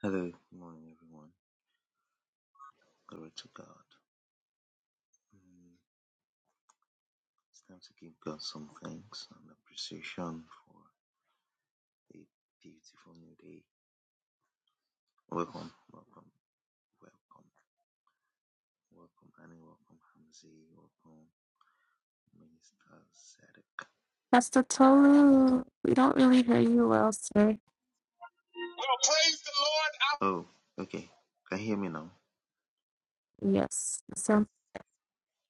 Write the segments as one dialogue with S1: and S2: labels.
S1: Hello, good morning, everyone. Glory to God. Mm, It's time to give God some thanks and appreciation for a beautiful new day. Welcome, welcome, welcome, welcome, Annie, welcome, Hamzi, welcome, Minister Zedek.
S2: Pastor Tolu, we don't really hear you well, sir.
S3: Well, praise the Lord. I
S1: Oh, okay. Can you hear me now?
S2: Yes, so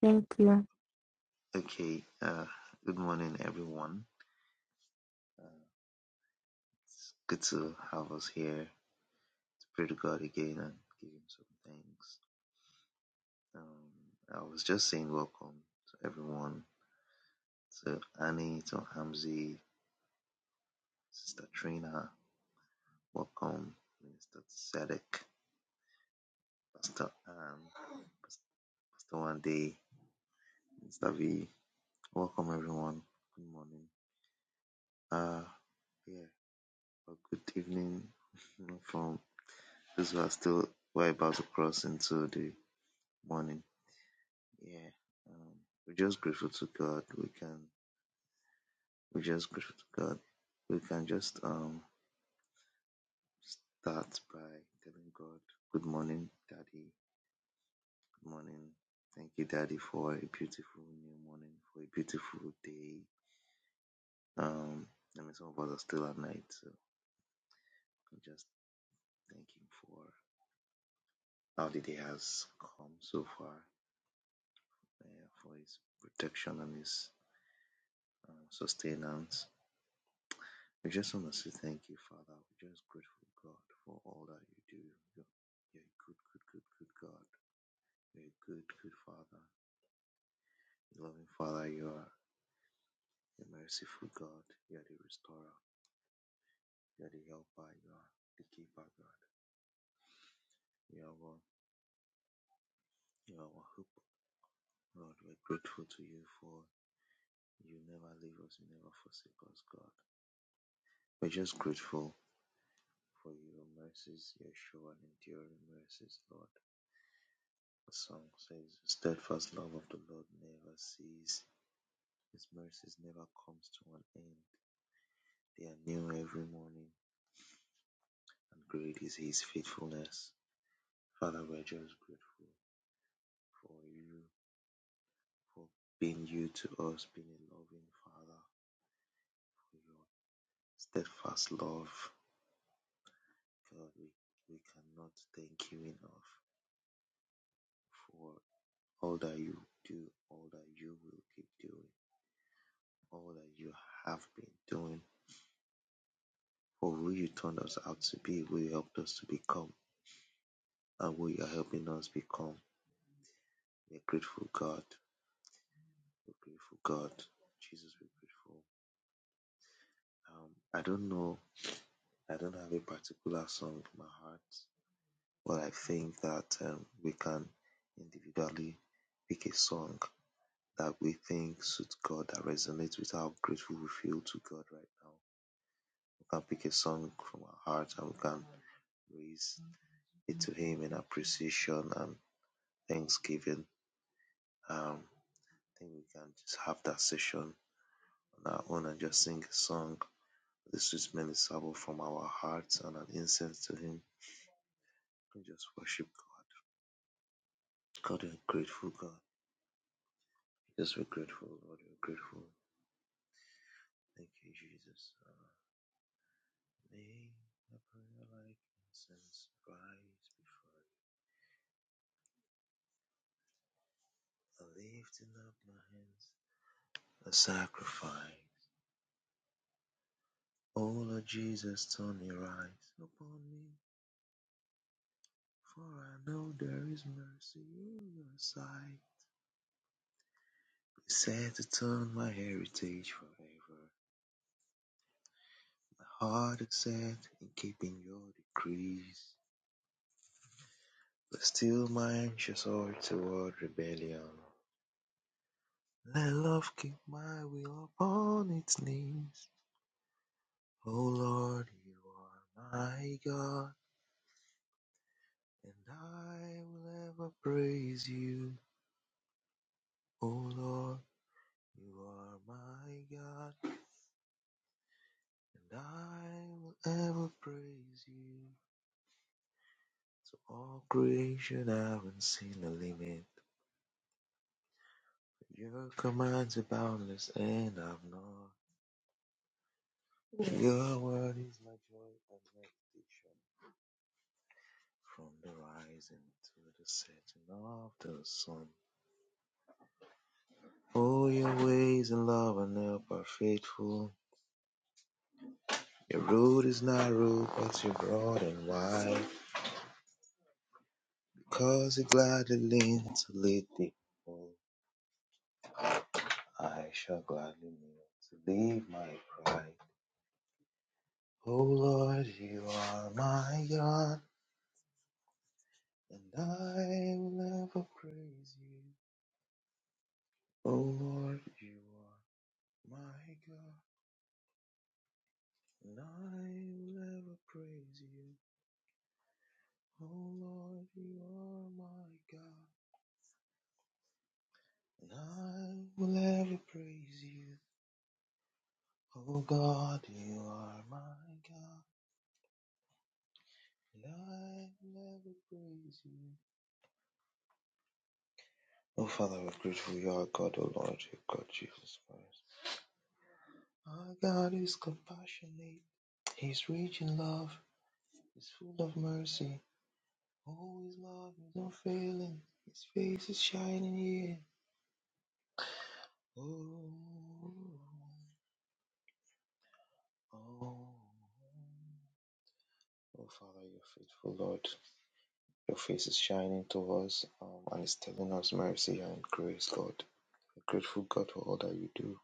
S2: thank you.
S1: Okay. Uh, good morning, everyone. Uh, it's good to have us here to pray to God again and give Him some thanks. Um, I was just saying welcome to everyone To Annie, to Hamzie, Sister Trina, welcome, Minister Sadek, Pastor Anne, Pastor Wande, Minister V. Welcome everyone. Good morning. Uh yeah, Well, good evening from those who are still we're about to cross into the morning. Yeah. Um, we're just grateful to God. We can we're just grateful to God. We can just um start by telling God good morning, Daddy. Good morning. Thank you, Daddy, for a beautiful new morning, for a beautiful day. Um, I mean, some of us are still at night, so I'm just thanking for how the day has come so far, uh, for His protection and His um, sustenance. We just want to say thank you, Father. We're just grateful, God, for all that you do. You're, you're a good, good, good, good God. You're a good, good Father. Loving Father, you are a merciful God. You are the restorer. You're the helper, you are the keeper, God. You are one, you are our hope, Lord. We're grateful to you for you never leave us, you never forsake us, God. We're just grateful for your mercies, your sure and enduring mercies, Lord. The song says, "The Steadfast love of the Lord never ceases; His mercies never comes to an end. They are new every morning, and great is His faithfulness. Father, we're just grateful for you, for being you to us, being a loving Father, Your steadfast love, God, we, we cannot thank you enough for all that you do, all that you will keep doing, all that you have been doing, for who you turned us out to be, who you helped us to become, and who you are helping us become. We're grateful, God. We're grateful, God. Jesus, we're grateful. Um, I don't know. I don't have a particular song in my heart, but I think that um, we can individually pick a song that we think suit God, that resonates with how grateful we feel to God right now. We can pick a song from our heart and we can raise it to Him in appreciation and thanksgiving. Um, I think we can just have that session on our own and just sing a song. This is minister from our hearts and an incense to Him. We just worship God. God, we're grateful, God. Yes, we're grateful, Lord. We're grateful. Thank you, Lifting up my hands, a sacrifice. O Lord Jesus, turn your eyes upon me, for I know there is mercy in your sight. Be set to turn my heritage forever. My heart is set in keeping your decrees. But still my anxious heart toward rebellion. Let love keep my will upon its knees. O Lord, you are my God. And I will ever praise you, O Lord. You are my God, and I will ever praise you. To all creation, I haven't seen a limit. Your commands are boundless, and I've not. Your word is my joy and meditation. From the rising to the setting of the sun. Oh, your ways and love and help are faithful. Your road is not rude, but you're broad and wide. Cause you gladly lean to lead the people. I shall gladly kneel to leave my pride. Oh Lord, you are my God, and I will ever praise you. Oh Lord, you are my God, and I will ever praise you. Oh Lord, you are my God, and I will ever praise you. Oh God, you are my God, and I never praise you. Oh Father, we're grateful you are God, oh Lord, you God Jesus Christ. Our God is compassionate, He's rich in love, He's full of mercy. Oh, His love is unfailing, His face is shining here. Oh, oh, oh Father, you're faithful, Lord. Your face is shining to us um, and it's telling us mercy and grace, Lord. a grateful God for all that you do.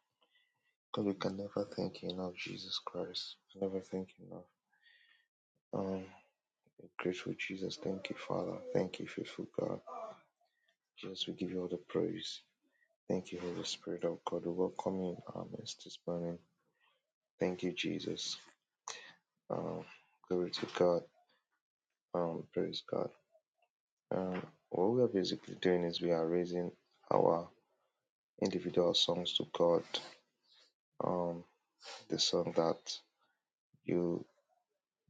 S1: God, we can never thank you enough, Jesus Christ. We can never thank you enough. Um, we grateful Jesus. Thank you, Father. Thank you, faithful God. Jesus, we give you all the praise. Thank you, Holy Spirit of God. We welcome you in our midst this morning. Thank you, Jesus. Um, glory to God. Um, praise God. Um, what we are basically doing is we are raising our individual songs to God. Um, the song that you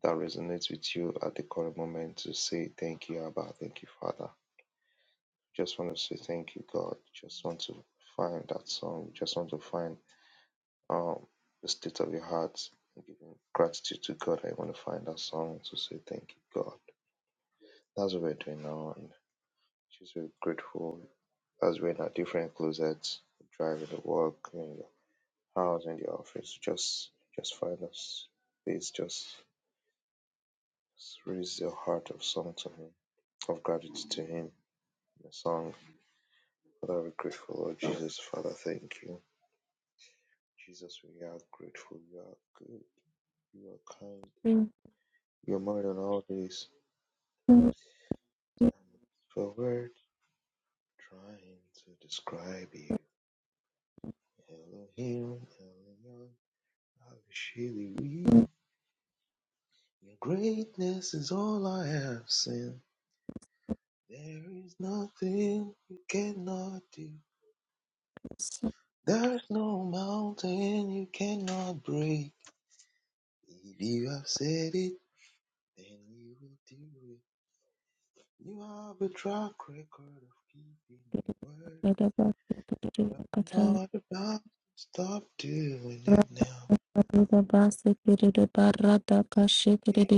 S1: that resonates with you at the current moment to say thank you, Abba, thank you, Father. Just want to say thank you, God. Just want to find that song. Just want to find um the state of your heart and giving gratitude to God. I want to find that song to say thank you, God. That's what we're doing now and just very grateful as we're in our different closets, driving to work, in your house, in the office. Just just find a space, just Raise your heart of song to Him, of gratitude to Him. The song, Father, we're grateful, Lord Jesus. Father, thank you. Jesus, we are grateful. You are good. You are kind.
S2: Thank
S1: You are more than all this.
S2: you.
S1: And for word trying to describe you. Elohim, Elohim, I surely we. Your greatness is all I have seen. There is nothing you cannot do. There's no mountain you cannot break. If you have said it, then you will do it. You have a track record of keeping your word. You're not about to stop doing it now. It's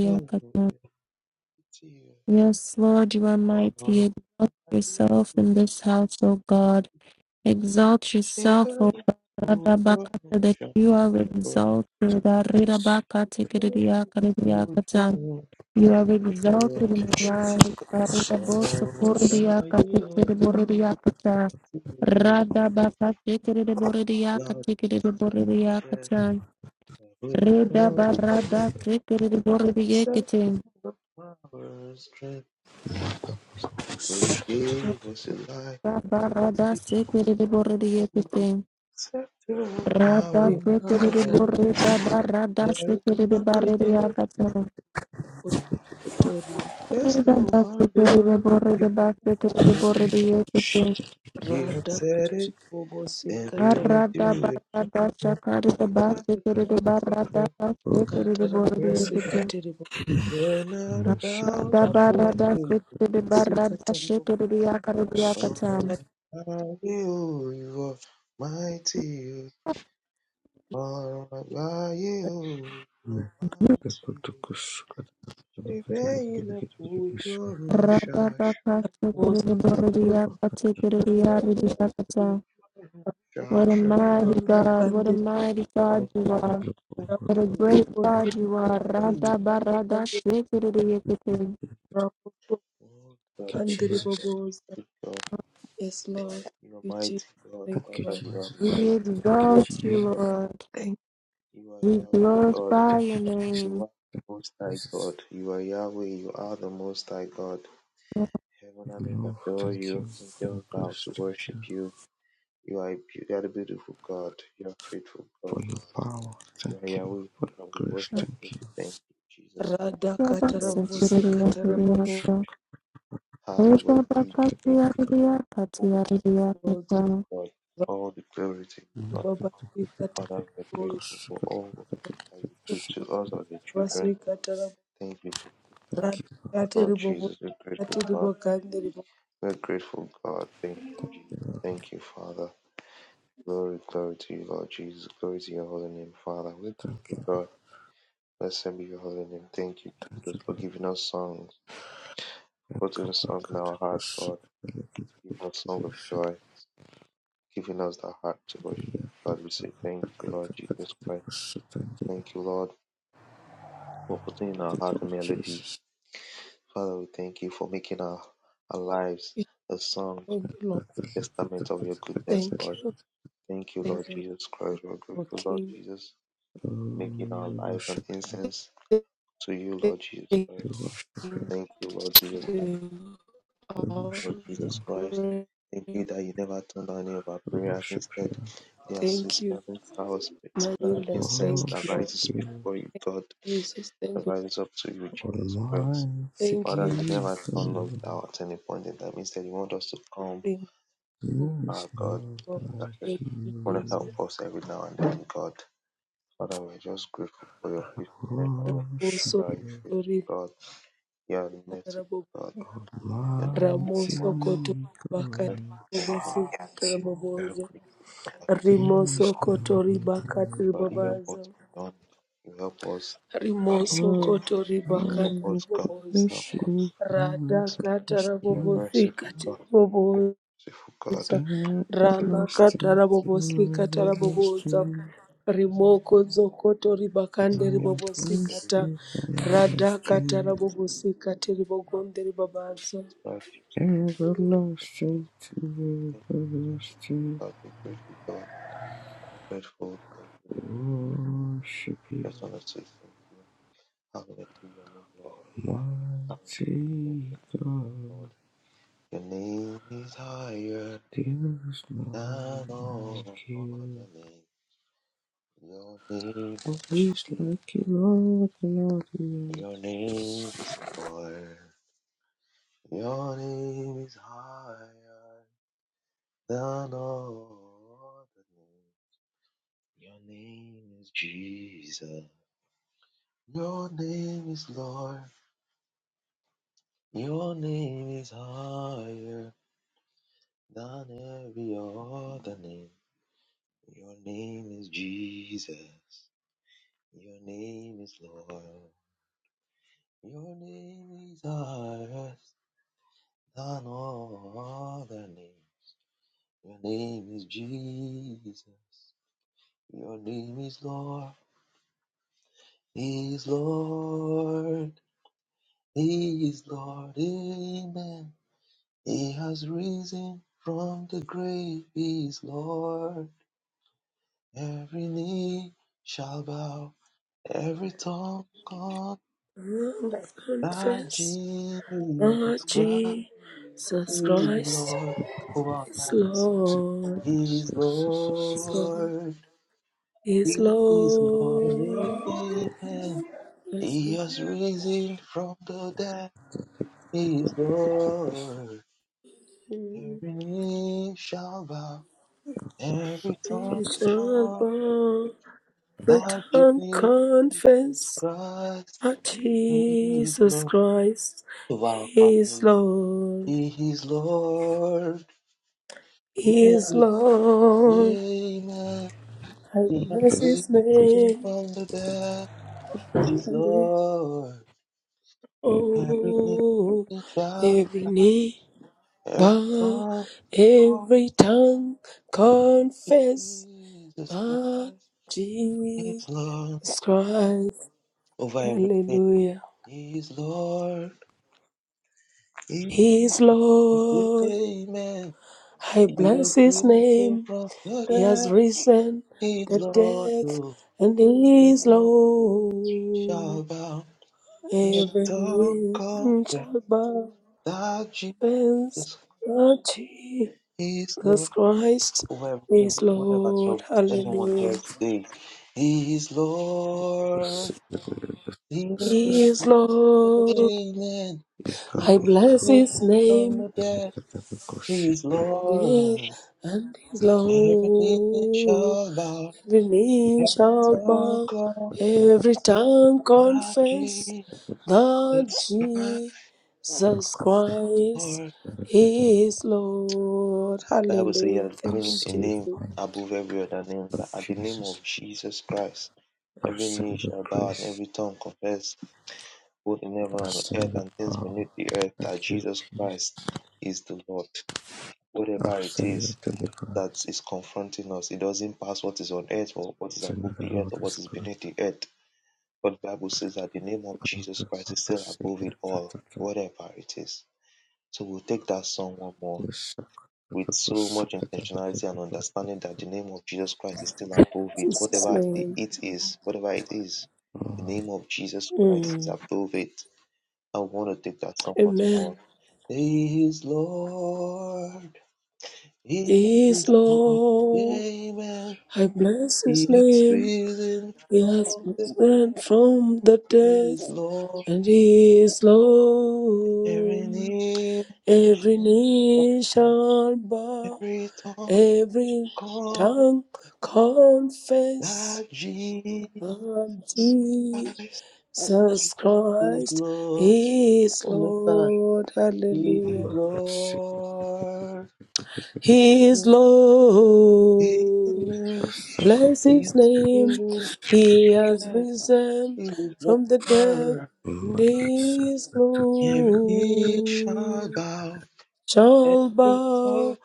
S1: you.
S2: Yes, Lord, you are
S1: All of
S2: mighty.
S1: my
S2: Exalt yourself in
S1: people
S2: this house, O God. Exalt yourself,
S1: shiver
S2: O God,
S1: for your
S2: that
S1: shine.
S2: you are exalted.
S1: Shiver for your shine.
S2: You are exalted in life. Aritaboso
S1: All of
S2: cordia
S1: my people,
S2: caticere boredia cata. Rada baca ticere de boredia
S1: God
S2: caticere de boredia cata.
S1: bless
S2: Reda
S1: you.
S2: barada ticere de boredia
S1: Set
S2: catin.
S1: the power, strength you gave us in life.
S2: Rada barada ticere de boredia catin.
S1: Set the
S2: Rada
S1: power,
S2: ticere de
S1: if
S4: rimakatara
S2: boredia
S4: bobosikata
S2: barada
S1: there is
S2: ticere de
S1: nothing,
S2: boredia cata.
S4: kotori
S1: there's no
S2: Rada ticere
S1: bondage.
S2: de
S1: You
S2: boredia
S1: cannot
S2: ticere de
S1: break.
S2: boredia
S1: You have
S4: rada
S1: said it, and you
S4: bobosikatara
S1: will
S2: Barada
S1: do it.
S2: barada shakari de
S1: You're not a
S2: basikiri de
S1: drop the
S2: barada
S1: cup.
S2: shikiri de
S4: katara
S2: bordi
S1: Where
S2: ekiti.
S4: bobosikatiri
S1: you're not about
S2: Rada
S1: to
S2: barada
S1: do it.
S2: sikiri de barada
S4: rabosikatara
S2: shikiri de yakari de
S1: Oh,
S2: yakatam.
S4: bobosikatara
S1: by you, you are mighty. Oh, by you, you are mighty. Ìbẹ́yìn lẹ fojú ọ̀run
S2: Rada
S1: ṣàṣùbà.
S2: baka shikiri de bordi
S4: bobosikatiri
S2: yakatikiri
S4: bakatara
S2: de yari de
S1: Ìbẹ́yìn lẹ fojú
S2: shakatam.
S1: ọ̀run
S2: What a
S1: ṣàṣùbà.
S2: mighty God, what a
S4: bakandiri
S2: mighty God
S1: Ọ̀run
S2: you are. What a
S1: ìbáyìí,
S2: great God
S4: rabosokotori
S2: you are.
S1: ìbáyìí.
S2: Rada barada
S4: bakandiri
S2: shikiri de yakiti.
S4: rabosokandiri
S1: Oh God, you're good, God, you're
S4: bobosa
S1: good, God.
S4: yes lord
S1: You're
S4: you Jesus.
S1: mighty, God.
S4: thank you
S1: Father,
S4: lord
S1: you are
S2: We
S1: mighty, you're
S2: exalt
S1: good,
S2: you,
S1: God.
S2: Lord.
S4: thank you
S1: You are
S2: We
S1: Yahweh, God.
S2: glorify your
S1: You
S2: name.
S1: are the Most High, God. You are Yahweh, you are the Most High, God. Heaven and earth adore you. Angels bow to worship you. You are, a beau- you are the beautiful God. You are faithful God. Yeah, yeah, we God, we worship
S4: Lord.
S1: you. We thank you, Jesus.
S4: rada
S2: Thank
S4: katara
S1: God, we
S2: you,
S1: give you all the
S4: bobosikatara
S1: praise. and
S2: Lord.
S4: bobo.
S2: Thank
S1: Hallowed be your name.
S4: Thank
S1: All the glory to you, God.
S4: you,
S1: All the glory to you, God. Father, we are grateful for all that you do to us as your children. Thank you, faithful Father. Lord Jesus, we're grateful, God. We're grateful, God. Thank you, Jesus. Thank you, Father. Glory, glory to you, Lord Jesus. Glory to your holy name, Father. We're grateful, God. Blessed be your holy name. Thank you, Jesus, for giving us songs. putting songs in our heart, God. Give us song of joy, giving us the heart to worship you, God. We say thank you, Lord Jesus Christ. Thank you, Lord, for putting in our heart a melody. Father, we thank you for making our, our lives a song,
S4: Lord.
S1: a testament of your goodness,
S4: Thank
S1: Lord.
S4: you.
S1: Thank you,
S4: Thank you, Lord. Thank
S1: Lord
S4: you,
S1: Jesus Christ. We're
S4: O
S1: grateful, Lord
S4: King.
S1: Jesus, making our lives an incense to you, Lord Jesus Christ. Thank you, Lord Jesus.
S4: Thank you.
S1: Lord
S4: All
S1: Jesus Christ.
S4: great.
S1: Thank you that you never turned down any of our prayers. Instead, they are sweet
S4: Thank you,
S1: smelling flowers,
S4: my
S1: smelling
S4: leaders.
S1: incense
S4: Thank you,
S1: that
S4: Lord.
S1: rises before you, God,
S4: Jesus, thank
S1: that
S4: you.
S1: rises up to you, Jesus Christ.
S4: Thank
S1: Father,
S4: you,
S1: you never turn us down at any point in time. Instead, you want us to come,
S4: Jesus.
S1: our God, and you are here.
S4: Thank you,
S1: You want to
S4: Jesus.
S1: help us every now and then, God. Father, we're just grateful for your faithfulness and your mercy. You
S4: Also,
S1: are a faithful
S4: glory.
S1: God. You are a merciful God. You are a merciful
S4: Ramoso
S1: one.
S4: koto bakati
S1: Merciful one.
S4: ribobosi
S1: We are
S4: karabobozo.
S1: grateful, God.
S4: Rimoso koto ribakati
S1: God, you help us
S4: ribobazo.
S1: beyond. You help us. You
S4: Rimoso
S1: help us.
S4: koto
S1: You help
S4: ribakati
S1: us, God.
S4: ribobozo.
S1: You help us.
S4: Rada kata
S1: You're
S4: rabobosi
S1: merciful,
S4: kati
S1: God. You're
S4: ribobozo.
S1: merciful, God. Merciful,
S4: Rana kata rabobosi kata
S1: God.
S4: ribobozo.
S1: Jesus.
S4: Rimoko zokoto ribakande
S1: Forgive me.
S4: ribobosi
S1: Forgive me.
S4: kata.
S1: Lord
S4: Rada kata
S1: Jesus.
S4: rabobosi kati ribogonde
S1: Jesus
S4: ribabazo.
S1: Christ. Christ. Thank you, Lord. Thank you, God. We're grateful, God. We're grateful. Thank you, Lord. Just want to say thank you. Hallelujah, your name, Lord. Hallelujah, your name, Lord. Your name is higher. Above all the name, your name, your name is Lord. Your name is higher than all other name. Your name is Jesus. Your name is Lord. Your name is higher than every other name. Your name is Jesus. Your name is Lord. Your name is higher I know other name. Your name is Jesus. Your name is Lord. He is Lord. He is Lord. Amen. He has risen from the grave. He is Lord. Every knee shall bow. Every tongue confess
S4: Lord, I
S1: that
S4: confess. Lord
S1: Jesus Christ
S4: Jesus
S1: is
S4: Christ
S1: Lord of our
S4: is
S1: lives.
S4: Lord,
S1: He is
S4: is Lord,
S1: Lord.
S4: is
S1: He is Lord,
S4: Lord.
S1: amen.
S4: Yes,
S1: He has risen from the dead. He is Lord. Every knee shall bow, every tongue
S4: we shall
S1: call
S4: bow, every
S1: that
S4: tongue
S1: Jesus
S4: confess
S1: Christ
S4: that
S1: is
S4: Jesus
S1: Lord.
S4: Christ
S1: To our
S4: is
S1: family,
S4: Lord,
S1: He is Lord. He
S4: is
S1: is
S4: Lord.
S1: amen.
S4: I
S1: He has
S4: bless His
S1: risen
S4: name,
S1: from the dead. He is
S4: and we-
S1: Lord. Every knee.
S4: oh,
S1: shall.
S4: every knee.
S1: Every
S4: Bow
S1: sorrow over
S4: every tongue confess
S1: Jesus
S4: that
S1: Christ
S4: Jesus
S1: is Lord
S4: Christ,
S1: over everything.
S4: hallelujah,
S1: He's Lord. He's
S4: He is
S1: Lord.
S4: Lord.
S1: Amen.
S4: I
S1: He
S4: bless
S1: makes
S4: His
S1: weeping
S4: name.
S1: from the
S4: He has
S1: dead.
S4: risen
S1: He's
S4: the
S1: Lord.
S4: death
S1: Who
S4: and He is Lord.
S1: shall bow every
S4: Every
S1: tongue
S4: knee
S1: confess
S4: shall bow,
S1: that Jesus
S4: confess that
S1: is Lord
S4: Jesus Christ
S1: over everything.
S4: is
S1: Whatever
S4: Lord.
S1: troubles anyone here
S4: Hallelujah.
S1: today, He's Lord. He is
S4: He is
S1: Lord.
S4: Lord.
S1: Amen. He
S4: I
S1: is
S4: bless his
S1: risen from
S4: name.
S1: the dead. He is
S4: Great
S1: Lord.
S4: and his
S1: Every knee
S4: Lord.
S1: shall bow.
S4: Every knee
S1: Every
S4: shall
S1: tongue
S4: bow.
S1: confess
S4: Every tongue
S1: that
S4: confess
S1: Jesus
S4: that
S1: Christ,
S4: Jesus
S1: is
S4: Christ
S1: Lord.
S4: is Lord.
S1: The Bible says He
S4: Hallelujah.
S1: has
S4: Thank
S1: given
S4: you,
S1: a
S4: Jesus.
S1: name
S4: In
S1: above every other name. That at the name of Jesus Christ, every knee shall bow and every tongue confess, both in heaven and on earth and things beneath the earth, that Jesus Christ is the Lord. Whatever it is. that is confronting us. It doesn't pass what is on earth or what is above the earth or what is beneath the earth. But the Bible says that the name of Jesus Christ is still above it all, whatever it is. So we'll take that song one more with so much intentionality and understanding that the name of Jesus Christ is still above it,
S4: Jesus'
S1: whatever the
S4: name.
S1: it is, whatever it is. The name of Jesus Christ is
S4: Mm.
S1: above it. I want to take that song once
S4: Amen.
S1: more. He is Lord. He
S4: He is
S1: is Lord.
S4: Lord.
S1: Amen.
S4: I bless his
S1: He has
S4: name.
S1: risen
S4: He
S1: from
S4: has
S1: the
S4: risen
S1: dead.
S4: from the
S1: He
S4: dead,
S1: is Lord.
S4: and he is
S1: Every
S4: Lord.
S1: knee
S4: Every
S1: shall bow,
S4: knee shall bow,
S1: every tongue
S4: every
S1: call
S4: tongue confess
S1: that Jesus
S4: that Jesus
S1: is
S4: Christ
S1: Lord.
S4: is
S1: One more time.
S4: Lord.
S1: He is
S4: Hallelujah.
S1: Lord.
S4: He is Lord.
S1: Amen.
S4: Bless
S1: He
S4: his
S1: has
S4: name.
S1: risen from
S4: He
S1: the
S4: has
S1: dead.
S4: risen
S1: He is
S4: from the dead,
S1: Lord.
S4: and his
S1: Every knee shall
S4: glory
S1: bow.
S4: shall
S1: Every tongue
S4: bow.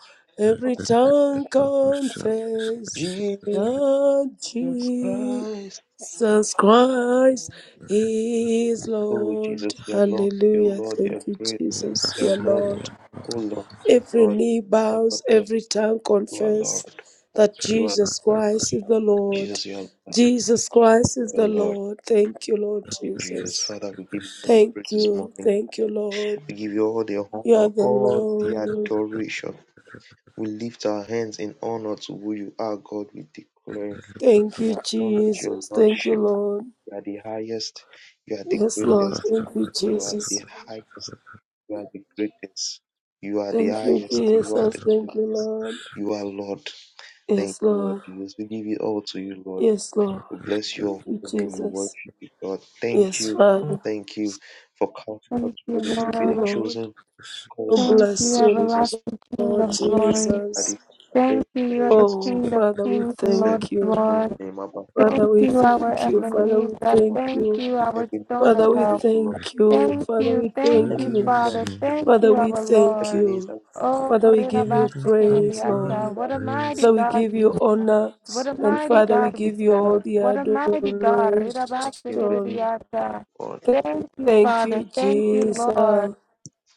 S1: call
S4: Every tongue confess
S1: Jesus.
S4: that
S1: Jesus Christ.
S4: Jesus Christ is
S1: Oh,
S4: Lord.
S1: Jesus, your Lord, your
S4: Hallelujah.
S1: Lord,
S4: Thank
S1: your
S4: you,
S1: great Lord,
S4: Jesus,
S1: your
S4: your
S1: Lord.
S4: Lord.
S1: Oh, Lord, your
S4: Every
S1: Lord,
S4: knee
S1: Lord,
S4: bows,
S1: Lord,
S4: every tongue
S1: you are Lord.
S4: confess that
S1: You are
S4: Jesus
S1: Lord.
S4: Christ is the Lord.
S1: Jesus, you are Lord,
S4: Jesus Christ is
S1: you are
S4: the
S1: Lord.
S4: Lord. Thank you, Lord
S1: Thank you, Jesus.
S4: Jesus.
S1: Father, we give you all the
S4: Thank
S1: praise this
S4: you.
S1: morning.
S4: Thank you, Lord.
S1: We give you all the
S4: You are
S1: honor,
S4: the
S1: all the
S4: Lord.
S1: adoration. We lift our hands in honor to who you are, God. We declare,
S4: Thank
S1: we
S4: you,
S1: acknowledge your
S4: Jesus. Thank
S1: Lordship.
S4: you, Lord.
S1: You are the highest. You are the
S4: Yes, Lord.
S1: greatest.
S4: Thank you,
S1: You are the
S4: Jesus.
S1: highest. You are the greatest. You are the
S4: Thank you,
S1: highest. You are
S4: Jesus.
S1: the
S4: Thank you,
S1: greatest.
S4: Lord.
S1: You are Lord. Thank
S4: Yes,
S1: you, Lord
S4: Lord.
S1: Jesus. We give it all to you, Lord.
S4: Yes, Lord.
S1: We bless your
S4: Thank
S1: holy
S4: you,
S1: name. We
S4: Jesus.
S1: worship you, God. Thank
S4: Yes,
S1: you.
S4: Father.
S1: Thank you for counting us worthy to
S4: Thank
S1: be
S4: you,
S1: the
S4: Lord.
S1: chosen called
S4: Oh,
S1: out to
S4: bless
S2: you,
S1: us,
S4: you,
S1: Jesus.
S2: everlasting King
S4: Lord
S2: of
S1: We're grateful,
S2: glory.
S4: Jesus.
S1: Daddy. Father. Thank
S2: Thank you,
S1: you,
S2: you
S1: Lord
S2: are the
S1: Jesus.
S4: Oh,
S2: King of
S4: Father, we
S2: kings and
S1: Said
S2: Lord
S4: thank
S2: of
S1: your
S4: you.
S1: holy
S2: lords.
S1: name, Abba Father.
S4: Father,
S2: Thank
S4: we
S2: you, our
S4: thank you.
S1: We're grateful.
S4: Father, we
S2: Ebenezer.
S1: Lord.
S4: thank
S2: Thank
S4: you.
S2: you,
S1: And
S2: our stone of
S4: Father,
S1: we're
S4: we
S2: help.
S1: grateful, Lord.
S4: thank you.
S2: Thank
S4: Father,
S2: you,
S4: we
S2: thank
S4: thank
S2: you,
S4: you.
S1: Ebenezer,
S2: Father. Thank
S4: Father,
S2: you,
S1: Lord.
S4: we
S2: our
S4: thank
S2: Lord.
S4: you.
S1: Ebenezer,
S2: Oh,
S4: Father, we give you
S2: Renabasta
S4: praise,
S1: Ebenezer,
S2: Kerediata,
S4: Lord.
S2: what a
S1: we
S2: mighty
S4: Father, we
S2: God
S4: give you
S2: you are.
S4: honor.
S2: What a
S4: And
S1: pray
S2: mighty
S1: for
S4: Father, we
S2: God we
S4: give
S1: Ebenezer.
S4: you
S1: I'm
S4: all
S2: serve.
S1: grateful.
S4: the
S2: What a mighty God.
S1: Thank
S2: Renabasta
S1: you, Ebenezer,
S4: adoration.
S2: Kerediata.
S1: Lord.
S2: Thank you,
S4: Thank
S2: Father.
S4: you,
S2: Thank you,
S1: Lord,
S2: Lord.
S4: Jesus.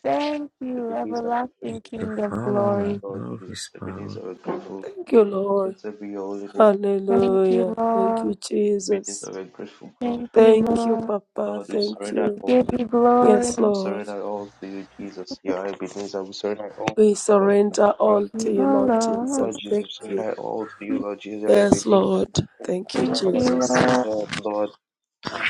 S2: Thank you,
S1: Ebenezer, we pray
S2: everlasting
S1: for
S2: King of glory.
S1: Lord Jesus. Ebenezer, we're grateful.
S4: Thank you, Lord.
S1: Blessed be your holy name.
S2: Thank you,
S4: Hallelujah. Thank you,
S2: Lord.
S4: Jesus.
S1: Ebenezer, we're grateful, God.
S2: Thank you,
S4: Thank you,
S2: Lord.
S4: Papa.
S1: Lord, we
S4: Thank
S1: surrender
S4: you.
S1: all
S2: Give
S1: to you.
S2: you glory,
S4: Yes,
S1: We
S4: Lord.
S1: surrender all to you, Jesus. You are Ebenezer. We surrender all to
S4: We
S1: you, Lord Jesus
S4: surrender
S1: Christ.
S4: all to you, Lord
S2: Lord.
S1: Lord
S4: Jesus.
S1: Jesus,
S4: Thank
S1: we
S4: you.
S1: surrender all to you, Lord Jesus. You're
S4: Yes,
S1: Ebenezer,
S4: Lord. Thank you,
S2: Thank
S1: our
S2: you,
S4: Jesus.
S1: source of help, Lord.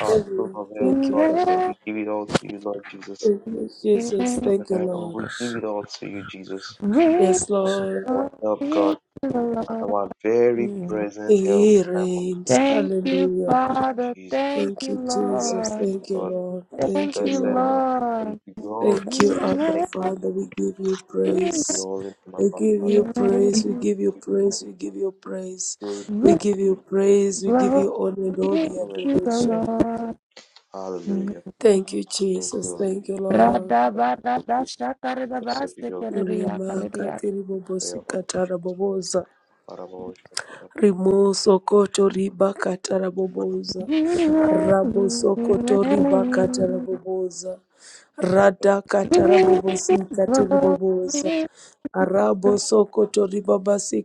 S1: Our source
S4: you,
S1: of help,
S4: Thank you,
S1: Lord.
S4: Papa.
S2: Lord.
S1: We give it all to you, Lord Jesus.
S4: Thank you, Jesus.
S2: Yeah.
S1: So
S4: Thank you,
S1: tonight, oh,
S4: Lord.
S1: we give it all to you, Jesus.
S2: We
S4: Yes,
S1: Lord, you
S4: Lord.
S1: are our
S2: all
S1: help, God,
S2: need to
S1: and
S2: love
S1: our very
S2: you.
S1: present help in
S4: He
S1: time of
S4: reigns.
S2: Thank you,
S4: Hallelujah.
S2: Father.
S1: need, Jesus.
S2: Thank
S4: Thank
S2: you,
S4: you,
S1: And we are
S4: Jesus.
S2: Lord.
S1: grateful,
S4: Thank you,
S1: God.
S4: Lord.
S2: Thank
S4: Thank you,
S2: you,
S1: Blessed and
S4: Lord.
S1: we
S2: Lord.
S1: give you all the
S4: Thank you,
S2: You
S1: praise.
S4: Abba
S1: Thank you.
S4: Father. We give you
S1: Blessed
S2: reign,
S1: be
S4: praise.
S1: all in the name, of
S4: We
S1: our
S4: give you
S1: Father. We
S2: you
S4: praise. We
S2: reign.
S4: give you
S1: give you
S4: praise. We
S1: thanks,
S4: give you
S1: Father.
S4: praise.
S1: Glory to
S4: We
S2: With
S1: your
S4: give you
S1: holy name,
S4: praise. We give
S2: glory
S4: you honor and all
S2: to
S4: the
S2: the
S1: Jesus. Hallelujah.
S4: adoration.
S2: Lord.
S1: Hallelujah.
S4: Thank you,
S1: Thank you,
S4: Jesus.
S1: Lord
S4: Thank you,
S1: Jesus.
S4: Lord.
S2: Radha Bada Dasha Karada
S1: Blessed be
S2: Basta
S1: your holy
S2: Karadiya
S1: name.
S4: Rima
S2: Karadiya.
S4: katiri
S1: Pray
S4: bobosi
S1: about it.
S4: katara boboza.
S1: Para vos, para
S4: Rimo sokoto riba
S1: vos,
S4: katara boboza.
S2: You reign,
S4: Rabo
S2: you
S4: sokoto riba katara
S2: reign.
S4: boboza. Rada
S2: You
S4: katara
S2: reign.
S4: bobosi katiri
S2: Glory
S4: boboza.
S2: to
S4: Arabo sokoto ribabasi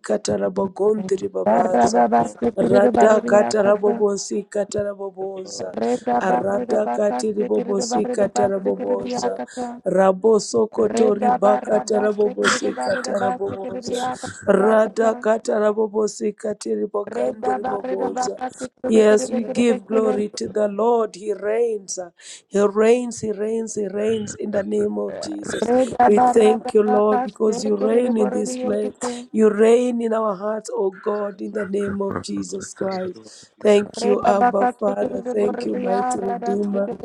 S2: Father,
S4: katarabogondi ribabaza.
S1: para
S4: Rada katarabobosi kataraboboza.
S1: vos.
S4: Arada katiribobosi kataraboboza. Rabo sokoto riba katarabobosi kataraboboza. Rada katarabobosi katiribogandi ribaboza. Yes, we give glory to the Lord. He reigns. He reigns. He reigns. He reigns in the name of Jesus. We thank you, Lord, because you reign in this place. You reign in our hearts, O
S1: Paraffins
S4: God,
S1: was
S4: in the name of Jesus
S1: also
S4: Christ.
S1: infused
S4: Thank
S1: with
S4: you, Abba Father. Thank you, mighty Redeemer.
S1: the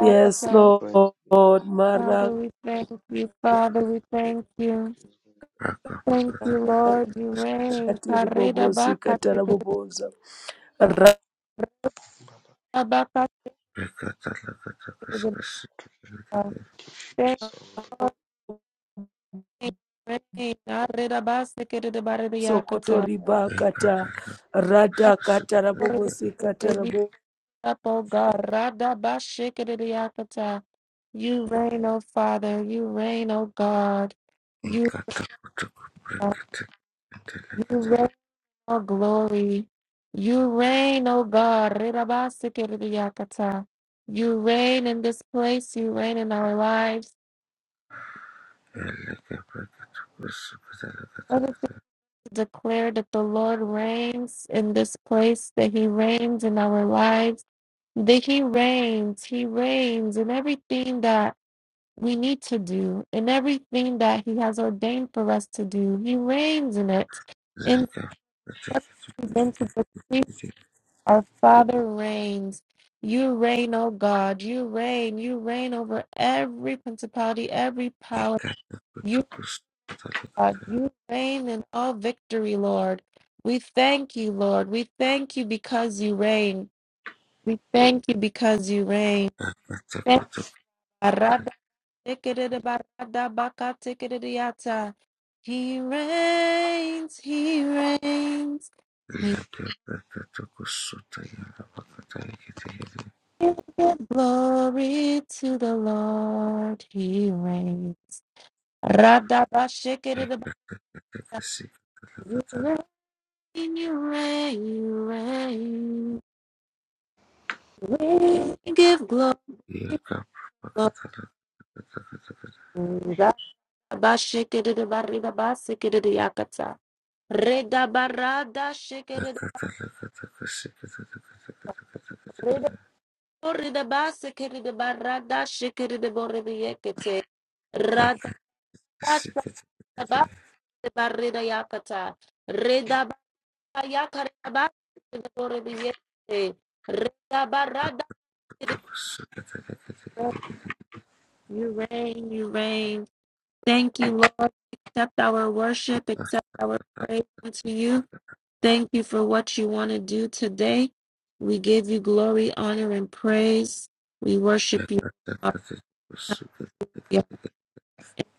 S4: Yes, Lord.
S1: price beads
S4: Marakatiribobosi
S2: we thank
S1: that
S2: you. Father, we thank you.
S1: she was given by
S2: Thank you, Lord. You reign. Karida baka tikirida
S4: katarabobosa.
S2: baka tikirida. Thank
S1: Saul.
S2: you, Lord.
S4: Rasokotoribakata.
S2: You reign. Arida basa kirida barida yakata. Atikirida
S4: Radakatarabobosi
S2: baby
S4: katarabobosa.
S2: up, oh basha kirida yakata. You reign, O Father. You reign, O God. You, you reign, O glory. You reign, O God. Rida basa kirida yakata. You reign in this place. You reign in our lives. Let us declare that the Lord reigns in this place, that He reigns in our lives, that He reigns, He reigns in everything that we need to do, in everything that He has ordained for us to do. He reigns in it. And let us begin to decree our Father reigns. You reign, O God. You reign. You reign over every principality, every power. God. You reign in all victory, Lord. We thank you, Lord. We thank you because you reign. We thank you because you reign. Thank- Barada tikiridi barada baka tikiridi yata. He reigns, he reigns. He gives glory to the Lord. He reigns. Rada ba shikiridi ba- You reign, you reign, you reign. We give glory. Raba shekere de barida ba sekere de yakata. Reda barada shekere de reda borre de ba sekere de barada shekere de borre de yekete. Rada shaka de ba de barida yakata. Reda ba yakare de ba de borre de yekete. Reda barada shekere de- You reign, you reign. Thank you, Lord. Accept our worship, accept our praise unto you. Thank you for what you want to do today. We give you glory, honor, and praise. We worship you.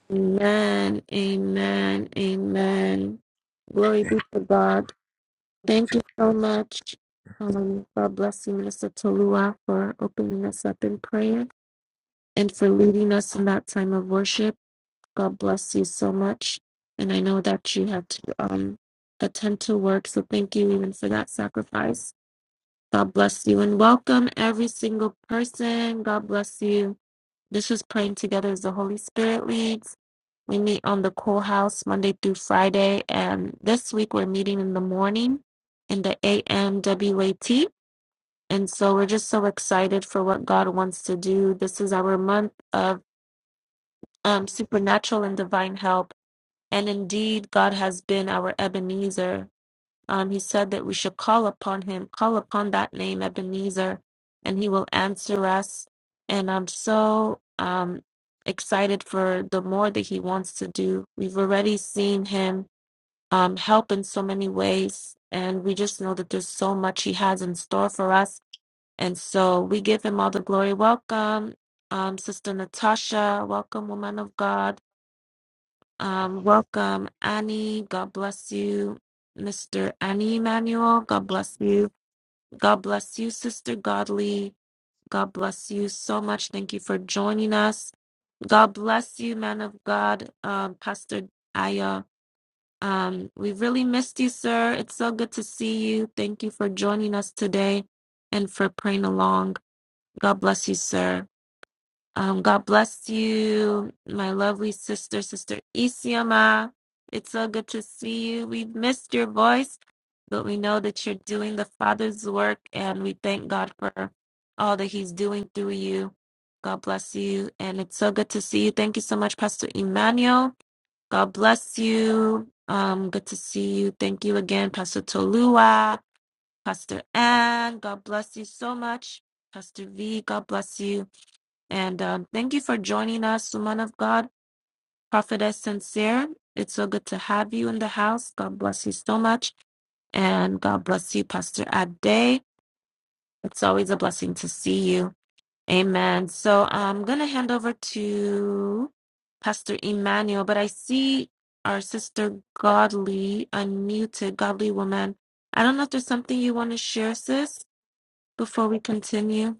S2: Amen. Amen. Amen. Glory be to God. Thank you so much. Um, God bless you, Minister Tolua, for opening us up in prayer and for leading us in that time of worship. God bless you so much. And I know that you have to um, attend to work, so thank you even for that sacrifice. God bless you and welcome every single person. God bless you. This is praying together as the Holy Spirit leads. We meet on the Cool House Monday through Friday, and this week we're meeting in the morning in the AMWAT. And so we're just so excited for what God wants to do. This is our month of um, supernatural and divine help, and indeed, God has been our Ebenezer. Um, he said that we should call upon him, call upon that name, Ebenezer, and he will answer us. And I'm so um, excited for the more that he wants to do. We've already seen him um, help in so many ways, and we just know that there's so much he has in store for us. And so we give him all the glory. Welcome, um, Sister Natasha. Welcome, woman of God. Um, welcome, Annie. God bless you, Mr. Annie Emmanuel. God bless you. God bless you, Sister Godly. God bless you so much. Thank you for joining us. God bless you, man of God, um, Pastor Aya. Um, we really missed you, sir. It's so good to see you. Thank you for joining us today and for praying along. God bless you, sir. Um, God bless you, my lovely sister, Sister Isioma. It's so good to see you. We've missed your voice, but we know that you're doing the Father's work, and we thank God for all that He's doing through you. God bless you, and it's so good to see you. Thank you so much, Pastor Emmanuel. God bless you. Um, good to see you. Thank you again, Pastor Tolua, Pastor Ann. God bless you so much, Pastor V. God bless you. And um, thank you for joining us, woman of God, prophetess sincere. It's so good to have you in the house. God bless you so much. And God bless you, Pastor Ade. It's always a blessing to see you. Amen. So I'm going to hand over to Pastor Emmanuel, but I see our sister Godly, unmuted, Godly woman. I don't know if there's something you want to share, sis, before we continue.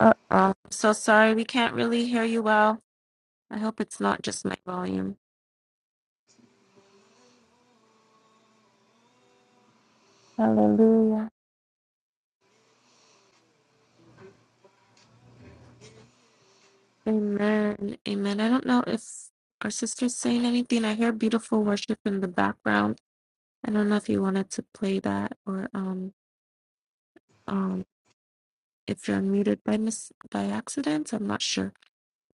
S2: Uh, I'm so sorry. We can't really hear you well. I hope it's not just my volume. Hallelujah. Amen. Amen. I don't know if our sister's saying anything. I hear beautiful worship in the background. I don't know if you wanted to play that or um um if you're unmuted by mis by accident. I'm not sure.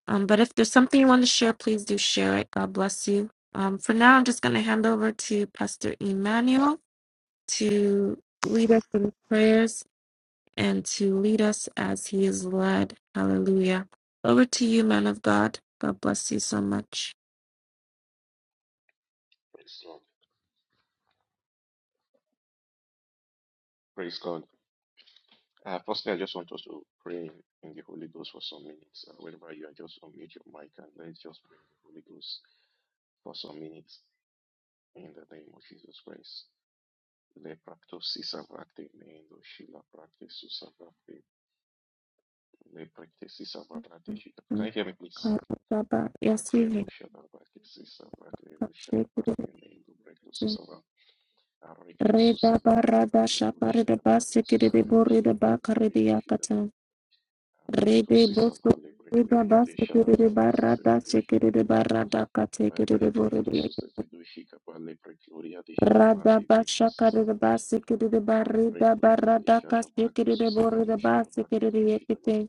S2: Um, but if there's something you want to share, please do share it. God bless you. Um, for now, I'm just going to hand over to Pastor Emmanuel to lead us in prayers and to lead us as he is led. Hallelujah. Over to you, man of God. God bless you so much. Yes, we may. Reda barada shaparada basikiri de borida bakari de yakata. Rede bosu reda basikiri de barada shikiri de barada katekiri de borida. Rada bashakari de basikiri de barida barada kasikiri de borida basikiri de yakite.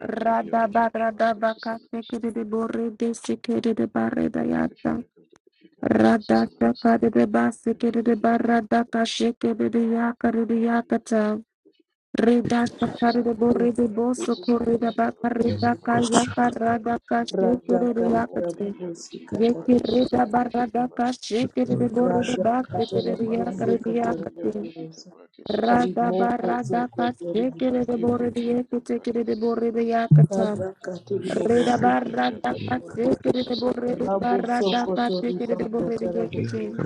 S2: Radaba radaba kasekere de borre de sekere de barre da yata. Rada sakare de basekere de barra da kashekere de yakare de yakata. Reda sakare de borre de boso kore da bakare da kayaka rada kashekere de yakata.
S4: Radakatarabobosi
S2: Yeke
S4: katarabobosa.
S2: reda barra da barada kashekere de borre da
S4: Raja
S2: basekere de
S4: katarabusi
S2: yakare de yakata.
S4: katarabusi
S2: Rada
S4: rimoko
S2: barra da
S4: soko teribusi
S2: de borre de yekete de borre de yakata.
S4: raja
S2: Reda
S4: katarabusi
S2: barra da
S4: katarabusi
S2: kase kere de borre de
S4: rabo
S2: barra da
S4: soko
S2: kase kere
S4: toriba
S2: de borre de
S4: katarabusi
S2: yekete.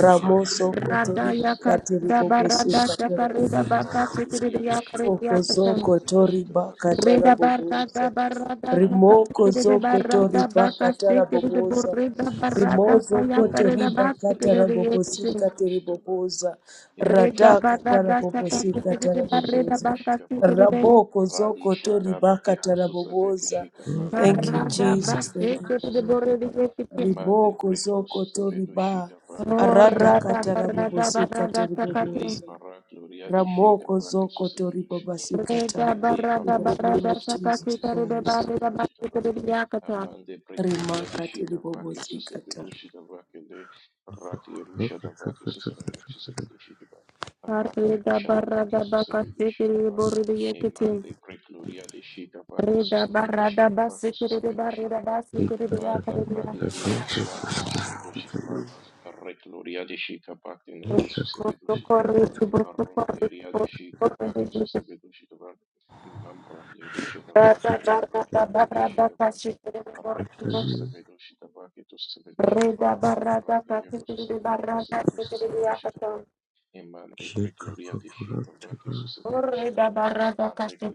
S4: ramo soko
S2: Rada
S4: toriba
S2: yaka da barra
S4: katarabusi
S2: da saka reda
S4: katarabusi
S2: baka kere de yakare de
S4: Rimoko
S2: yakata.
S4: zoko tori bakatara
S2: Reda barra
S4: boboza.
S2: da barra da saka
S4: Rimoko
S2: kere de
S4: zoko
S2: barra
S4: tori
S2: da baka se
S4: bakatara
S2: kere de
S4: boboza.
S2: borre da barra da
S4: Rimozo
S2: kaya
S4: koto
S2: kare da
S4: riba
S2: baka kere
S4: katara
S2: de
S4: bobosi
S2: yekete.
S4: katiri boboza.
S2: Reda
S4: Rada
S2: barra
S4: katara
S2: da saka
S4: bobosi
S2: kere de
S4: katara
S2: barre da
S4: boboza.
S2: baka se kere de
S4: Raboko zoko tori bakatara boboza. Thank you,
S2: barra da baka
S4: Jesus. Thank
S2: se
S4: you,
S2: kere de
S4: Lord.
S2: borre de yekete.
S4: Riboko zoko tori ba.
S2: Oh,
S4: Arada
S2: Rada
S4: katara
S2: barada
S4: bobosi
S2: barada
S4: katiri
S2: shakati.
S4: boboza. Ramoko Zoko Tori Baba Sikata.
S2: Reda
S4: In
S2: barada
S4: the name
S2: barada
S4: of Jesus
S2: shakati karida
S4: Christ.
S2: barida bakitiri yakata.
S4: Remarkati Ribobo Sikata.
S2: Reda barada bakasitiri boridi yakati. Reda barada basikiri barida basikiri yakari yakati. Bosokori bosokori bosokori. Rada barada barada kashitiri boridi. Reda barada kasitiri barada kasitiri yakata. Rada Oh, re da ba ra da ka se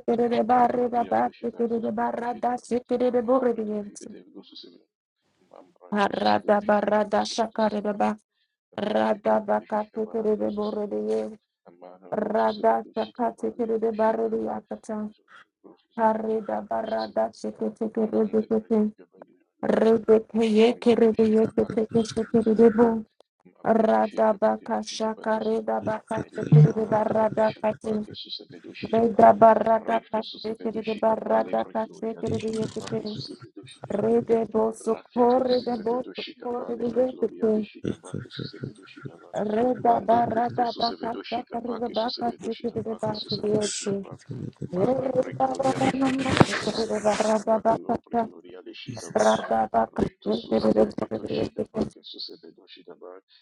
S2: te re re ba re da ba se te re re ba ra da se te re re bo re di yen Rada barada shakareba rada bakate kerebe borede rada shakate kerebe barede yakata hareda barada shakate kerebe kete rebe keye kerebe yekete kete kerebe bo rada baka shakareda bakate kerebe barada kate reda barada kate kerebe barada kate kerebe yekete rebe bo sokore de bo sokore de yekete Reda barra da baka sakar da baka sikir da baka diyeti. Reda barra namma sikir da barra da baka sa. Rada baka sikir da baka diyeti.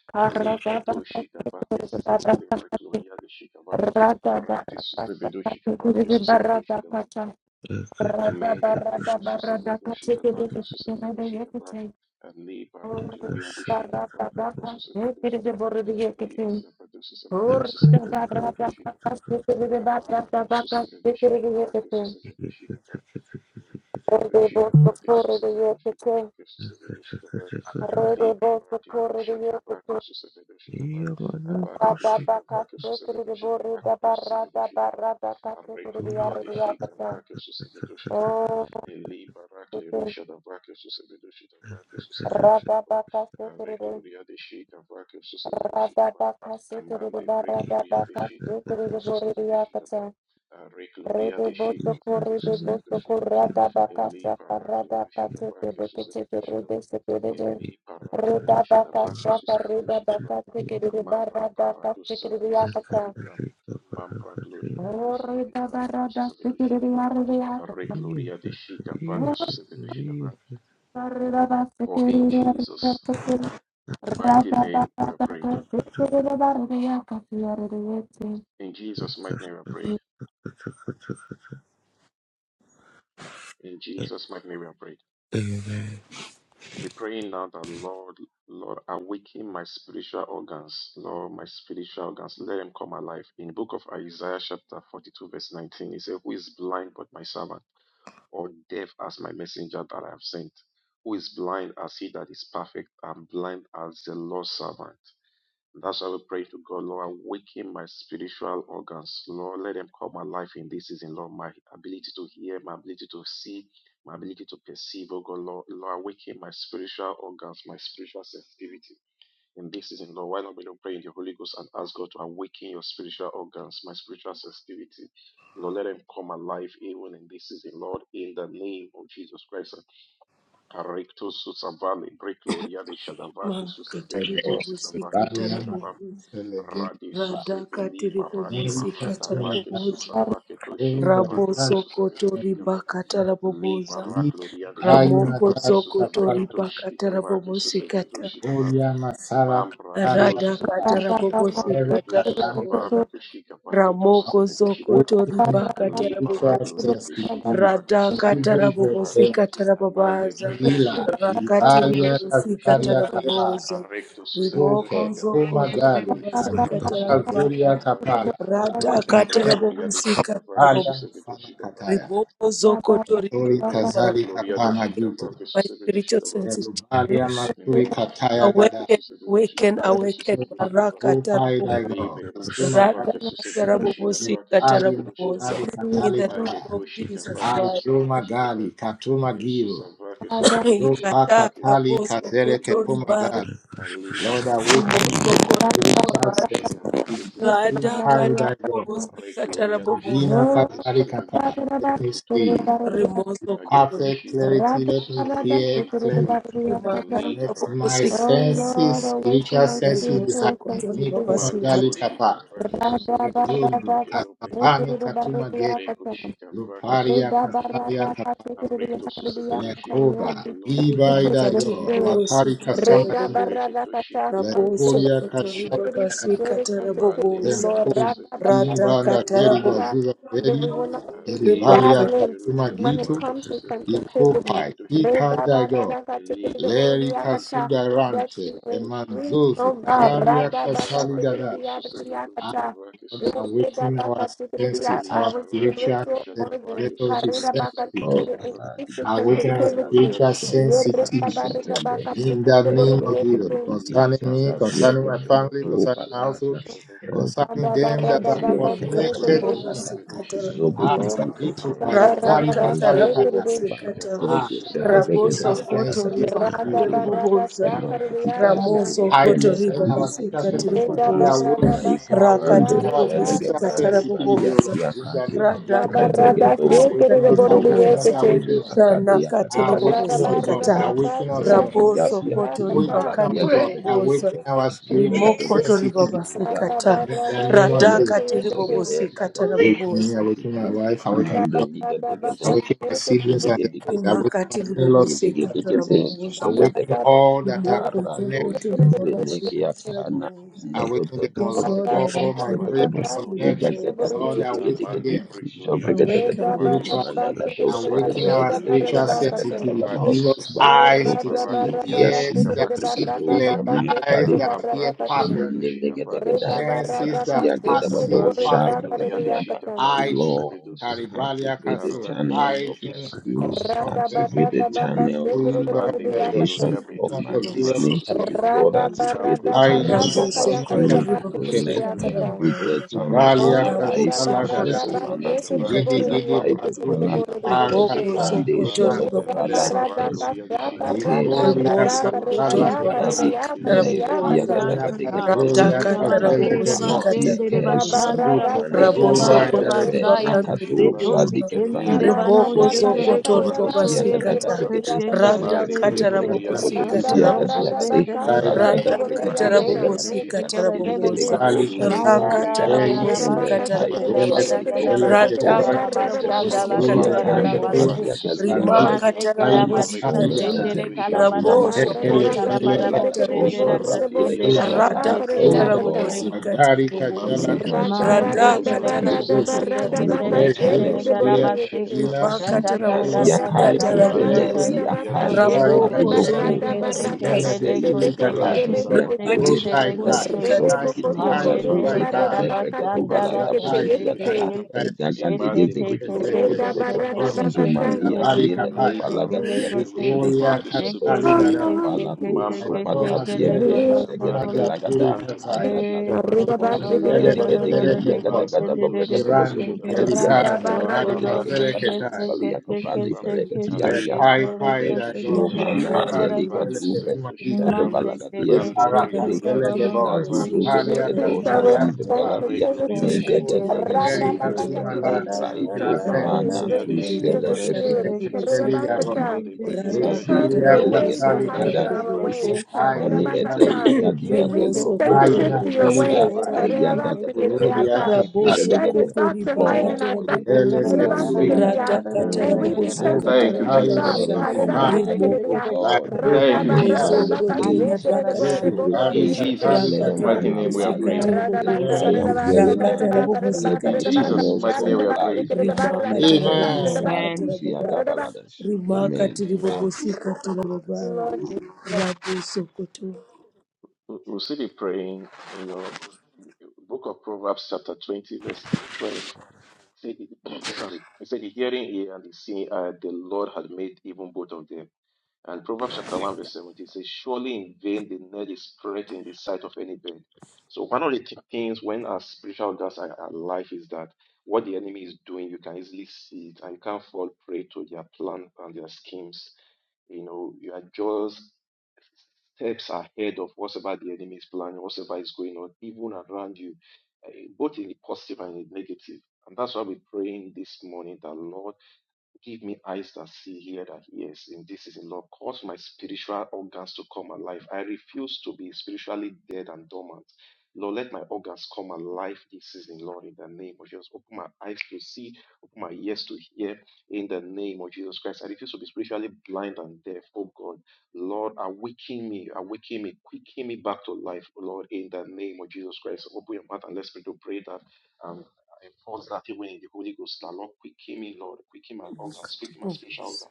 S2: Karra da baka sikir da barra da kati. Rada barra da baka sikir da barra da kata. Rada barra da barra da kati sikir da sikir da yeti. Rada barra da baka sikir da barra da yeti. Rada Rede boto correde boto corrada bacasha carrada catete becete rede se perede reda bacasha carreda bacate que de barrada caste que de acata reda barrada se que de arde acata reda basse que de arde rada bacata caste que de barrede acata rede se
S4: Makati Ribobo Sikata
S5: Mariana
S4: Rabobo.
S5: Telegeli
S4: Radakati Ribobo
S5: America
S4: Sikata
S5: Sina
S4: Raboboza.
S5: Garuba
S4: Rabo
S5: Italia
S4: Soko Tori Bakata Raboboza.
S5: Kisi Kayuna
S4: Ramoko
S5: Gata
S4: Zoko Tori
S5: Kala
S4: Bakata Rabobo Sikata.
S5: Bolia Masala Kataria
S4: Radakata
S2: rada
S4: Rabobo
S2: bacata
S5: Seru
S4: Sikata
S2: que de
S5: Katani
S2: boto
S5: does
S4: Raboboza.
S5: not
S4: Ramoko zoko
S2: correda
S5: awakening
S4: toriba
S2: barrada cate
S5: spiritual
S2: que
S4: kataraboboza.
S2: de barrada
S5: sensitivity
S4: Rada
S5: Ibu Zeke
S4: katarabobosi katarababaza.
S5: Nila
S4: Rakati
S5: Livalia
S4: ribobosi
S5: Kasaria Kapa
S4: kataraboboza.
S5: Ruke
S4: Rimoko zoko
S5: Kumagali
S4: toribabasi
S5: Kayina Kazuria
S4: katarababaza.
S5: Kapala
S4: Rada
S5: Nike
S4: katarabobosi
S5: Alia
S4: katarabobo.
S5: Masala Kataya
S4: Riboko zoko toriba
S5: Tori Kazali Kapana
S4: katarababaza.
S5: Gitu,
S4: My spiritual sensitivity.
S5: Elubalia Masuri Kataya Gada,
S4: Awaken, awaken, awaken.
S5: Zepa
S4: Baraka
S5: Upai
S4: tarabobo.
S5: Daigo, Asuma
S4: Rada
S5: Gada,
S4: katarabobosi
S5: Ali
S4: katarabobosa.
S5: Masari
S4: In
S5: Katali
S4: the name
S5: Gada,
S4: of Jesus Christ.
S5: Aishuma Gali, Katuma Giru, Rupa Katali
S4: Ikataraboso
S5: Kazere Kepuma
S4: kotoriba
S5: Gali, Lord awaken my
S4: rimoso
S5: spiritual
S4: kotoriba.
S5: sensitivity,
S4: Rada
S5: Upai Daigo,
S4: katarabobosi katarabobosa.
S5: Alina Kazali Kapa, let me see.
S4: Rimoso kotoriba
S5: Perfect clarity, let me hear clearly. Let my
S4: katarabobosi.
S2: Oh Lord,
S5: senses,
S2: awaken
S5: spiritual
S2: my
S5: senses be
S4: Rimoso
S2: spiritual
S5: heightened. Mi
S4: kotoriba
S2: sensitivity.
S5: kumagali
S4: basikata.
S5: kapa,
S2: Radha,
S5: redundu, kasabani katuma gedi, luparia
S2: Reda
S5: kasaria
S2: barada
S5: kapa,
S2: kasekerede sakadeya katania
S5: lekoba, iba
S2: biseseke in the
S5: idayo,
S2: spirit.
S4: Rimakatiribobosi
S5: makari kasama
S2: Reda
S5: jitu,
S4: katarabobo.
S2: barada kasa from
S4: Raboso
S2: greater
S5: lekoria kashala
S4: kotoriba
S2: sensitivity,
S5: kaya,
S2: greater sensitivity,
S4: basikatarabobosa.
S2: Lord.
S5: zentum,
S2: Rada
S4: Rada
S5: imba anda geri
S2: uh,
S4: katarabobosa.
S5: gazuza
S2: that we
S5: geri,
S2: will not be
S5: geribalia
S2: stagnant
S5: kasuma
S2: when it
S5: gitu,
S2: comes to sensitivity.
S5: ikopai, ikaida Leri
S2: Re-da-ba-ra-da-ka-tikidi-di-bo-ri-di-ya-ka-ta. That
S5: kasudarante,
S2: you increase,
S5: emanzuzu,
S2: oh God.
S5: karia kasalidada. Ah,
S2: Ra-da-ba-ka-tikidi-di-ya-di-di-ya-ka-ta.
S5: Lord, awaken our
S2: Re-da-ba-ka-tikidi-di-ya-
S5: senses, our
S2: Our
S5: spiritual
S2: spiritual
S5: senses.
S2: organs.
S5: Let us be sensitive to
S2: Increase
S6: Ovaladi
S2: the
S5: awaken our
S6: Zegemeladu
S2: sensitivity.
S5: spiritual
S6: Shoto Pranis
S5: sensitivity.
S6: Tendes
S5: In the name
S6: Ebro
S5: of
S2: Ye-re-da-ba-re-da-ba-ka-tikidi-di-bo-ri-di-ya-ki-ti.
S5: Jesus,
S2: ya
S6: Vibrikiti
S5: concerning me,
S6: Zazazia
S5: concerning my family,
S6: Genemutu
S5: concerning my
S6: Palaja
S5: household,
S2: ki ti ra da
S5: concerning
S2: ba
S6: Rebrikitu
S5: them
S2: ra
S5: that
S2: da
S5: are
S2: ba ka
S6: Saziente
S5: connected to
S2: tikidi
S5: me.
S6: Engalata
S5: Ah,
S4: Imakatiribobosikatarabobosa.
S6: Zobrikiti
S5: Karito,
S6: Ezero
S5: by Kari
S6: Kuprande Jala
S5: Kasalikada.
S2: Oh,
S4: Radhakatarabobosikata.
S5: Ah,
S6: Barotoso
S5: let our
S6: Prekedeke
S5: spiritual
S6: Deke
S4: Rabosokoto
S5: senses
S6: Lakatapatia
S2: Rada
S6: Kazegede
S2: barada
S4: ribakandiribobosa.
S2: shaka
S6: Robrikita
S2: ridiakata.
S4: Ramoso
S6: Zozine
S5: heightened.
S4: kotoribo
S5: Let
S6: Venetali
S5: our spiritual
S4: basika
S6: Enzuzo
S2: Rida
S5: sensitivity be
S6: Vala
S4: tiriboboza
S2: barada
S5: awakened.
S6: Naiko
S2: bakati
S4: rakati
S5: Awaken
S2: ya
S6: Fando
S5: our spiritual
S4: ribobosika
S2: ridiakata.
S6: Jelegebrande
S5: sensitivity,
S6: Balia
S5: O
S4: taraboboza
S5: Lord, in the
S6: Kiakaze
S5: name of
S2: Rida
S5: Jesus.
S4: radhaka
S2: barada shake
S6: Revregedos,
S4: tiribobosika
S5: Awaken
S2: the
S5: us,
S6: Brigitina,
S5: awaken us,
S4: tiriboboza
S2: borodiakate.
S5: awaken
S6: Tandele,
S5: us.
S6: Acadea,
S4: ranaka
S6: Gada, Gada,
S2: Rada
S5: Awaken us,
S4: tiribobosika
S5: Lord.
S2: barada
S4: ta
S6: Legedegede,
S5: Awaken
S2: bakati
S5: us,
S2: ya
S5: Lord.
S6: Rodi,
S4: raboso
S2: shiketi ya
S6: Yasiaku,
S4: kotoriba
S2: kata.
S5: Awaken us,
S4: kandi
S6: Valadia,
S5: Lord.
S4: riboboza
S5: Awaken
S6: Gedegede,
S5: our spiritual
S4: rimoko
S6: Jebelegede,
S5: sensitivity.
S4: toribabasika
S2: Rada
S4: ta
S6: Jabra,
S5: In the
S2: barada
S5: name
S2: shake
S5: of
S6: Duvidia,
S2: it
S4: radhaka
S5: Jesus.
S2: to yakate.
S6: Zegede,
S4: tiribobosika
S6: Lagado,
S5: Awaken me,
S4: taraboboza
S5: awaken my
S6: Zabrigedo,
S5: wife, awaken my
S6: Mende,
S2: Rada
S5: daughter,
S2: barada bakati
S6: Ligedegede,
S5: awaken my
S2: shake the
S5: siblings and their
S2: borodiakate.
S5: family,
S6: Zegedegede,
S5: awaken
S4: imhaka
S5: my in-laws
S6: Nadege
S5: and
S4: tiribobosika
S5: their
S6: dege shege dege
S4: taraboboza
S5: family,
S6: shige
S2: Rada
S5: awaken
S6: dege
S2: barada
S6: don
S5: all that are
S2: bakati
S4: rimoko
S6: barra dozi
S2: the
S5: connected
S6: zene
S2: borodiakate.
S6: ke
S4: toribabasika
S6: apana
S4: taraboboza
S6: no do
S5: Awaken
S6: do
S5: them,
S6: do
S5: O
S6: do
S4: Yes,
S2: Rada
S5: Lord.
S4: Lord,
S6: breke dege
S5: All
S2: barada
S5: my
S6: dege
S4: awaken
S5: prayer
S6: dege
S4: my
S6: de
S2: bakati
S6: iga
S5: connections,
S2: shake the
S4: spiritual
S6: zega
S5: Lord,
S6: dege
S4: sensitive.
S6: dege
S2: borodiakate.
S6: dege
S5: awaken
S6: de
S5: them
S6: jo breke dege
S4: Awaken
S6: de
S2: Rida
S4: me, O
S5: spiritually.
S2: barada
S4: God,
S6: mana da
S2: bakati
S6: do se de
S5: Awaken
S4: in the
S6: breke
S5: our
S2: the
S6: dege
S4: name
S6: dege
S2: barada
S5: spiritual
S4: of
S6: laga
S4: Jesus.
S6: dege
S2: bakate.
S6: dege
S5: sensitivity.
S6: dos
S5: Give us
S2: Oh,
S6: barra do
S5: eyes to
S6: ke
S2: rada
S6: lege
S5: see,
S2: barra da
S6: dia
S2: ba
S6: si
S5: ears
S2: shake
S6: ze
S2: de
S5: that
S6: breke
S5: see
S2: barra da
S6: dos
S2: ba
S5: clearly,
S2: ka shake
S6: ame
S5: eyes
S2: de
S5: that
S2: barra da
S5: hear
S2: ka shake.
S5: perfectly,
S6: Mandelegedegeday,
S2: Rada barra
S5: senses
S2: da ka
S5: that
S2: shake de
S5: perceive
S6: Raziagedabado,
S2: borre de ba ka
S5: perfectly.
S2: de
S6: Shabrakatiyada.
S2: yakata.
S5: I think of
S6: Lord,
S5: Caribalia
S6: activate the
S5: Castle.
S6: channels
S5: I
S6: of my
S5: think
S6: spirit,
S5: of
S2: Rada barra
S6: activate the
S2: da ba
S5: sensitivity.
S2: ka
S6: channels
S2: shake
S6: of
S5: Holy
S2: de
S6: my
S5: God,
S2: borre de
S5: the
S4: Amen. So,
S2: yakata.
S6: communication, of
S4: Kutu
S5: God
S6: my
S4: Riba
S5: of
S4: Basi,
S6: listening
S5: miracle,
S6: to
S4: Kutu
S6: you.
S4: Riba
S6: Lord,
S2: Rada
S4: Basi.
S2: barra
S6: activate the
S2: da
S5: I do.
S2: barra
S6: channels
S2: da
S4: Rabu
S6: of my
S5: In
S4: Soko to
S6: spirit.
S4: Riba
S5: a
S4: Basi,
S6: Let
S4: Katara
S6: every dead
S4: Baboza.
S6: channel
S5: Ekubalia
S6: come
S2: Oh,
S4: Rabu
S6: alive.
S2: rada
S4: Soko
S2: barra
S5: kasalagada.
S4: to
S2: da ba
S4: Riba
S6: Jezovana
S2: shake
S6: to
S4: Basi,
S2: de
S5: Gidi
S2: borre
S4: Katara
S2: de
S6: Zavina
S5: gidi
S4: Baboza.
S2: yakate de
S5: baruki
S6: Kaidopala,
S2: borre de
S6: Lego
S2: yakate.
S4: Rimoko
S5: akata.
S6: Brande,
S4: Soko to
S5: Roman
S6: Jelego
S4: Riba
S2: Rada
S6: Brada,
S4: Basi.
S5: zeriba.
S2: barra da ka shaka
S6: Ezubalate,
S2: rada
S5: Ikoria
S2: rada
S4: Rimoso
S2: ka re
S6: Lekebriketos,
S4: kotori
S5: kasalakata.
S6: Izoladi,
S4: babasika
S6: Negadia
S4: taraboboza.
S5: Irina
S3: Rasata,
S6: Gadagadigadi,
S5: kazoria
S4: Radhaka
S6: Balako
S3: Urabasere
S5: kazelekebo.
S4: tarabobosika
S6: Palati,
S3: Basendere
S6: Kezo
S4: taraboboza.
S3: Bashandara
S5: Aruta.
S2: Dabarada
S6: Supalani,
S3: Bokoria
S2: shekere
S4: Raboso
S2: de
S3: Bara
S5: Provide
S2: bore the
S5: I
S4: kotori
S5: don't
S6: Maitefe,
S2: yakate.
S4: bakandi
S6: Nakato,
S3: Retosi
S4: riboboza.
S6: Shadike
S3: Kentere
S6: Prandi,
S3: Bano
S4: Riboko
S2: Dabarada kaya
S3: Shendere
S5: understand.
S6: Jepetesco to
S2: kare
S4: zokotori
S2: da ba
S6: Brigitia
S3: Kototore,
S4: babasika
S2: shekere de
S4: ta.
S2: bore de
S6: Gadagadigadi,
S3: Keshende
S5: Maybe
S2: yakate.
S4: Radhaka
S6: Jepresco to
S5: only
S3: Ketebele,
S6: Pregeto
S5: customer
S4: tarabobosika
S2: Rada
S5: duty.
S3: Yoto
S6: Cotocosia
S3: Locos
S2: barada
S4: taraboboza.
S5: I
S6: Gaziagadi,
S2: baka
S3: Dendele
S5: die by
S2: shekere
S3: Kete
S2: de
S6: Radada
S5: the
S2: bore de
S3: Kete
S5: people.
S4: Radakatara
S3: Kele
S2: yakate.
S4: bobosi
S3: Kete
S4: Katara
S3: Tekele Kele Kele
S4: boboza.
S5: Ekubali
S6: Brigedegadegalagasikedigedegetoso,
S5: kasina
S3: Maya La
S4: Rakatara
S6: Pranuta,
S3: La
S5: gatei.
S3: La La
S2: Reda
S4: bobosi
S6: Ifene,
S2: baka
S3: Baste
S4: Katara
S2: shekere
S6: Kaito
S2: de
S3: Tekele
S2: kere
S5: Weleke
S2: de
S6: Fali,
S3: Badaka
S2: kere de
S3: La La
S2: kere de
S5: weleke
S2: kere de
S3: Basada
S5: goy
S6: Copricetosi,
S3: La
S2: barada baka
S3: Basanda
S4: Radakatarabobosi
S3: La
S4: katarabobosa.
S3: La,
S4: Katara
S2: shekere de
S6: Zebricetosia,
S5: mkuga
S3: Kora
S2: kere
S3: La
S2: de
S6: Tam,
S3: La
S2: kere
S5: rentu
S4: katarabobosa.
S2: de.
S3: Baste
S6: Bradia
S4: Radakatarabobosi katarabobosa.
S5: kalifu
S6: Gaziagadegi.
S5: kai
S3: Masekela
S6: Ano
S4: Rimakatarabobosi
S3: barika
S6: so
S5: patani
S4: kata.
S5: gada
S6: menete
S3: sendere
S6: ligamina
S3: kalabara
S4: Raboso
S6: makote
S2: Barada
S3: sotere
S5: ekele
S4: koto
S2: baka
S6: fregete
S4: riba
S6: ke
S3: karabara
S5: keleke
S2: shekere de
S5: se
S2: kere de
S6: lagados
S3: bosendera
S2: bore
S6: over
S2: de
S4: katarabobosa.
S2: bo shekere
S3: kashendera
S5: suga
S2: de
S6: dilegesiata.
S2: yakare the
S6: Oh
S3: kosetera
S5: kasuga
S3: kose
S2: yakate.
S4: Radakatarabobosi
S6: God,
S5: lagari
S6: I
S5: kashala
S4: katarabobosa.
S6: commit my
S5: gada
S2: Rada
S4: Katara
S6: channels
S2: barada
S3: mazetele
S6: to you.
S2: barada
S4: katarabobosa.
S5: mikanzuzu
S6: I
S3: kosetele
S2: barada
S6: commit
S2: baka
S6: my
S3: ketele ketele
S2: shekere
S6: channels
S2: de
S6: to
S2: bore
S5: ezukaria
S2: the
S6: you.
S3: garabase
S2: yakate.
S5: kadina
S6: Janofi
S3: shata tata
S5: mkuga
S4: Ribakatarabobosi
S2: Reda
S3: tala
S5: keli
S6: nasiakai
S2: barada
S3: gada
S2: baka
S6: sofene
S5: kajesu
S3: shata
S4: katarabobosa.
S2: reda baka
S6: liakando
S2: shake
S5: esifari
S2: de
S3: shokologo
S2: the
S4: Raboko
S3: sete
S4: zori
S5: kateni
S6: ailofo
S2: barada
S3: kese
S6: mama
S4: babasi
S2: barada
S5: mgene
S2: ka
S3: ketele
S2: shake
S6: inesei
S2: it
S5: getui
S3: koshe
S2: deke
S5: kata
S2: teke
S3: kete
S6: kupaladis
S2: rede
S3: kese
S2: kete.
S4: Rakatiri
S6: yakodesh
S5: ukai
S4: bobosi
S5: kai
S6: redo
S3: ketele
S2: Rede
S4: katiri
S5: kitaitu
S2: boko
S6: sobrigiti
S2: toko
S5: kaitu
S4: bobosi
S2: rede
S3: Mashetele
S6: zazuze
S5: kaitana
S2: barada baka
S6: lebregedo
S2: tika
S3: garabasanda la
S2: shake
S6: balada
S2: ke te
S5: mikapaitu
S6: bregedia
S3: koshekete.
S5: kaitu
S3: Shete te te te te
S2: Reda
S3: ke
S6: Egagaligezigidigidogodogodo,
S3: te
S2: barada
S3: ke
S5: Yekeseketekebunda,
S2: baka ta.
S3: shekete le
S5: Isabari
S3: gode
S5: Kapaya,
S3: shekele
S2: You
S3: gote.
S6: Zizomaniatielekepalagadiagasegidi,
S2: are
S5: Victoria
S2: the
S3: Shekete
S2: only
S3: ke
S5: Kataligara,
S3: te
S2: one.
S3: ke
S6: Rodosaikepalato,
S3: te ke
S5: Letoma
S3: shekele
S6: Sopatatieke,
S5: Deli
S3: godo
S2: You
S5: Kasuma
S3: sokolo.
S6: Shegedegelagada,
S5: Jaturi
S2: are
S5: Kasai,
S2: the
S3: E
S2: Reda baka
S3: chokodo
S5: Nikan
S2: shake
S3: lo
S2: it
S3: lo
S2: the
S5: Dele
S3: lo lo lo lo
S5: Ketere
S3: de
S2: borada
S3: ke
S5: Ketor,
S3: she de de de ke se
S5: Mirandu,
S3: ke.
S4: katiri
S5: Kelikazi,
S2: yekete.
S3: Todo
S5: Kari
S3: lo de
S5: Kasere
S3: ke se
S5: Ketai,
S3: ke se ke se ke
S5: Lekai
S6: Adadaluguzugudogolegedegedegediagadagadagobragadogosogobrigediagadagadalegedegebrakadagadagaliakoprandifeleketiasiata,
S3: shekete
S5: Kai
S3: le
S5: Kai
S3: ko
S5: Dagon,
S3: shekete ke
S4: Rakatiri
S5: Kantu,
S3: le
S5: Dele
S4: bobosi
S6: Lezuzomanatelikatubre,
S5: Kesuma
S4: katiri
S5: Itu,
S6: Jado
S4: bobosi
S6: balagadia
S5: Ikara
S6: zigedegede,
S5: Kasele
S4: rakatiri
S6: jada
S5: Geboy,
S4: bobosi
S6: zuzu
S5: Natalia
S4: katiri
S6: belegedo
S2: increase
S5: Kasaria
S2: our
S6: zaziz
S4: bobosi
S5: Kapai,
S6: beladia,
S2: sensitivities.
S6: Nende de
S4: rakatiri
S5: Nikuzi,
S6: lege
S4: bobosi
S5: Keri
S6: zugu dugu
S4: katiri
S2: Radabakata
S5: Kasuma
S6: lege
S2: to the
S5: Lana,
S6: de
S4: bobosi
S2: things
S6: raito
S2: concerning
S5: Miraben,
S2: you,
S4: ramoso
S2: to
S6: fana
S2: the
S6: tu
S4: koto
S2: things of
S6: sele
S4: riba
S2: the
S6: te
S2: spirit.
S4: katiri
S6: brigidis.
S4: bobosi
S5: Esneketeligaro,
S6: Rodi
S4: katiri
S2: Karirabakata,
S6: brigidis
S4: rata
S6: asi
S2: Because
S4: katiri
S6: ende
S5: Espolia
S2: your ways
S4: bobosi
S6: do
S2: are higher
S4: katiri
S6: gaga
S2: than
S5: Casalicada,
S2: our
S4: bobosi
S2: ways.
S6: izuto.
S5: I
S6: Vani
S5: Cruzari
S2: Karirabakata,
S6: eteli gadi
S5: Tempe,
S2: May we be
S4: rimoso
S6: agelo godo
S4: koto
S6: godo
S2: sensitive
S5: Maina
S6: go
S2: to your
S4: ribobosi
S6: bragada.
S2: ways.
S6: E
S4: katiri
S5: Filigava,
S6: ya daga daga daga
S5: Rodia
S6: da.
S2: Karirabakata,
S5: Casal,
S2: You
S4: Raboso
S2: said your thoughts
S4: kotori
S2: are higher than our
S4: bakatara
S2: thoughts.
S6: Lord,
S5: Ele
S6: throw
S4: boboza,
S6: your weight
S5: Kesuricaba,
S4: rada
S2: Karirabakata, May
S4: katara
S6: upon
S2: we
S6: my
S2: be
S4: bobosi
S5: Roca,
S2: sensitive
S6: channels.
S4: katara
S2: to your thoughts.
S6: Let
S5: Taido,
S4: bobaza,
S6: them come
S5: Varitan,
S4: ribozo
S6: alive, oh
S2: Karirabakata,
S3: Masha
S5: La
S6: God,
S5: Cupa
S6: in the
S2: Radaba,
S5: Itali,
S6: crowded
S2: radabakata,
S4: kotori
S6: place, in the
S4: bakatara
S5: Uzu,
S6: secret
S4: boba,
S6: place.
S5: Arisa
S6: Let them
S4: rakatiri
S5: Calicata,
S6: come
S4: bobosi
S6: alive, uh,
S4: katiri
S6: in
S3: Amen.
S6: the
S2: Radabasa
S6: dry
S4: boboza,
S5: Amen.
S6: and
S2: Karadabasa
S6: weary
S3: Amen.
S6: land.
S4: rakatara
S2: Karadaba
S4: bobosi
S2: Karadaba
S6: Let my
S4: katiri
S2: Karadaba
S6: channels
S4: boboza,
S6: come
S2: Karadabasa
S6: alive.
S2: Karadaba
S6: Yamane
S4: rimakatara
S2: Radabasa
S6: fene
S5: Amen.
S4: bobosa
S2: Karadaba
S3: Amen.
S4: katara
S6: kadusi
S4: boba,
S2: Radaba
S6: adabaladas. Amen.
S4: rimakatiri bobosi katara boba,
S2: Lord Jesus.
S4: raboso kotori bobosa,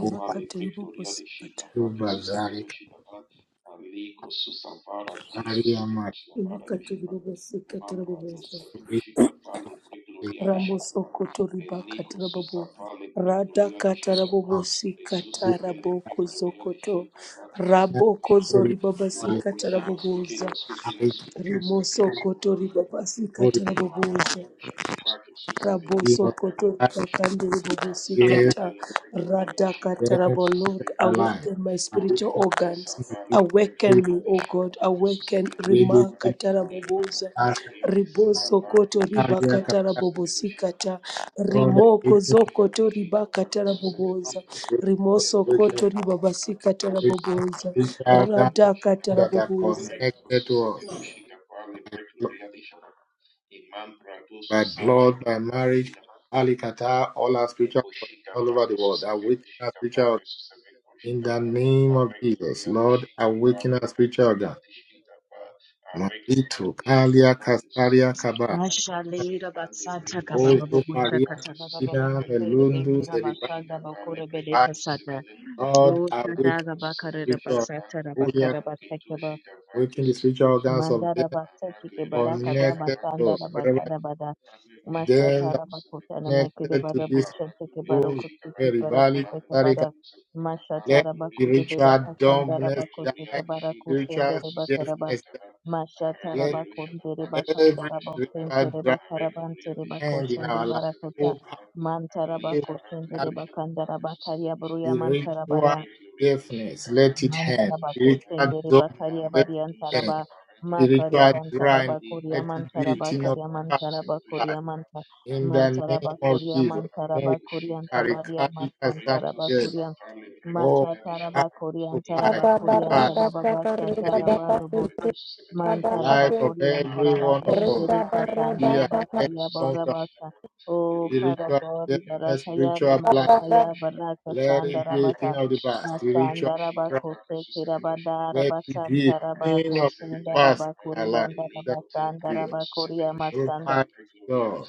S5: Upa
S4: bobosi katara.
S5: Tuba Zarica, Aria
S4: Ikatiribobosikatiribobozo.
S5: Maturi,
S4: Ramosokotoribakatarabobo. Radakatarabobosikataraboko-zokoto.
S5: Aria
S4: Rabokozoribabasikatarabobooza.
S5: Maturi,
S4: Rimosokotoribabasikatarabobooza. Raboso
S5: Your eye
S4: kotorika kandiri bobosi
S5: is
S4: kata rada
S5: the
S4: katarabo
S5: food
S4: Lord,
S5: and light.
S4: awaken my spiritual organs. Awaken me, O God, awaken
S5: Lady
S4: Rima katarabobosa.
S5: Catalia
S4: Riboso koto riba
S5: Catalia
S4: katarabobosi kata.
S5: God
S4: Rimoko
S5: awaken
S4: zoko to riba katarabobosa.
S5: God
S4: Rimoso
S5: awaken
S4: koto riba basi
S5: awaken
S4: katarabobosa.
S5: each other that of
S4: Rada
S5: them that are
S4: katarabobosa.
S5: connected to us by, blo- by blood, by marriage, Alicata, all our spiritual connections all over the world. Awaken our spiritual organ. in the name of Jesus. Lord, awaken our spiritual organ. Mandito, Kalia, Casaria, Kaba.
S3: Yashalira basata kababa
S5: Also, Maria
S3: kata baba
S5: Cristina
S3: kusere
S5: Melundu
S3: bekira
S5: said,
S3: bashanda bakure bede
S5: by
S3: kasata.
S5: God,
S3: Ruta
S5: awaken
S3: daga bakare
S5: spiritual,
S3: basata
S5: holy and
S3: rabakara basaka
S5: awaken the spiritual organs of them
S3: Mandara Basaki Baraka Dama
S5: connected to
S3: Sandara
S5: wherever
S3: Bakada Bada
S5: them
S3: Mashata
S5: that
S3: Rabakuta and Makida
S5: connected to
S3: Bada
S5: this
S3: Buchante
S5: those
S3: Barokuti
S5: very valley,
S3: Barakute
S5: Catholic, and
S3: Bada Mashata
S5: let
S3: Rabakude
S5: spiritual
S3: Bedaka Sandara
S5: dumbness
S3: Bakuti
S5: die,
S3: Baraku
S5: spiritual
S3: Sendere Bakaraba
S5: deafness die,
S3: Mashata
S5: let
S3: Rabakunde
S5: every
S3: Bakandara Bosente
S5: spiritual dry
S3: Bakarabante
S5: hand in
S3: Bakoshende
S5: our
S3: Barakota
S5: life.
S3: Mantara Bakoshende
S5: Oh,
S3: Bakandara Bakaria Bruya
S5: Spiritual
S3: Mantarabaya
S5: deafness, let it end.
S3: Mandaraba
S5: Spiritual
S3: kosendere
S5: dumbness,
S3: bakaria
S5: let it
S3: bariantaraba
S5: end.
S3: makaria
S5: Spiritual
S3: bantaraba
S5: dryness,
S3: koria
S5: let it be a
S3: mantaraba
S5: thing of
S3: karia
S5: the
S3: mantaraba
S5: past.
S3: koria manta
S5: In the
S3: mantaraba
S5: name of
S3: koria
S5: Jesus,
S3: mantaraba
S5: move
S3: koriantabaria
S5: Arikali
S3: mantaraba
S5: Kasamagel.
S3: koria
S5: Oh, I,
S3: machataraba
S5: oh, I,
S3: koriantaraba
S5: if I
S3: koriantababa
S5: can, let it be
S3: bashantaraba robose
S2: Abba-ba-ra-da-sa-ka-ri-da-ba-ba-si-si.
S5: the
S3: mantaraba
S5: life of
S2: Abba-ba-si.
S5: every
S3: koriantaraba
S5: one of us.
S3: zendere
S5: Let it
S2: ra
S5: be
S2: da
S5: an
S3: katandaraba
S5: end come to our
S3: kayaborabasa Oh, Father
S5: spiritual
S3: God,
S5: deafness,
S3: Barakaya,
S5: spiritual blind.
S2: sa
S3: Barakaya, Baraka,
S5: Let it be a thing
S3: Shandarabaka,
S5: of the past. Spiritual
S3: Masandara bakose kirabandara
S5: Let me get
S3: basantara
S5: 10 of the
S3: bakoshendara
S5: spots in
S3: bakuri
S5: my life.
S3: bandara
S5: That
S3: basandara
S5: deal.
S3: bakuri amasanda
S5: Reply, God.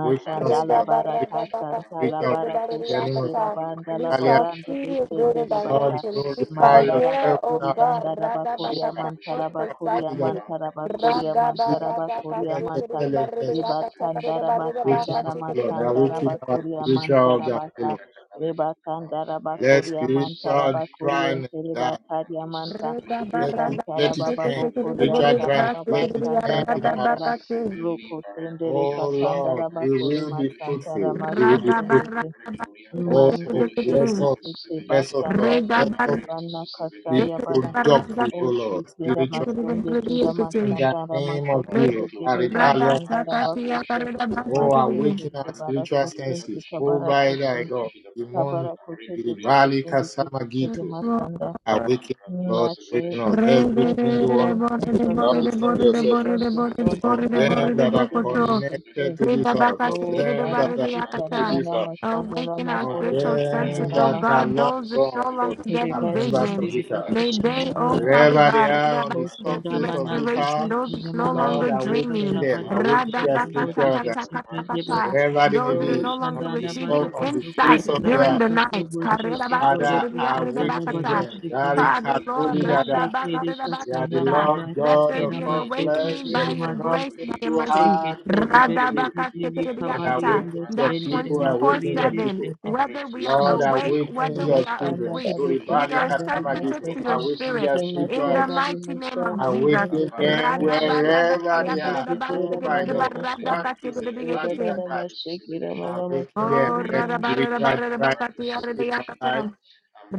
S5: Which us,
S2: Reda
S5: God.
S2: barra
S5: Which
S2: da
S3: baraka
S2: baka
S3: santa
S5: reach
S2: shake
S3: la
S2: it
S5: out.
S2: in the body
S3: baraku
S5: That name of
S3: sekira
S2: akata.
S3: banda
S2: We
S3: la
S5: Italia.
S2: shall
S3: borande
S2: see in greater
S3: besende de
S5: God,
S3: baka
S2: dimensions. We
S5: glorify
S2: shall
S3: mandara
S2: hear,
S5: yourself
S2: oh
S3: bakuri
S5: now.
S2: God,
S3: bandara
S2: Rada
S3: bakuri
S2: Bakata more
S3: amantara bakuri
S2: precisely.
S3: amantara bakuri
S2: Rada
S3: amantara
S2: barra da ka
S3: bakuri
S2: shake it
S3: amanta riba
S2: akata, ka reda
S3: kandara
S2: barra
S5: Waking
S2: baka
S3: bakandara
S5: up,
S2: shake it in the
S5: Lord.
S2: body of
S3: masandara
S5: Awaken our
S3: bakuri
S5: spiritual
S3: amantara
S5: God,
S3: baka
S5: Lord.
S3: riba kandara
S5: Let
S3: bakuri amantara
S5: spiritual
S3: bakuri
S5: dryness
S3: entere
S5: die.
S3: bakari amanta
S2: Reda
S5: Let
S2: barra
S5: it,
S2: da ka
S5: let
S3: Rikantara
S5: it
S2: shake
S3: baba
S2: it
S5: hang.
S2: shake it in
S3: bokori
S2: the body
S5: Spiritual
S3: anta
S5: dryness.
S3: baba
S2: baka shake
S5: Let
S2: it in
S5: it
S2: the
S5: hang in
S2: rada
S5: our life.
S3: bashandara
S2: baka shake.
S3: Roko sendere
S5: Oh Lord,
S3: katandara
S5: we
S3: bakuri
S5: will be
S3: masantara
S5: fruitful. We will be
S2: Rada
S5: fruitful.
S3: makoshendeke
S2: barra baka shake it shake it
S3: mande
S5: Oh,
S2: in
S5: bless
S3: sete
S5: us,
S3: kete
S5: bless us,
S3: bashanda
S5: Lord.
S2: Reda
S5: Let
S3: kote
S5: us
S2: barra
S3: bana
S5: be
S3: kasaya bana
S5: productive, oh
S3: oshi
S5: Lord,
S3: kira
S5: spiritual.
S3: masonde kira
S5: In the
S3: masanda
S5: name of
S3: masandara Ne
S5: Jesus,
S3: kire
S5: Aribalia
S3: basandara
S5: Kata.
S3: bakose
S5: Oh,
S3: masente
S5: awaken our
S3: kebara
S5: spiritual
S3: kosente
S5: senses. Oh,
S3: kabara
S5: by thy
S3: kosente
S5: God, Imon,
S3: kabara kote kete
S5: Iribali
S3: kesende kete kere
S5: Kasamagito.
S3: masanda
S5: Awaken, us, Lord, awaken
S3: Machete
S5: us, every
S3: kototo
S5: single one of us,
S3: tonto tonto
S5: without a single
S3: tonto
S5: exception.
S3: tonto tonto
S5: Of
S3: baba
S5: them that are
S3: chikima
S2: Re
S3: nitese
S5: connected to this house,
S3: o
S5: of them that are
S3: karasi
S5: linked to
S2: Ridabakashikiridabaribiyakata.
S5: this
S3: karamana
S5: house.
S3: masanda
S2: Awaken
S3: rama
S2: our
S5: of
S3: kore
S2: spiritual
S3: basanda
S2: senses,
S5: them
S2: O
S3: rama
S5: that are
S2: God,
S3: kota
S5: long
S2: those that
S5: gone,
S2: no
S5: but
S2: longer
S3: shekere
S5: are
S2: getting
S5: members
S3: basende
S5: of
S2: visions.
S5: this house.
S3: ribaka
S2: May
S3: shana
S2: they, O
S3: mara
S2: Father
S3: kota
S5: Wherever they
S2: God,
S5: are on
S2: Ridabak-
S5: the
S3: Tosho
S2: there be
S5: surface
S3: dama
S5: of
S3: na
S5: this
S3: kote
S2: restoration,
S5: house,
S2: those
S3: kede
S2: that no
S3: mana
S5: Lord,
S2: longer
S3: masaka
S5: awaken
S2: dreaming.
S5: them,
S3: tabata
S5: awaken their
S3: kashaka bode
S5: spiritual that
S3: kese kede ba
S2: Radabakatakatakataka.
S5: wherever they
S3: o
S5: may
S2: Those that are no
S5: be, on
S2: longer
S5: the
S3: shandana
S5: sur-
S3: bado
S2: receiving
S5: on the
S3: koto
S2: insight
S5: face
S3: kote
S5: of
S3: la
S5: the
S2: during
S5: earth,
S2: the
S3: moto
S2: night.
S3: kubo sheke bolo
S5: Father,
S3: kuse tala
S5: awaken
S3: bado
S2: Karirabasikiridiyaribakata.
S5: them.
S3: sheke
S5: Dari
S2: Father Lord,
S5: Katuli Dada.
S3: Mashekere
S5: You are
S3: kasara
S5: the
S2: Radabakaridabashikirida.
S5: Lord
S2: let
S5: God
S2: there
S5: of
S3: marashekera
S2: be an
S5: all flesh.
S2: awakening
S3: masheketere
S5: There
S2: by
S5: is
S2: your
S3: masu
S2: grace,
S5: nothing
S2: by your
S5: too
S2: mercy.
S5: hard for
S3: sheketere
S5: thee to do.
S3: besheketere
S5: Lord,
S3: kabari
S2: Radabakashikiriakata,
S3: ando
S5: awaken your
S2: That
S3: sendere
S5: people,
S2: 24
S3: makuri
S5: awaken your
S3: ende
S2: 7,
S5: people.
S3: sete
S2: whether we are
S5: Lord,
S2: awake,
S3: masikari
S5: awaken
S2: whether we
S5: your
S2: are
S3: bashanda
S5: children.
S2: asleep,
S3: bari
S2: we
S5: Uribadi
S2: are
S3: kusanda
S2: sensitive
S5: Katamagito.
S2: to
S3: rimasete
S2: your
S5: Awaken
S2: spirit.
S5: their spiritual
S2: In the
S5: organ.
S3: remasonda
S2: mighty name of
S3: rimasamo
S2: Jesus.
S3: sende
S5: Awaken them
S3: kazonde
S5: wherever they
S3: zekesende
S5: are.
S3: kutera
S5: Home by
S3: manda
S5: door.
S3: kushanda
S5: Bantus and Badi
S2: Radabaradakayakaridabashikiridabaradakashikiridiakate.
S3: ruradara
S5: Katai.
S3: mashekera mama
S5: Awaken them.
S2: Oh,
S3: mashekera
S5: Let
S3: mama
S5: spiritual dryness end in our lives.
S2: radabaradabakatiyaridayakata.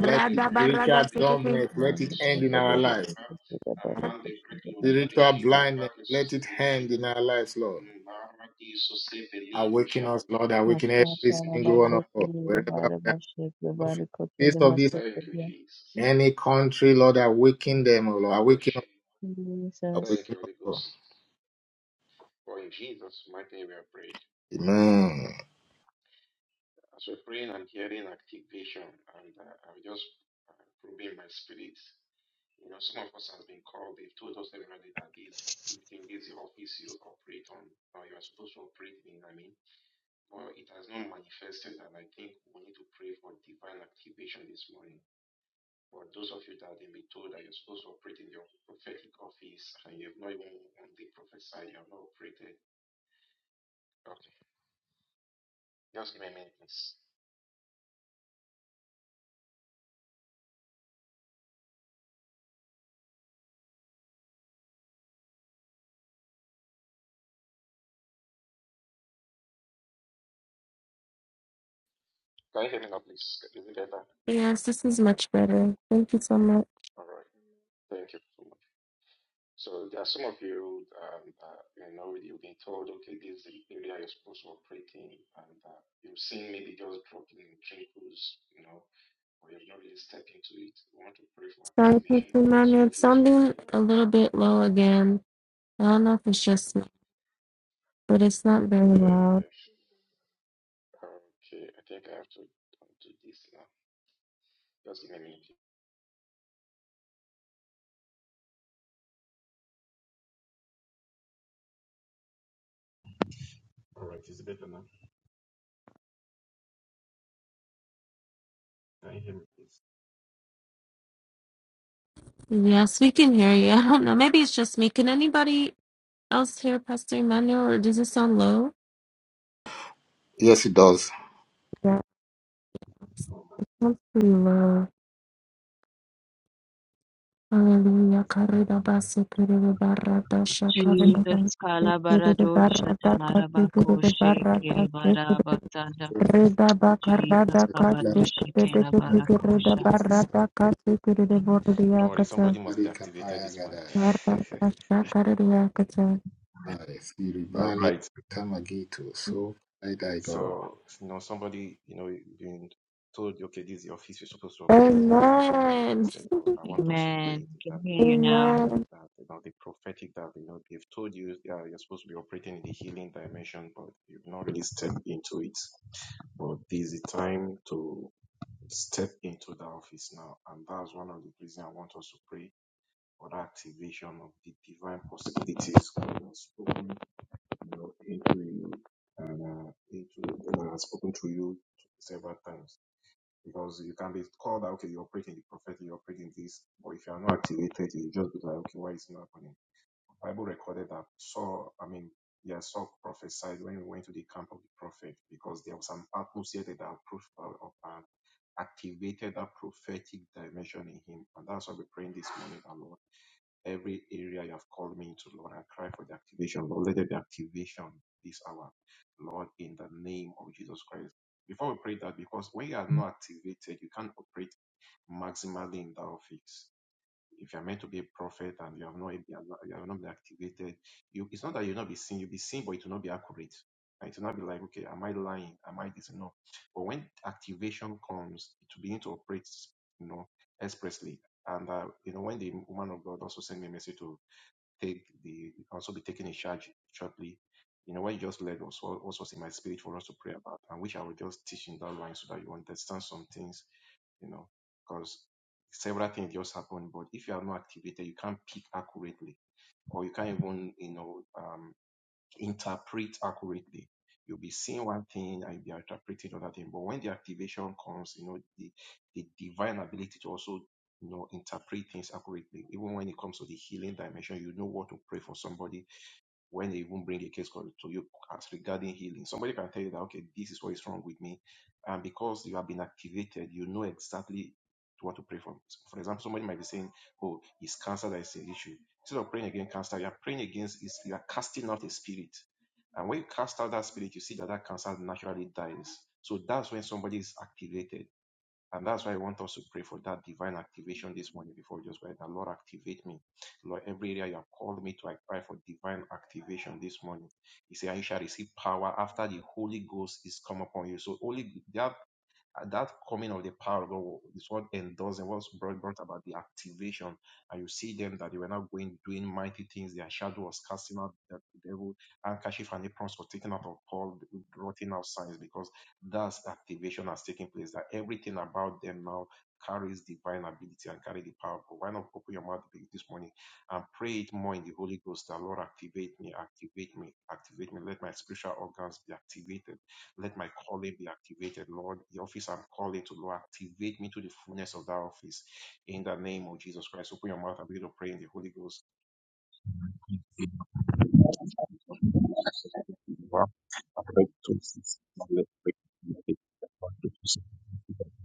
S5: Let it spiritual dumbness. Let it end in
S3: mashekera
S5: our
S3: bada
S5: lives.
S3: kushekera bara kushekera
S5: Spiritual blindness. Let it end in our lives, Lord. Awaken us, Lord. Awaken every
S3: Mashatara
S5: single one of us.
S3: bakotele
S5: Wherever
S3: rabara
S5: we
S3: bashek
S5: are.
S3: rabara
S5: Face
S3: kotele
S5: of this
S3: masukudia.
S5: Any country, Lord, awaken them, oh Lord. Awaken us,
S3: Jesus.
S5: awaken us, Lord. Amen.
S2: Yes, this is much better. Thank you so much. Sorry, Pastor Manuel. Sounding a little bit low again. I don't know if it's just me. but it's not very loud. Yes, we can hear you. I don't know. Maybe it's just me. Can anybody else hear Pastor Emmanuel, or does it sound low?
S5: Yes, it does.
S2: Yeah, it sounds pretty low. Hallelujah. Karida basa karida barata shakarida
S3: Jesus
S2: basa karida
S3: Kalabarado
S2: barata kasi
S3: Shatarabako
S2: karida barata
S3: Shekiri
S2: se karida
S3: Barabatanda
S2: Rida
S3: Jesus
S2: bakarada kasi
S3: Kabadoshi
S2: karida kasi karida
S3: Kalabarakosha.
S7: Jesus.
S2: barata kasi karida
S7: Don't
S2: bordiya
S7: worry,
S2: Kacha,
S7: somebody must be
S5: Lakari
S7: activated
S5: kapaya
S7: this morning.
S5: gadai.
S2: barata shakarida kata.
S5: Ai,
S7: All
S5: siribali
S7: right.
S5: kamagitu. So, I die, God.
S7: So, you know, somebody, you know, been told, okay, this is your feast, you're supposed to pray, but it has not
S2: Amen.
S7: manifested. Or I want us to pray
S3: Amen.
S7: into
S3: Can
S7: that
S3: hear
S7: now.
S3: you now.
S2: Amen.
S7: That, you know, the prophetic that, you know, they've told you yeah, you're supposed to be operating in the healing dimension, but you've not really stepped into it. But this is the time to step into the office now. And that's one of the reasons I want us to pray Further activation of the divine possibilities God has spoken you know, into you and uh, into and has spoken to you several times. Because you can be called that okay, you're breaking the prophetic, you're breaking this, or if you are not activated, you just be like, okay, why is it not happening? The Bible recorded that Saul, I mean, yeah, Saul prophesied when he went to the camp of the prophet because there was an atmosphere that approved of of- uh, activated that prophetic dimension in him. And that's what we're praying this morning, our Lord every area you have called me into, Lord. I cry for the activation, Lord. Let there be activation this hour, Lord, in the name of Jesus Christ. Before we pray that, because when you are not activated, you can't operate maximally in that office. If you are meant to be a prophet and you have not been, you have not been activated, you, it's not that you'll not be seen. You'll be seen, but it will not be accurate. And it will not be like, okay, am I lying? Am I this? No. But when activation comes, it will begin to operate, you know, expressly. And uh, you know, when the woman of God also sent me a message to take the also be taking a charge shortly. You know, what you just led was what what was in my spirit for us to pray about, and which I will just teach in that line so that you understand some things, you know, because several things just happen. But if you are not activated, you can't pick accurately, or you can't even, you know, um, interpret accurately. You'll be seeing one thing and you'll be interpreting another thing. But when the activation comes, you know, the, the divine ability to also, you know, interpret things accurately. Even when it comes to the healing dimension, you know what to pray for somebody when they even bring a case con- to you as regarding healing. Somebody can tell you that, okay, this is what is wrong with me. And because you have been activated, you know exactly what to pray for. For example, somebody might be saying, oh, it's cancer that is the issue. Instead of praying against cancer, you are praying against, is you are casting out a spirit. And when you cast out that spirit, you see that that cancer naturally dies. So that's when somebody is activated. And that's why I want us to pray for that divine activation this morning before we just go ahead. And Lord, activate me. Lord, every area you have called me to, I cry for divine activation this morning. He said, I shall receive power after the Holy Ghost is come upon you. So, Holy, that uh, That coming of the power of God is what endorsed and was brought, brought about the activation. And you see them that they were not going doing mighty things. Their shadow was casting out the devil. Handkerchief and aprons were taken out of Paul, rotting out signs because that's activation has taken place. That everything about them now carries divine ability and carry the power. But why not open your mouth this morning and pray it more in the Holy Ghost that Lord activate me, activate me, activate me. Let my spiritual organs be activated let my calling be activated, Lord. The office I'm calling to, Lord, activate me to the fullness of that office. In the name of Jesus Christ, open your mouth and begin to pray in the Holy Ghost.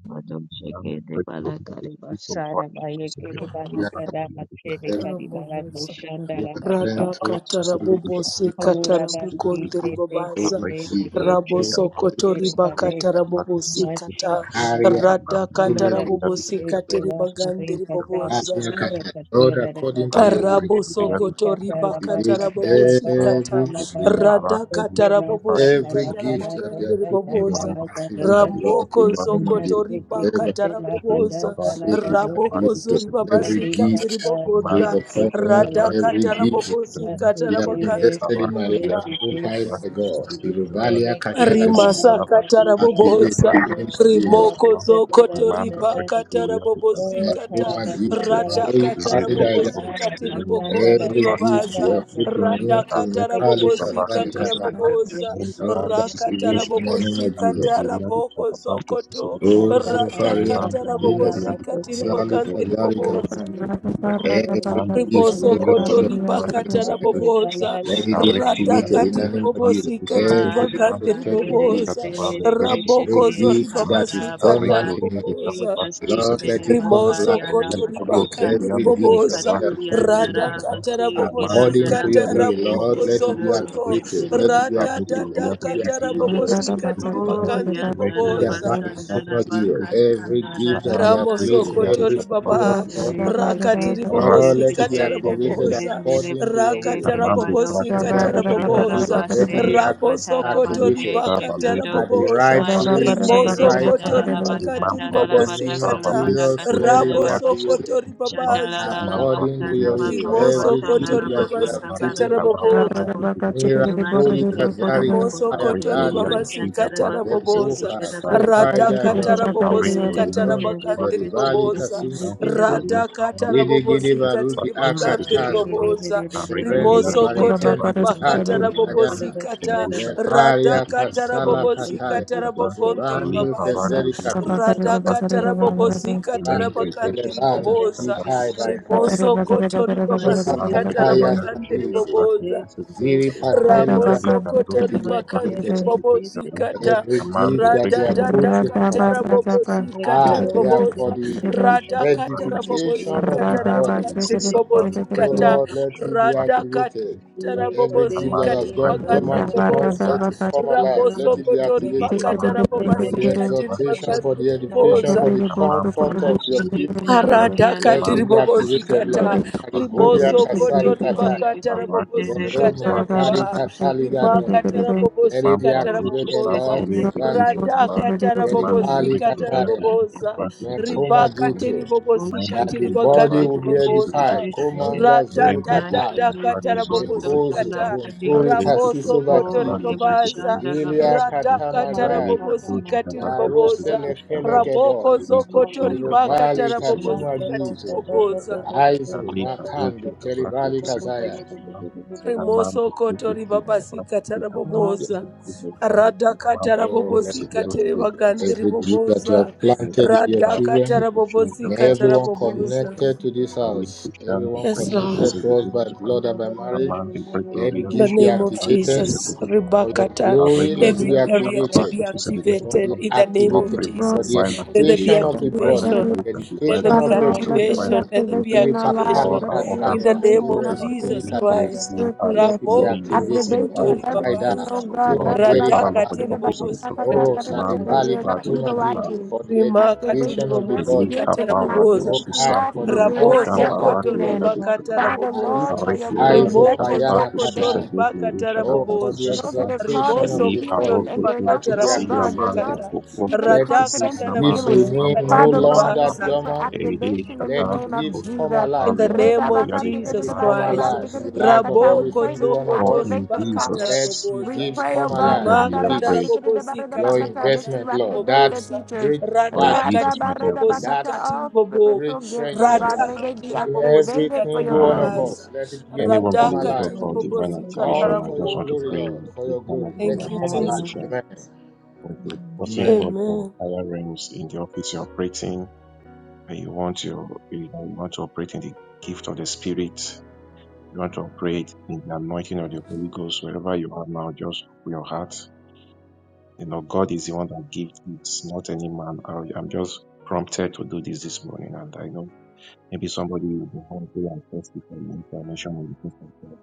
S3: Badosheke de balakari basara bayekere
S5: We are
S3: balika da masere
S5: available
S3: kari balako
S4: Katarabobosa.
S3: shanda
S5: to
S3: la
S5: the friend
S3: barika.
S4: Rada
S5: to Alu
S4: katarabobo se
S5: Kasimbe,
S3: Aura
S4: katarabu
S3: basi
S4: kondri
S3: te te te
S4: babaza.
S5: Kuma
S3: te te
S5: Gido,
S3: ke
S4: Rabo
S3: te te
S4: sokoto riba
S3: ke
S4: katarabobo se
S3: Mas
S4: kata.
S5: Haria,
S3: Malika
S4: Rada
S5: Ule,
S3: Bandara
S4: katarabobo se katiri bagandiri baboza.
S5: Haria Kata. Lord, according to your will,
S4: Rabo sokoto ribaka
S5: activate
S4: tarabobo sikata
S5: every
S4: radaka tarabobo
S5: Every
S4: sikata
S5: gift that you
S4: rabagande
S5: have put in me,
S4: riboboza
S5: activate it, Lord,
S4: ramoko
S5: in the name of
S4: zokoto
S5: Jesus.
S4: ribaka
S5: Ever
S4: taraboboza
S5: activate it,
S4: raboko
S5: activate it.
S4: zori baba
S5: Every
S4: sikata
S5: gift
S4: ribogonda
S5: placed upon me,
S3: Kampala
S4: radaka
S5: every
S3: Kada
S5: gift
S4: tarabobo sikata
S5: you have
S4: rabagande
S3: Yatete
S5: invested in my
S3: Sete
S4: riboboza
S5: life. Oh, Father
S3: Sete
S5: God, Siruvalia
S3: Ele
S5: Kashala gift,
S3: kariba
S4: Rimasa
S3: lika lika
S5: activate in
S3: lika
S4: katarabobosa.
S5: the name
S3: lika
S5: of
S3: dala
S5: Jesus.
S4: Rimoko
S3: lika dala
S4: zokoto
S3: lika
S4: riba
S3: dala lika
S4: katarabobosi
S3: Oh
S4: kata.
S5: Nekoma
S3: karaba
S5: dito,
S3: sanda la
S4: Rada
S5: Soy
S3: kasanda la
S5: Paradise,
S4: katarabobosi
S3: dala kasanda la
S4: katiribogondri
S5: every gift
S3: kasanda
S5: you
S4: babaza.
S3: la
S5: have put in
S3: kasanda
S5: me,
S4: Rada
S3: Kete
S5: Kumikali
S3: kete
S4: katarabobosi
S5: Kasari
S3: kete
S5: Kata,
S3: kete
S4: katarabobosa.
S3: kete
S5: Lord,
S7: the Kabato, Sister
S3: kete
S5: activate
S7: Kedushka,
S3: kete
S5: in the name
S3: kete
S4: Rakatarabobosi
S5: of Jesus.
S7: the
S4: kataraboko
S7: Kabato, Sister
S4: zokoto.
S7: Kedushka,
S4: Rada
S3: Kasapana
S5: Ozufaria
S7: Mande de
S3: kasana
S5: Kadina
S3: la la
S7: via
S4: katarabobosi
S7: the Shatama,
S3: kete
S5: Makasali
S3: kete
S7: Eru
S4: katiribogandri
S5: Kadari
S3: kete
S7: Shatama,
S5: Kaba.
S4: babosa
S3: kete
S7: Preciso de Shitava,
S3: Lele
S5: Every
S7: Mande de
S5: gift,
S4: riboso
S5: O
S3: kasanda
S7: via the
S3: la
S4: koto
S5: Lord
S7: Shit,
S5: of
S3: kete
S5: my
S7: Vaki
S4: ribakata
S7: Pusa de
S5: life,
S3: Ande
S7: Shitava,
S4: raboboza
S3: dala la
S5: let it be
S7: Arek Gloria de
S5: activated in
S4: radakati
S5: the
S7: Shit,
S3: kayanda
S5: name of
S7: Vaki
S5: Jesus.
S7: de
S4: ribobosikati
S5: Every
S7: Shitava,
S4: ribagande
S5: prophetic
S7: Eru
S3: Marakanere
S5: gift,
S4: riboboza
S7: Shatava, Le
S3: Sere
S7: Breakthrough
S5: every
S7: de
S4: rabokozo
S3: Keshenere
S5: gift
S7: Shitava,
S5: that is
S3: Kabara
S7: Arek
S4: ribabasikata
S3: Basha
S5: dormant in
S7: Gloria
S5: me,
S7: de
S4: raboboza
S7: Shatava,
S3: Ekasi
S7: Susa
S5: Lord,
S7: de
S5: let
S3: Tere
S5: it
S7: Shitava,
S5: come
S4: rimoso
S5: alive in
S3: Bakariana
S5: the
S4: koto
S7: Eru
S5: name of
S7: Parok,
S5: Jesus.
S3: Maseka
S4: ribakande
S7: Gloria
S5: Every
S7: de Shit,
S5: gift
S4: riboboza
S5: that you
S7: Vaki
S5: have
S7: Susa
S5: put
S7: de
S5: in me,
S3: Bekaturiandara
S7: Shitava,
S4: radakata
S3: Basi
S7: Amande de
S5: according to
S3: Kiradara
S4: rabobosikata
S5: your
S7: via
S5: will,
S7: the Shit,
S5: Lord,
S3: Esi
S5: let it
S4: rabokozo
S7: Vaki
S5: be
S7: Susa
S3: Tururu
S7: de
S4: koto
S5: activated.
S7: Shitava,
S5: Let
S3: Setere
S5: it be
S7: Arek
S5: activated.
S3: Kesinde
S5: Let
S7: Gloria de
S5: it be
S7: Shit,
S4: radadadakata
S3: Kese
S5: activated.
S7: Vaki
S5: Let it be
S7: de
S4: rabobosikati
S5: activated.
S7: Shitava,
S3: O
S4: ribagande
S7: the Great
S5: In
S3: Yatara
S5: the
S7: Gloria de
S4: riboboza
S5: mighty name
S7: Shabbat
S3: Basandara
S7: is
S5: of
S7: the
S5: Jesus,
S7: Liberty of
S5: every
S3: Bakasandara
S5: gift that you
S7: Among the
S5: have
S3: Kasa
S7: Great
S5: placed in
S7: Gloria de
S5: every
S4: Ramosokotori
S7: Shabbat
S5: single one
S4: baba
S7: is the
S5: of us,
S3: Tere
S7: Liberty of
S4: rakatiri
S7: Rak
S5: oh,
S3: Kesere
S7: to
S4: bobosi
S5: let it be
S7: Susan
S4: katara
S7: Bat the
S3: Kesere
S5: activated
S7: Lucian.
S4: boboza
S5: according to your
S3: Kesere
S5: will.
S4: rakatara
S7: Among the
S3: Kesere
S7: Great
S4: bobosi
S5: In
S7: Gloria
S5: the
S4: katara
S7: de
S5: name of
S7: Shabbat
S4: boboza
S5: Jesus,
S7: is the
S5: let it
S3: Rorarabaste,
S5: be
S7: Liberty
S5: ac-
S7: of
S4: rabosokotori
S7: Elisha
S3: Rakatarabaste,
S5: activated
S7: Dava Le
S4: bakatara
S3: Shekodo,
S5: at the
S7: Perusha
S4: boboza
S5: right
S7: Dava is
S5: place,
S7: the
S5: at
S3: Mashite,
S5: the
S7: Liberty
S5: right
S4: rimosokotori
S5: time.
S7: The
S3: Rikadarabasta,
S7: Imam
S4: bakatiri
S5: In
S7: Prado
S5: the
S4: bobosi
S3: Tarabata,
S5: name of
S7: Susava
S4: kata
S7: Le
S3: Kalabala,
S5: Jesus,
S7: Tushi
S5: let it be
S7: Dava is
S3: Kachanabakasha,
S7: the
S5: activated
S4: rabosokotori
S7: Liberty of
S4: babaza
S7: Mam
S3: Shadalalabasta,
S7: Brak
S5: according to your
S7: Gloria de
S5: will.
S7: Shabbat
S5: Every
S3: Namakorabasha,
S7: is the
S5: gift
S4: rimosokotori
S5: that
S7: Liberty
S5: you
S4: babasi
S5: have
S3: Narabakota,
S7: of
S5: put in
S4: katara
S5: us,
S3: Marakosha,
S4: boboza
S7: the
S3: Rabako,
S5: miracoli
S3: Mashike,
S5: kazari
S3: Tarabako,
S4: Rimoso
S5: kapaya
S4: kotori
S3: Sekendiri,
S5: datu,
S4: babasi
S3: Bashan,
S4: katara
S3: Tarabako,
S5: the
S4: boboza.
S5: proka,
S3: Sekendiri,
S4: Rada
S5: propaida
S4: katara bobosi
S3: Mashike,
S4: katara
S5: Elonde,
S3: Kachendiri,
S4: bagandiri
S5: Zeribali,
S4: boboza.
S5: Kasuma,
S3: Sekendiri,
S5: Gito,
S3: Kedabato,
S4: Rada katara
S5: Gede, Gede,
S4: bobosi
S5: Baruki,
S4: katiri bagandiri
S3: Mashike,
S5: Akatazu,
S4: boboza.
S5: Zerendo,
S4: Rimoso
S3: Kachendiri,
S4: kotori
S5: Barikendo, Kato,
S4: bakatara bobosi
S5: Payana,
S4: kata.
S3: Kedabato,
S4: Rada
S5: Letaria,
S4: katara
S3: Thank
S5: Kasala,
S4: bobosi
S5: Kataya,
S4: katara bogondiri
S5: Zubando,
S4: babaza.
S5: Kezeri, Kapi,
S4: Rada katara
S5: Afu
S4: bobosi katara
S5: Kalando,
S4: bagandiri
S5: Elevana,
S4: boboza.
S5: Kitai, Baikor,
S4: Rimoso kotori
S5: Erosa,
S4: babasi katara
S5: Kataya,
S4: bagandiri
S5: Kadize,
S4: boboza.
S5: Ziri, Pateli, Gada,
S4: Raboso
S5: let
S4: kotori
S5: it be
S4: bakandiri
S5: activated, Lord.
S4: bobozi kata.
S5: Every gift that
S4: Rada
S5: you have
S4: dada
S5: put in us,
S4: katara bobozi
S5: Ah,
S4: katara
S5: they are for
S4: boboza.
S5: the
S4: Rada katara bobozi
S5: edification of the
S4: katara
S5: body.
S4: bakandiri bobozi
S5: So,
S4: kata.
S5: Lord, let
S3: you.
S5: it be
S4: Rada
S5: activated.
S4: katara
S3: Machine
S5: Every
S4: bobozi
S5: gift that has
S4: katiri
S5: gone
S4: bakandiri
S5: dormant in us,
S4: boboza.
S5: let it come alive.
S4: Ramoso
S5: Let it be
S4: kotori
S5: activated.
S4: bakatara
S5: For
S4: bobozi
S5: the
S4: katiri
S5: exhortation, for the
S4: bakandiri
S5: edification,
S4: boboza.
S5: for the comfort of your people,
S2: Radaba
S5: let
S4: Paradakati
S5: it be activated,
S4: ribobosikata
S5: Lord. Maribulia
S4: rimoso koto
S5: Kasari Kataya.
S4: ribakata rabobosikata
S5: Jeroma Kari
S4: rababa
S5: Katali Gado.
S4: rimakata
S5: Let it be
S4: rabobosikata
S5: activated,
S4: raboboza
S5: Lord Kubanzo.
S4: radakata
S5: Veripali
S4: rabobosikata
S5: Kataya.
S4: raboboza ribakati
S5: Mekomagito, that
S4: ribobosikati
S5: the body
S4: ribagandi
S5: will be edified.
S4: riboboza
S5: Komanga zuri kapaya,
S4: radadadadakata
S3: de bosto
S5: lekozo
S4: rabobosikata
S3: la
S5: kunturi kasiso
S4: ramoso koto
S3: Oh,
S5: bakiri,
S3: Reba
S4: ribabaza
S3: Shanda Laba
S5: ilia
S4: radakata
S3: Ramana
S5: katamagari,
S3: Sata Masa
S4: rabobosikati
S5: la
S3: Tata
S5: rose
S4: riboboza
S3: Tata Tata Shaka
S5: lekelegeboy,
S4: Ramoko
S3: Sama
S4: zokoto
S3: Lata
S4: ribakata
S5: irobali
S3: Ramana
S4: rabobosika
S3: Sata Tata
S5: katumagito,
S3: Tata Tata Tata
S4: tiriboboza.
S3: Tata
S5: aizo
S3: Tata Tata
S5: makando keribali
S3: Shaka Tata Tata Tata
S5: kazaya.
S3: Tata Tata
S4: Rimoso koto ribabasika
S3: Ramana
S4: taraboboza.
S3: Sata Tata Tata Tata
S4: Radakata
S5: Oh, let it be
S4: rabobosika
S5: activated.
S4: teribagande
S5: Every gift that you
S4: riboboza.
S5: have planted in your
S4: Radakata
S5: children, May
S4: rabobosika
S5: everyone
S4: taraboboza.
S5: connected to this house, everyone
S4: Yes, Lord.
S5: connected to us by blood and by marriage,
S3: Tata
S5: let
S3: Tata
S5: the
S4: In the
S5: gifts be
S4: name of
S5: activated.
S3: Tata
S4: Jesus,
S7: Bala
S5: For your
S4: Rebakata,
S5: glory,
S3: Thank
S5: let it
S4: every
S5: be
S4: area to
S5: activated.
S4: be
S7: which is everything
S5: For
S4: activated
S5: the
S7: about
S4: in the name
S7: Lord,
S4: of
S7: pray
S5: activated,
S7: for
S5: for
S4: Jesus.
S5: the
S7: divine
S4: Let there be
S5: edification
S7: activation,
S5: of the
S7: divine
S5: body, for
S4: activation.
S5: the
S7: activation,
S4: Let
S7: divine
S4: there
S5: edification
S4: be
S2: Father
S5: of your
S2: Lord,
S7: activation,
S2: let there
S5: children.
S2: be
S7: divine
S4: activation. Let there be
S2: activation
S7: activation.
S2: in our lives.
S5: Zilipakali
S7: Lord,
S4: activation
S2: Let
S7: our
S2: there be
S4: in
S7: organs
S4: the
S7: are
S5: kataya,
S2: activation,
S4: name of
S7: activated and
S5: surembuli
S4: Jesus
S7: even
S2: activation of
S7: here,
S5: kataya.
S2: every
S4: Christ.
S7: seeing
S2: spiritual
S5: Let
S7: eyes,
S2: gift.
S5: it be
S4: Ramo
S7: hearing, ears,
S5: activated.
S7: seeing
S4: Gozoko
S2: Activation of
S7: eyes,
S4: Tori
S7: Amando.
S2: everything,
S5: Kopaida,
S2: oh
S4: Babaza.
S2: God,
S5: Kituma
S7: Lord, pray
S5: Geri
S7: Father
S4: Radaka
S7: Lord,
S5: kataya.
S7: for the office of the
S4: Tiribobosi
S5: Oh,
S7: prophetic,
S2: Radabakatakatabakatakatabakatakatabakata, that
S7: Mando,
S2: we
S5: Saribali
S4: Katarabobosa.
S2: are not
S7: Prado,
S5: Katuma
S7: Shaba,
S5: Gitu,
S2: utilizing.
S5: for the
S4: Rimaka
S2: Activation
S5: edification of
S2: of
S5: the
S2: every
S4: Tiribobosi
S5: body.
S2: gift
S7: Elika,
S2: that you have
S7: Barado,
S5: O
S4: Katarabobosa.
S2: given to
S5: Kai,
S7: Susab,
S2: us,
S5: for the
S2: but we are
S7: Eliko,
S2: not
S4: Raboso
S5: comfort
S2: yet
S7: Shamba,
S5: of the
S4: koto
S7: Raki,
S2: walking in.
S5: body.
S7: Oriado,
S4: ribakata
S7: Shadaba,
S2: Father Lord,
S4: raboboza.
S5: Aitu,
S2: for your
S7: Areki,
S2: glory,
S7: Oriado,
S5: Aizo,
S2: let there
S4: Rimoko
S2: be
S7: Shadaba,
S5: Payana,
S4: zoko
S2: activation
S4: to
S7: Susa,
S5: Kadai.
S7: Beki, Ori,
S4: ribakata
S5: Oh,
S7: Shadaba,
S5: for the
S4: raboboza.
S2: those that are called
S5: exaltation of
S4: rimoso
S2: into
S5: the
S4: koto
S2: healing
S5: body.
S2: and they're not,
S5: Let
S4: ribakata
S5: it be
S2: oh God, they're
S5: activated,
S3: you.
S2: not
S5: Lord.
S4: rabobosikata.
S2: even
S5: Let
S2: confident
S5: these
S4: Radakata
S2: in
S3: Mas
S5: gifts
S3: eu
S2: healing.
S3: sou
S5: remain
S4: rabobosikata
S5: no
S3: tão
S2: Father,
S7: Mambrado,
S3: capaz
S2: Lord, we
S7: Sama,
S3: de
S5: longer
S4: ribabaza
S2: pray for
S3: fazer
S5: dormant.
S7: Ere
S3: isso.
S2: activation in the
S7: shata
S5: Let the
S2: name
S7: riko
S2: of
S5: gifts come
S2: Jesus.
S7: shakapa
S5: alive,
S4: in the
S2: We pray
S7: repre
S5: Lord.
S4: name
S2: that
S4: of
S7: gloria de
S5: Let
S4: Jesus
S5: it
S7: shikama.
S5: come
S4: Christ.
S3: Oh,
S5: alive in
S3: that's
S5: the life
S3: so
S5: of every
S3: nice.
S4: Raboko
S5: single
S2: you
S5: one
S4: zoko
S5: of
S7: For
S5: us.
S4: tori
S7: in
S2: activate the
S4: baka
S2: prophets.
S5: Let
S7: Jesus'
S5: the
S2: We
S4: taraboboza.
S5: gifts
S2: pray, oh
S5: come
S7: mighty
S2: God,
S3: Thank
S5: alive,
S7: name
S3: you
S5: the
S7: we
S4: Rimaka
S3: for
S7: are
S2: that
S3: the
S7: prayed.
S5: gifts,
S4: tarabobosi
S5: your
S4: katiri
S2: you
S5: investment,
S4: bagandi
S5: Lord.
S2: activate the
S5: That's
S4: riboboza.
S2: teachers.
S5: great
S7: For in
S4: Rada
S5: virtue
S7: Jesus'
S4: katiri
S7: mighty name we are prayed.
S4: bobosi
S5: that
S4: katiri
S2: All
S4: bobo.
S2: spiritual
S5: great
S2: gifts, oh
S5: treasure
S2: God,
S5: that
S4: Rada
S2: may
S5: you
S2: they
S5: have
S2: be
S4: katara
S5: put in
S4: bobosi
S5: every
S2: activated for
S5: single
S4: katiri
S2: your
S5: one
S7: I,
S2: glory.
S5: of us.
S4: babaza.
S5: Let it begin to
S3: food.
S7: anyone
S4: Rada
S5: come
S7: believing
S3: I
S7: God
S5: alive.
S4: katiri
S7: for
S3: will be the
S7: divine
S4: bobosi
S3: best
S5: All
S7: activation,
S4: katara
S7: I
S3: friend.
S5: for
S7: just
S5: your
S7: want to
S5: glory,
S7: pray
S4: bobozo.
S5: Lord,
S7: in
S5: for
S7: this
S5: your
S7: form of
S5: glory. Let
S7: prayer
S4: Thank
S5: it
S7: and
S4: you,
S7: I'm
S5: come
S7: going
S5: alive.
S4: Jesus.
S7: to shout. Thank you. Trusting God for
S4: Amen.
S7: higher realms in the office you're operating, and you want your, you know, you want to operate in the gift of the Spirit. You want to operate in the anointing of the Holy Ghost wherever you are now. Just open your heart You know, God is the one that gives. It's not any man. I, I'm just prompted to do this this morning, and I know maybe somebody will be hungry and thirsty for more information on the things of God.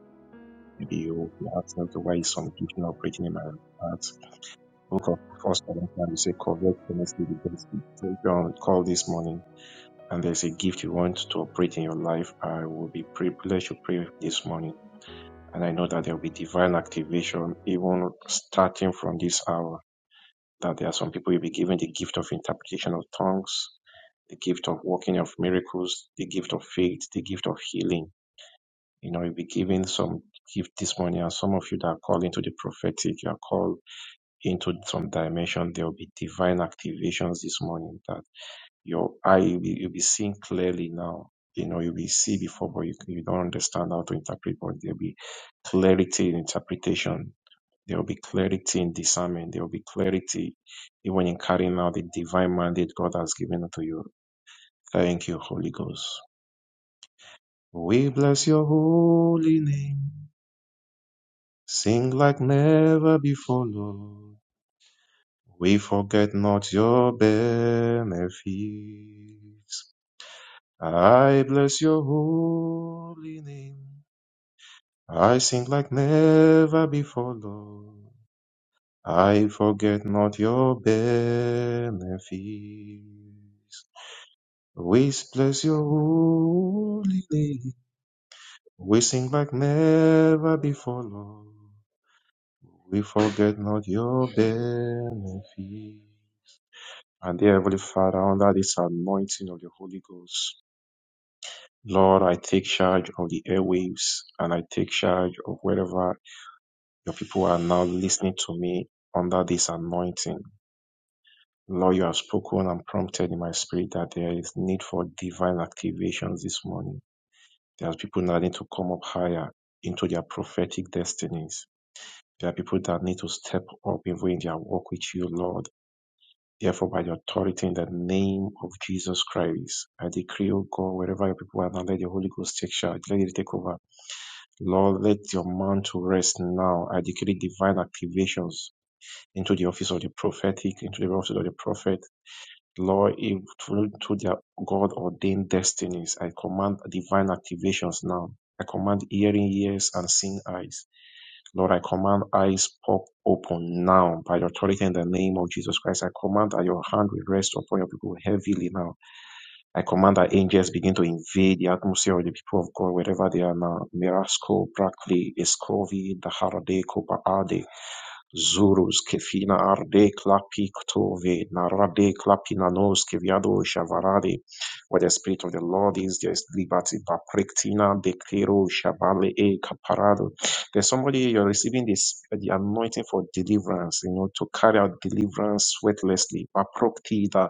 S7: Maybe you will ask them to why is some gift not operating in my heart. Book of First Corinthians, we say, "Correct honestly the best gift." So if you're on call this morning and there's a gift you want to operate in your life, I will be privileged to pray this morning, and I know that there will be divine activation even starting from this hour that there are some people you'll be given the gift of interpretation of tongues, the gift of working of miracles, the gift of faith, the gift of healing. You know, you'll be given some gift this morning, and some of you that are called into the prophetic, you are called into some dimension. There will be divine activations this morning that your eye you'll be, you'll be seeing clearly now. You know, you'll be see before, but you, you don't understand how to interpret, but there'll be clarity in interpretation there will be clarity in discernment. There will be clarity even in carrying out the divine mandate God has given unto you. Thank you, Holy Ghost. We bless your holy name. Sing like never before, Lord. We forget not your benefits. I bless your holy name. I sing like never before, Lord. I forget not your benefits. We bless your holy name. We sing like never before, Lord. We forget not your benefit. And dear Heavenly Father, under this anointing of the Holy Ghost, Lord, I take charge of the airwaves and I take charge of wherever your people are now listening to me under this anointing. Lord, you have spoken and prompted in my spirit that there is need for divine activations this morning. There are people that need to come up higher into their prophetic destinies. There are people that need to step up even in their walk with you, Lord. Therefore, by the authority in the name of Jesus Christ, I decree, O God, wherever your people are now, let the Holy Ghost take charge, let it take over. Lord, let your mantle rest now. I decree divine activations into the office of the prophetic, into the office of the prophet Lord, if through through their God ordained destinies, I command divine activations now. I command hearing ears and seeing eyes. Lord, I command eyes pop open now by your authority in the name of Jesus Christ. I command that your hand will rest upon your people heavily now I command that angels begin to invade the atmosphere of the people of God wherever they are now. Mirasco, Brackley, Escovi, Daharade, Kopaade, Zurus, Kefina, Arde, Klapi, Ktove, Narade, Klapinanos, Keviado, Shavarade. Where the Spirit of the Lord is, there is liberty. Baprektina, Dekero, Shabale, E, Kaparado. There's somebody you're receiving this, the anointing for deliverance, you know, to carry out deliverance sweatlessly. Baproktida,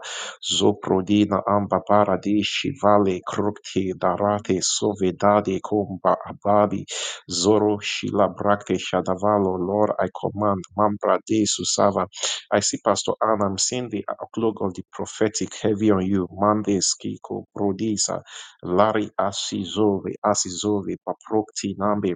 S7: Zoprodina amba paradisci vale crocti darate sovedade comba ababi zoro shila bracte shadavalo Lord I command mambra de susava I see Pastor Anna I'm seeing the outlook of the prophetic heavy on you mande skiko prodisa lari asizove asizove paprocti nambe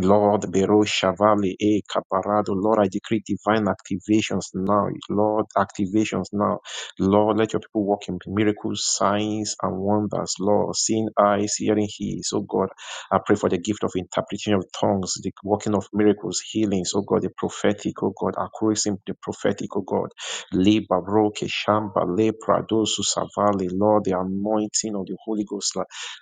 S7: Lord, Bero Shavali, E Caparado, Lord, I decree divine activations now. Lord, activations now. Lord, let your people walk in miracles, signs, and wonders. Lord, seeing eyes, hearing ears. Oh God, I pray for the gift of interpretation of tongues, the working of miracles, healings. Oh God, the prophetic. Oh God, accuracy, in the prophetic. Oh God, Le Baroque, Keshamba, Le Prado, Susavali. Lord, the anointing of the Holy Ghost.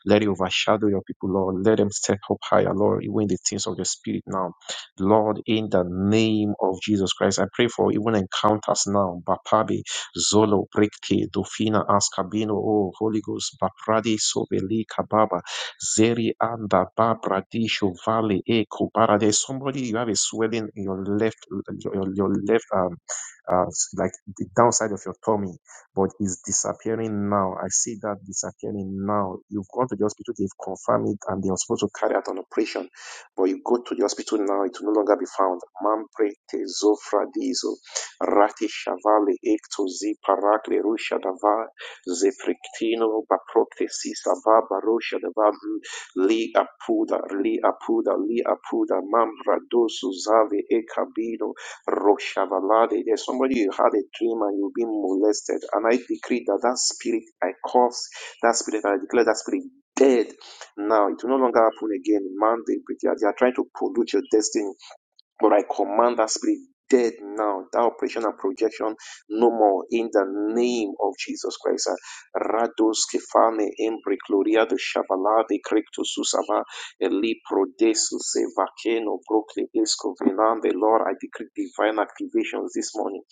S7: Let it overshadow your people, Lord. Let them step up higher, Lord, even in the things of the Spirit now. Lord, in the name of Jesus Christ, I pray for even encounters now. Bapabi, Zolo, Brikti, Dufina, Askabino, oh, Holy Ghost, Bapradi, Sobeli, Kababa, Zeri, Anda, Babra, Disho, Valley, Eko, Bara. somebody, you have a swelling in your left, your, your your left, um, uh, like the downside of your tummy but it's disappearing now. I see that disappearing now. You've gone to the hospital, they've confirmed it, and they are supposed to carry out an operation. But you go to the hospital now, it will no longer be found. Mampre tezofradizo, rati shavale, ektozi parakle rusha dava, zefriktino baproktesi savaba rusha dava, mm, li apuda, li apuda, li apuda, mamra dosu zave ekabino Roshabalade. There's somebody you had a dream and you've been molested. And I decree that that spirit, I curse that spirit, I declare that spirit dead now. It will no longer happen again. Man, they, they are they are trying to pollute your destiny but I command that spirit dead now, that operation and projection no more in the name of Jesus Christ. Rados kefane embri gloria de shavalade crecto susava eli desu se vaceno brocle esco venande. Lord, I decree divine activations this morning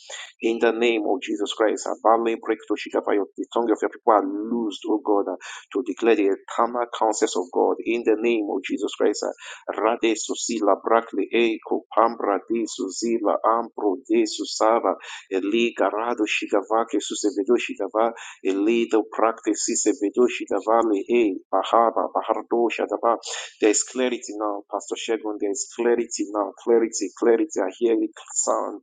S7: in the name of Jesus Christ. Abale brecto shikapa, the tongue of your people are loosed, O God, to declare the eternal counsels of God in the name of Jesus Christ. Rade susila brakli eco pambra de susila ampro de susava eli garado shigava que susevedo shigava eli do prakte sisevedo shigava le e bahaba bahardo shadava. There is clarity now, Pastor Shegun. There is clarity now. Clarity, clarity. I hear it sound.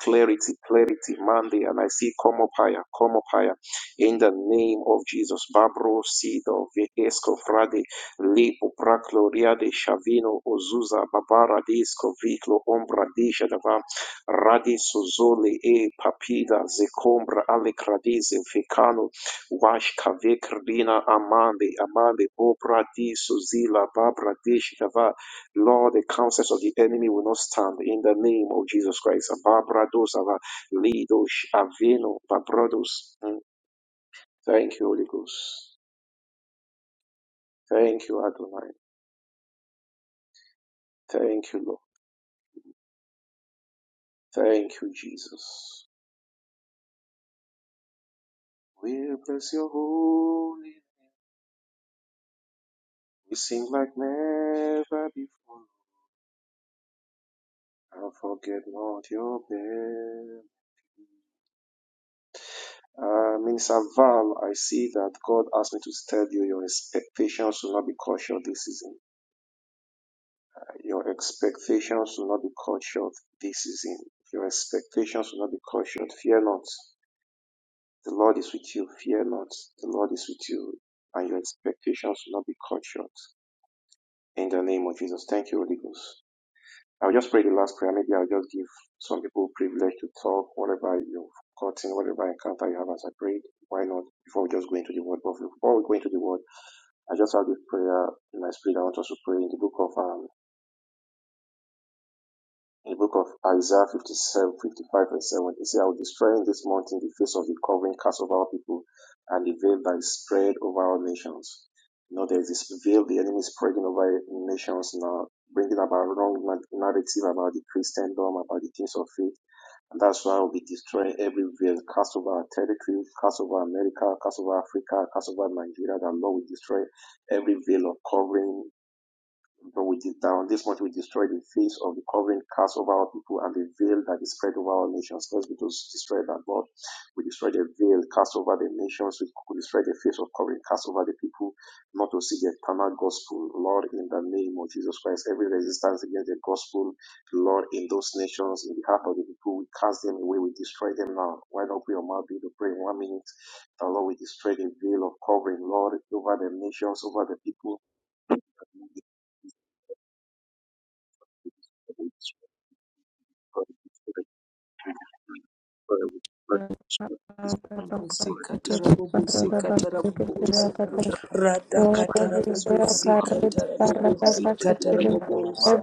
S7: Clarity, clarity, Monday, and I see come up higher, come up higher. In the name of Jesus, Babro Sido Vesco Frade Li obraclo riade Shavino, Ozuza Babara Disco Viclo Ombra Dishadava Radiso Zoli E Papida Zecombra Ale Cradize Fecano Wash Cavecrdina Amande Amande Obra Diso Zila Babra Dishadava Lord, the counsels of the enemy will not stand in the name of Jesus Christ. Babra Dosava lidosh, Avino Babrados. Thank you, Holy Ghost. Thank you, Adonai. Thank you, Lord. Thank you, Jesus. We bless your holy. name. We sing like never before. And forget not your bed. Uh, Minister Val, I see that God asked me to tell you your expectations will not be cut short this season. Your expectations will not be cut short this season. Your expectations will not be cut short. Fear not. The Lord is with you. Fear not. The Lord is with you. And your expectations will not be cut short. In the name of Jesus. Thank you, Holy Ghost. I'll just pray the last prayer. Maybe I'll just give some people privilege to talk, whatever you've gotten, whatever encounter you have as I prayed. Why not? Before we just go into the word, but before we go into the word, I just have this prayer in my spirit. I want us to pray in the book of um, in the book of Isaiah 57, 55 and 7. It says, I will destroy in this mountain the face of the covering cast over our people and the veil that is spread over our nations. You know, there's this veil the enemy is spreading over nations now, bringing about wrong narrative about the Christendom, about the things of faith And that's why we will be destroying every veil, cast over our territory, cast over America, cast over Africa, cast over Nigeria. That Lord will destroy every veil of covering but we did down this much we destroyed the face of the covering cast over our people and the veil that is spread over our nations. Let's be those destroy that Lord. We destroyed the veil cast over the nations. We destroyed the face of covering cast over the people, not to see the eternal gospel. Lord, in the name of Jesus Christ, every resistance against the gospel, Lord, in those nations, in the heart of the people, we cast them away. We destroy them now. Why not we all mouth be to pray in one minute? The Lord, we destroy the veil of covering, Lord, over the nations, over the people. Cobre,
S2: Every covenant
S4: Busika tarabobosika tarabobosa. Rata katarabobosika tarabobosika tarabobosa.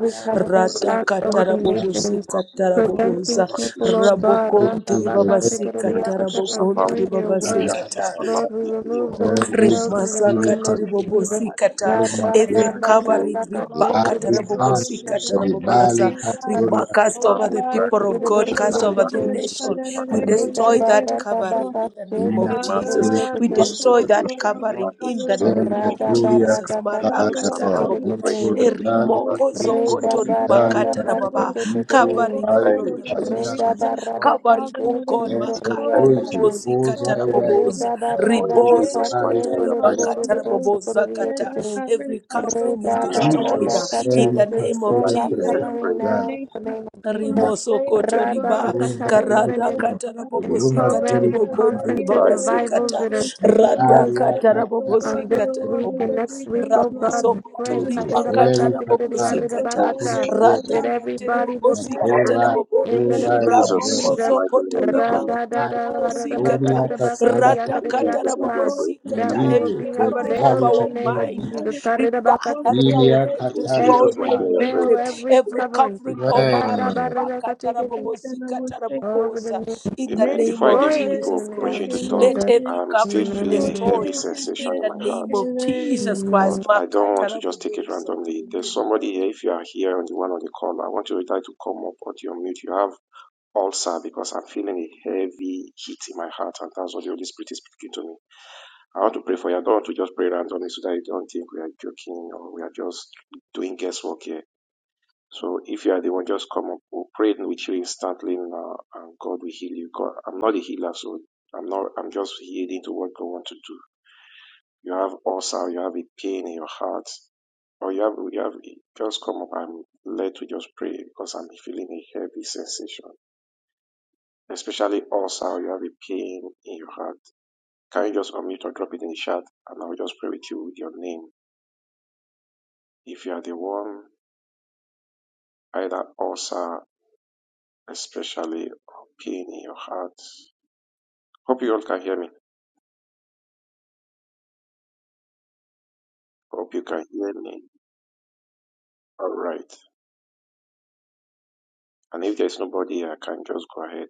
S4: Rata
S2: cast over the
S3: Amen.
S5: Amen.
S2: nations,
S4: katarabobosika
S3: Oh,
S4: tarabobosa.
S2: preventing
S3: Lord,
S2: people,
S3: should
S2: oh God,
S3: we
S4: Rabokontiri
S3: pray and
S4: babasika
S3: about
S2: Rababakatikariyakata,
S3: the
S2: from
S3: Lord,
S4: tarabokontiri
S2: hearing your
S3: the
S2: word.
S4: babasika
S3: Lamb,
S4: ta.
S3: and
S2: Lord, we
S3: the
S2: remove
S3: Lord,
S2: those
S3: and
S2: veils in the
S3: the
S5: Amen.
S2: name
S3: Son
S2: of Jesus.
S3: of the
S4: Rimasakatiribobosikata,
S3: Lord.
S4: every
S3: Thank you,
S4: covering
S3: God, consumed in the name of
S4: ribakatarabobosikatarabobasa,
S3: Jesus.
S4: rima-
S2: Yarababakatikariyakata,
S4: cast
S3: Lord,
S4: over the
S3: arise and
S4: people of God,
S3: the
S4: cast
S3: us,
S4: over
S3: and
S4: the
S3: do
S4: nation. We
S3: the
S7: glass,
S2: Reda
S4: destroy that
S2: barra da
S3: Consecrated,
S4: covering
S2: baka
S4: in the
S2: se
S4: name of
S2: tere
S3: Father,
S2: tere
S7: Mando
S4: Jesus. We
S2: yekete.
S3: let
S7: produce
S4: destroy
S3: our
S4: that
S7: celebration
S3: God,
S7: and
S3: the
S4: covering in
S7: practice
S3: Father,
S4: the
S3: the
S4: name
S3: Son,
S7: celebration
S4: of
S2: Rada
S7: of
S3: like
S5: Yamekuria
S3: us,
S2: barra
S4: Jesus
S3: the
S2: da ka
S7: things
S2: se
S7: to
S3: Father,
S2: Kere
S5: Katalagaba,
S3: by
S7: suffer
S2: tere
S3: the
S7: and
S4: babu.
S7: break the
S4: a
S2: yekete.
S3: people of
S7: faith and
S3: God,
S5: Nkuregali,
S3: of
S4: erimoko
S3: the
S7: practice to
S5: Kusu
S3: community,
S2: Reda
S7: suffer.
S4: zokoto
S3: the
S2: barra
S5: Bakitali,
S2: da
S3: destroyed,
S4: ribakata
S2: ka
S3: let
S5: Kasima
S2: se
S4: rababa
S3: it
S2: tere
S5: Itu,
S3: go
S4: covering even
S7: Thank
S3: forward
S5: Haidu,
S4: on
S7: you,
S4: the
S3: over the
S5: Aina
S7: Jesus.
S2: Reda
S4: ministries uh,
S3: regions,
S2: barra
S3: oh
S2: ka se
S4: covering
S3: Father,
S4: oh
S2: tere
S3: let it
S4: God
S3: be
S5: Kakane,
S2: tere
S4: makati
S3: destroyed,
S7: Thank
S3: let
S7: you,
S3: it
S5: Kasoito,
S3: be
S7: Jesus.
S4: ribobosi kata
S3: destroyed,
S5: Kozai
S3: let it be
S5: Raiva,
S4: raboboza
S2: Reda
S3: destroyed.
S2: barra
S7: Oh, in
S2: da
S5: Makuri
S3: Let it be destroyed, let
S4: ribozo
S2: baka
S3: it
S7: Jesus' my
S5: Katali,
S2: she
S4: koto
S7: name we are
S2: kerere
S7: praying.
S5: Kataya,
S2: bore
S4: ribakata
S2: de boso kore
S4: raboboza
S2: de
S4: kata
S2: yekete.
S3: every
S4: every
S3: house, oh
S4: covering is
S2: Reda
S7: In
S3: Father,
S2: barra
S5: Anitu,
S4: destroyed
S2: da
S4: uh,
S3: Lord,
S7: Jesus'
S3: let
S2: kacha,
S4: in
S3: it
S5: Keli
S2: we
S4: the
S3: come
S4: name of
S3: from
S2: destroy
S3: the
S7: my
S5: Kasere,
S2: that
S7: name
S4: Jesus
S7: we are
S3: faith
S5: Katena
S2: covering
S3: of
S7: praying.
S3: the
S2: now
S5: Gali,
S2: in the
S3: nation,
S2: name of
S3: from the
S2: Jesus.
S4: Rimoso
S3: faith
S5: Makuri,
S3: of God,
S2: Rada
S4: kotoriba
S3: of the
S2: bakacha, that
S5: Kozai
S3: covenant,
S2: even
S4: karada
S3: of
S2: in,
S5: Raiva,
S4: kata
S3: God,
S2: in
S4: rabobosi
S5: Luma
S4: kata
S3: Holy
S2: programs
S5: Geri
S2: and
S4: ribogondi
S5: Katari,
S2: conferences,
S3: Castañeda,
S7: Thank
S4: ribabasi
S7: you.
S3: Rebecca,
S2: revivals
S4: kata
S2: that are taking
S3: on the
S4: rada
S2: place
S5: Aria
S4: kata
S3: spirit of
S5: Katala,
S4: rabobosi
S3: the
S2: um, this
S4: kata
S3: Lord,
S5: Katena
S2: week
S3: and
S4: rabobo
S2: and
S3: the
S5: Itu,
S2: next week,
S3: regions,
S2: oh
S3: Lord,
S2: God,
S4: raboso
S2: we
S3: on
S2: pray.
S3: the
S5: Nkozi,
S4: kotoriba
S2: Arriba
S3: faith
S4: kata
S5: Geri
S2: bakata,
S3: of
S4: rabobosi
S2: kerere
S3: the
S5: Katari,
S2: arriba
S4: kata
S7: Thank
S3: Christian,
S7: you,
S3: the
S5: Nkuma
S2: bakata,
S7: Jesus.
S4: rada
S5: Geri,
S2: That
S3: Rebecca,
S4: kata
S3: and
S2: everybody
S5: I
S2: will
S4: ribobosi
S3: child
S4: kata
S3: of
S5: Provide,
S3: my
S4: rabobo
S2: in the
S7: In
S3: beloved
S2: name
S5: provide
S2: of
S5: thy
S3: heaven,
S4: raboko
S7: Jesus'
S5: God.
S2: Jesus.
S7: my name we are
S4: zokotoriba
S7: praying.
S3: Lord,
S4: kata
S5: I
S3: God, the dear,
S4: Rabobosikata,
S5: gloria
S3: the
S5: kasala
S7: In
S5: kato.
S4: ratakata,
S7: Jesus'
S3: Father,
S7: my name we are
S3: Lord,
S7: praying.
S3: the
S2: That
S4: rabobosikata,
S2: we will
S3: blind,
S4: Every
S5: Melide,
S2: be
S3: the
S4: covering
S3: Father,
S4: of
S5: bezali
S2: unveiled in the
S4: our
S3: God,
S2: name
S5: kasima
S2: of
S3: the
S4: mind,
S3: child,
S5: kite.
S2: Jesus.
S4: riba,
S3: Lord,
S4: that
S3: send
S5: Lilia
S4: covering
S3: the
S4: is
S7: In
S3: help
S5: katari
S3: of
S7: Jesus'
S4: destroyed
S7: my
S2: Every
S7: name
S5: kapai.
S7: we are
S2: veil,
S4: completely.
S7: praying.
S3: the
S2: every
S4: Every
S2: covering.
S4: covering over a
S5: Well,
S4: riba, kata,
S3: and I will
S4: rabobosikata,
S3: take it.
S2: Over the
S4: rabobosa.
S2: name.
S4: in the
S7: Amen.
S3: May
S4: name
S7: Before I
S4: of
S3: send
S2: Destroy
S7: give
S2: it in
S3: the
S2: the
S7: people
S4: Jesus
S2: name
S7: opportunity
S2: of
S7: to
S4: Christ.
S7: talk,
S4: Let
S2: Jesus.
S3: second
S4: every
S7: I'm still
S4: covering be
S7: feeling
S3: Lord,
S7: a heavy
S4: destroyed
S3: thank
S2: Amen.
S3: you,
S7: sensation
S4: in
S7: in
S4: the
S7: my
S3: Jesus.
S7: heart.
S4: name of
S3: Hallelujah.
S4: Jesus Christ.
S2: Amen.
S7: but I don't
S4: Makata,
S7: want to just take it
S4: rabobosa.
S7: randomly.
S4: Thank you,
S7: There's
S4: Lord.
S7: somebody here. If you are here on the one on the call, I want you to try to come up or to unmute. You have ulcer because I'm feeling a heavy heat in my heart, and that's what the Holy Spirit is speaking to me. I want to pray for you. I don't want to just pray randomly so that you don't think we are joking or we are just doing guesswork here. So if you are the one, just come up. We'll pray with you instantly, now, and God will heal you. God, I'm not a healer, so I'm not. I'm just yielding to what God wants to do. You have ulcer, you have a pain in your heart, or you have you have just come up. I'm led to just pray because I'm feeling a heavy sensation, especially ulcer. or You have a pain in your heart. Can you just unmute or drop it in the chat, and I'll just pray with you with your name. If you are the one, either ulcer, especially or pain in your heart. Hope you all can hear me. Hope you can hear me. All right. And if there is nobody, I can just go ahead.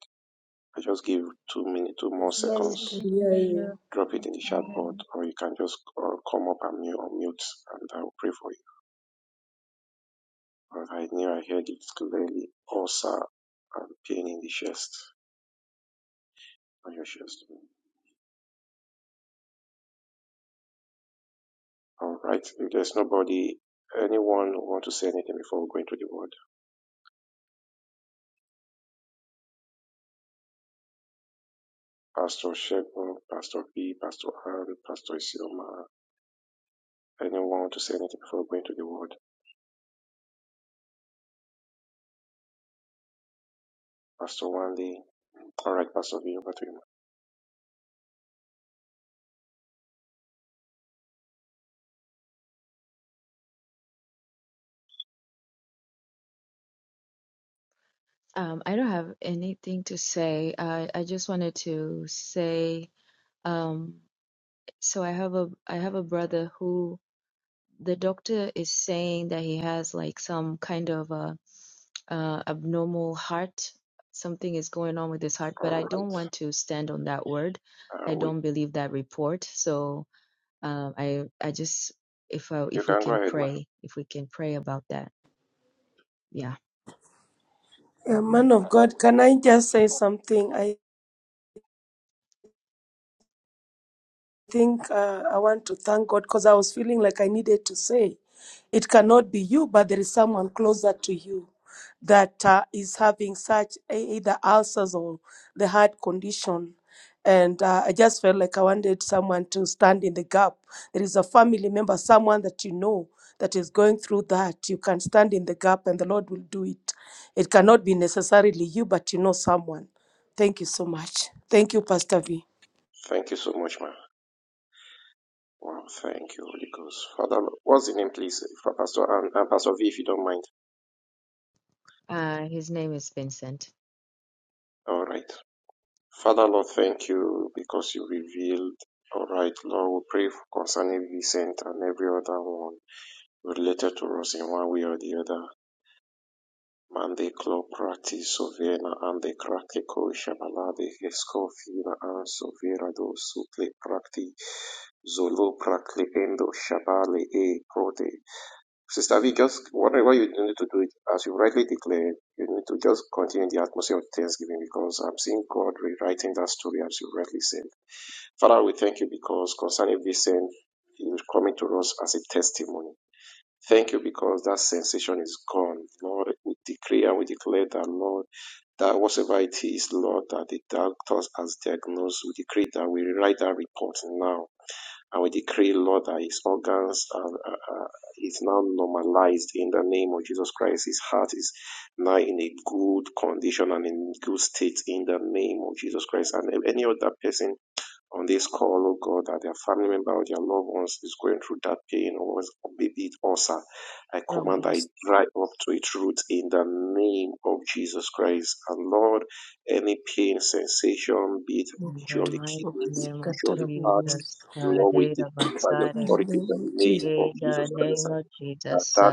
S7: I just give two minutes, two
S4: I'm
S7: more
S4: sorry,
S3: Yes,
S4: we
S3: we
S7: seconds
S4: can
S3: can
S4: hear
S3: hear you.
S4: you.
S7: drop it in the chat board, or you can just uh, come up and mute, mute, and I will pray for you. But I knew I heard it clearly. Ulcer and pain in the chest, on your chest. All right. If there's nobody, anyone who want to say anything before we go into the word? Pastor Shepherd, Pastor P, Pastor Ann, Pastor Isioma, anyone want to say anything before we go into the word? Pastor Wandy. All right, Pastor V, over to you. ma.
S3: Um, I don't have anything to say. I, I just wanted to say, um, so I have a I have a brother who the doctor is saying that he has like some kind of a, uh abnormal heart. Something is going on with his heart, but
S7: All
S3: I don't
S7: right.
S3: want to stand on that word. I
S7: Uh, we,
S3: don't believe that report. So Um, I I just if I,
S7: you
S3: if we
S7: can go
S3: can
S7: ahead, ma.
S3: pray, if we can pray about that, yeah.
S4: Yeah,
S3: Mhm.
S4: man of God, can I just say something? I think uh, I want to thank God because I was feeling like I needed to say, it cannot be you, but there is someone closer to you that uh, is having such e- either ulcers or the heart condition. And uh, I just felt like I wanted someone to stand in the gap. There is a family member, someone that you know that is going through that. You can stand in the gap and the Lord will do it. It cannot be necessarily you, but you know someone. Thank you so much. Thank you, Pastor V.
S7: Thank you so much, ma. Wow, thank you, Holy Ghost. Father, Lord, what's the name, please? For Pastor and, and Pastor V, if you don't mind.
S3: Uh, his name is Vincent.
S7: All right. Father, Lord, thank you because you revealed. All right, Lord, we pray for concerning Vincent and every other one related to us in one way or the other. Mande club practice sovena and the cracky ko shabalade escofina and sovera do suple practi zolo prakli endo shabale e prote. Sister V, just whatever you need to do, it, as you rightly declared, you need to just continue in the atmosphere of thanksgiving because I'm seeing God rewriting that story as you rightly said. Father, we thank you because concerning Vincent, he is coming to us as a testimony. Thank you because that sensation is gone. Lord, we decree and we declare that, Lord, that whatever it is, Lord, that the doctors has diagnosed, we decree that we rewrite that report now and we decree, Lord, that his organs are, are, are- is now normalized in the name of Jesus Christ. His heart is now in a good condition and in good state in the name of Jesus Christ. And any other person on this call, oh God, that their family member or their loved ones is going through that pain or was- maybe it ulcer. I command that
S4: Rabos.
S7: it dry up to its root in the name of Jesus Christ. And Lord, any pain, sensation, be it
S3: In
S7: issue
S3: the
S7: of the
S3: mighty
S4: In
S7: kidney, be it
S3: name of
S7: issue of the heart,
S3: Jesus,
S7: Lord, we
S3: Kadera
S7: decree by the
S3: Basare.
S4: the
S7: authority in
S4: name
S7: the
S4: of
S7: name
S4: Jesus
S7: of
S3: In
S7: Jesus
S3: the
S7: Christ
S3: name of
S7: that
S3: Jesus,
S7: that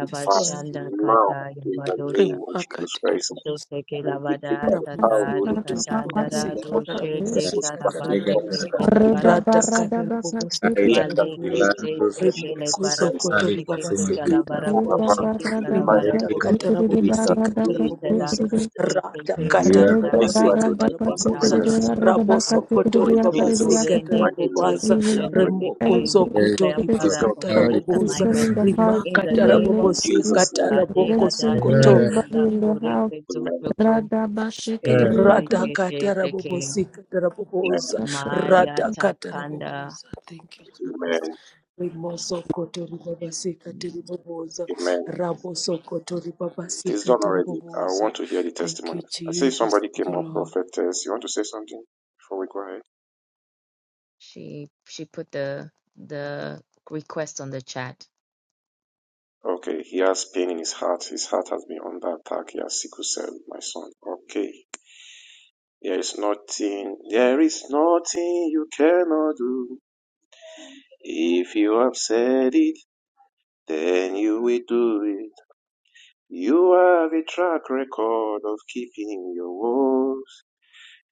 S7: be passed
S4: Christ,
S7: now
S3: Kataya
S7: in the
S3: Badosha.
S7: name of Jesus Christ.
S4: remarkable
S3: Suteke
S7: We decree
S3: Lavada
S7: by the power of
S4: Ramoso
S7: the
S3: Satari
S7: Holy Ghost.
S4: kotori
S3: Katandara
S4: babasika
S7: Lord,
S3: Doshe
S7: those
S4: tarabobosika
S5: Sega
S3: Tekarabazi
S7: practical
S4: tarabobosa
S2: ra
S7: practical
S3: Kitile
S4: rata
S2: da
S7: testimonies
S4: katarabobosika
S2: ba
S7: in
S5: Kaida,
S7: the
S3: Vale que
S4: tarabobosa
S7: name
S3: se
S5: Ilandu
S7: of
S3: te que le
S5: Sega
S7: Jesus
S4: rimokozo
S7: Christ.
S3: barraco
S5: Kali
S4: kotori
S3: se que
S5: Kasuma
S7: You
S4: babasika
S3: chala
S7: will come
S3: calabaraco
S4: tarabobosa
S3: se
S7: around
S3: que
S7: to the life of
S4: rimata
S3: calabaraco
S7: those
S5: Gita,
S3: se
S7: in the
S4: katarabobosika
S3: te
S7: name of
S4: tarabobosa
S7: Jesus
S3: talaco
S7: Christ.
S3: se te
S4: rata
S3: que
S5: Melia
S7: Thank you,
S5: Kabaki,
S3: sandalaco
S4: katarabobosika
S3: se
S7: Adonai, for
S3: te
S7: answer
S4: tarabobosa
S7: prayers.
S3: calabado se
S4: raboso
S3: que
S7: For
S4: kotori
S7: in Jesus'
S4: babasika
S3: zocorende que
S7: mighty
S3: te
S7: name
S4: tarabobosa
S3: que
S7: we are
S3: shende
S7: praying.
S3: que te
S4: rimokozo
S3: we declare
S4: kotori
S7: It is
S3: Father
S7: done
S5: Farikari,
S3: complete
S4: bakatarabobosa
S3: alignment
S5: Semani,
S3: in the
S5: Sita,
S3: name
S7: in
S3: of
S4: rimakatarabobosi
S7: Jesus'
S3: Jesus.
S7: name.
S3: Kadera
S4: katarabokosokoto
S3: dashe te la kore ke
S7: Amen.
S3: zotoko te te te te te ke
S7: Amen.
S4: Radakatarabobosikatarabobooza.
S3: maya takanda
S4: Radakatarabobooza. Thank you, Jesus.
S7: Amen.
S4: Rimosokotoribabasikatiribobooza.
S7: Amen. It is done already. I
S4: Rabosokotoribabasikatiriboboza.
S7: want to hear the
S4: Thank
S7: testimony.
S4: you,
S7: I see
S4: Jesus.
S7: somebody
S4: Thank
S7: came
S4: you,
S7: up,
S4: Lord.
S7: prophetess. You want to say something before we go ahead?
S3: She she put the the request on the chat.
S7: Okay, he has pain in his heart. His heart has been under attack. He has sickle cell, my son. Okay. There is nothing, there is nothing you cannot do. If you have said it, then you will do it. You have a track record of keeping your words.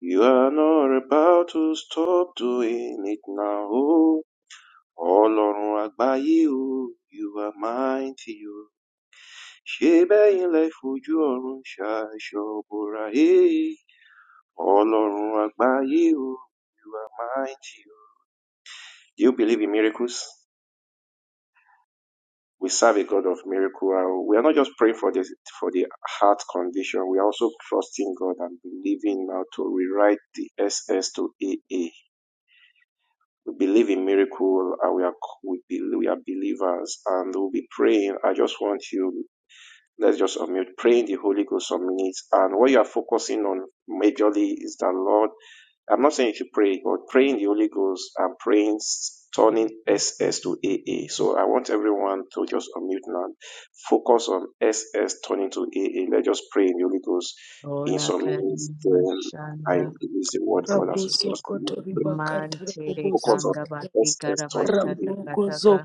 S7: You are not about to stop doing it now. Ọlọ́run àgbáyé o, you are mighty o. ṣébẹ́yìn lẹ fojú ọ̀run ṣàìsọ bora ee ọlọ́run àgbáyé o mighty o. do you believe in miracles we serve a god of miracle Uh, we are not just praying for the for the heart condition we are also trusting god and believing now to rewrite the S S to A A. we believe in miracle and we are we, believe, we are believers and we'll be praying i just want you let's just unmute, pray in the Holy Ghost some minutes. And what you are focusing on majorly is the Lord I'm not saying if you should pray, but praying the Holy Ghost, I'm praying s- turning S S to A A. So I want everyone to just on mute and focus on S S turning to A A. Let just pray in the Holy Ghost. In
S3: Ola
S7: some means,
S3: Karina
S7: I
S3: Mashanda
S7: use the word God as just given me to pray.
S3: Mantere
S7: focus on
S4: Rabosokotoribakatarabobosika.
S3: Kanda
S7: S S
S3: Batikara
S7: turning to
S3: Bashata
S7: A A.
S4: Ramoko
S3: Kataka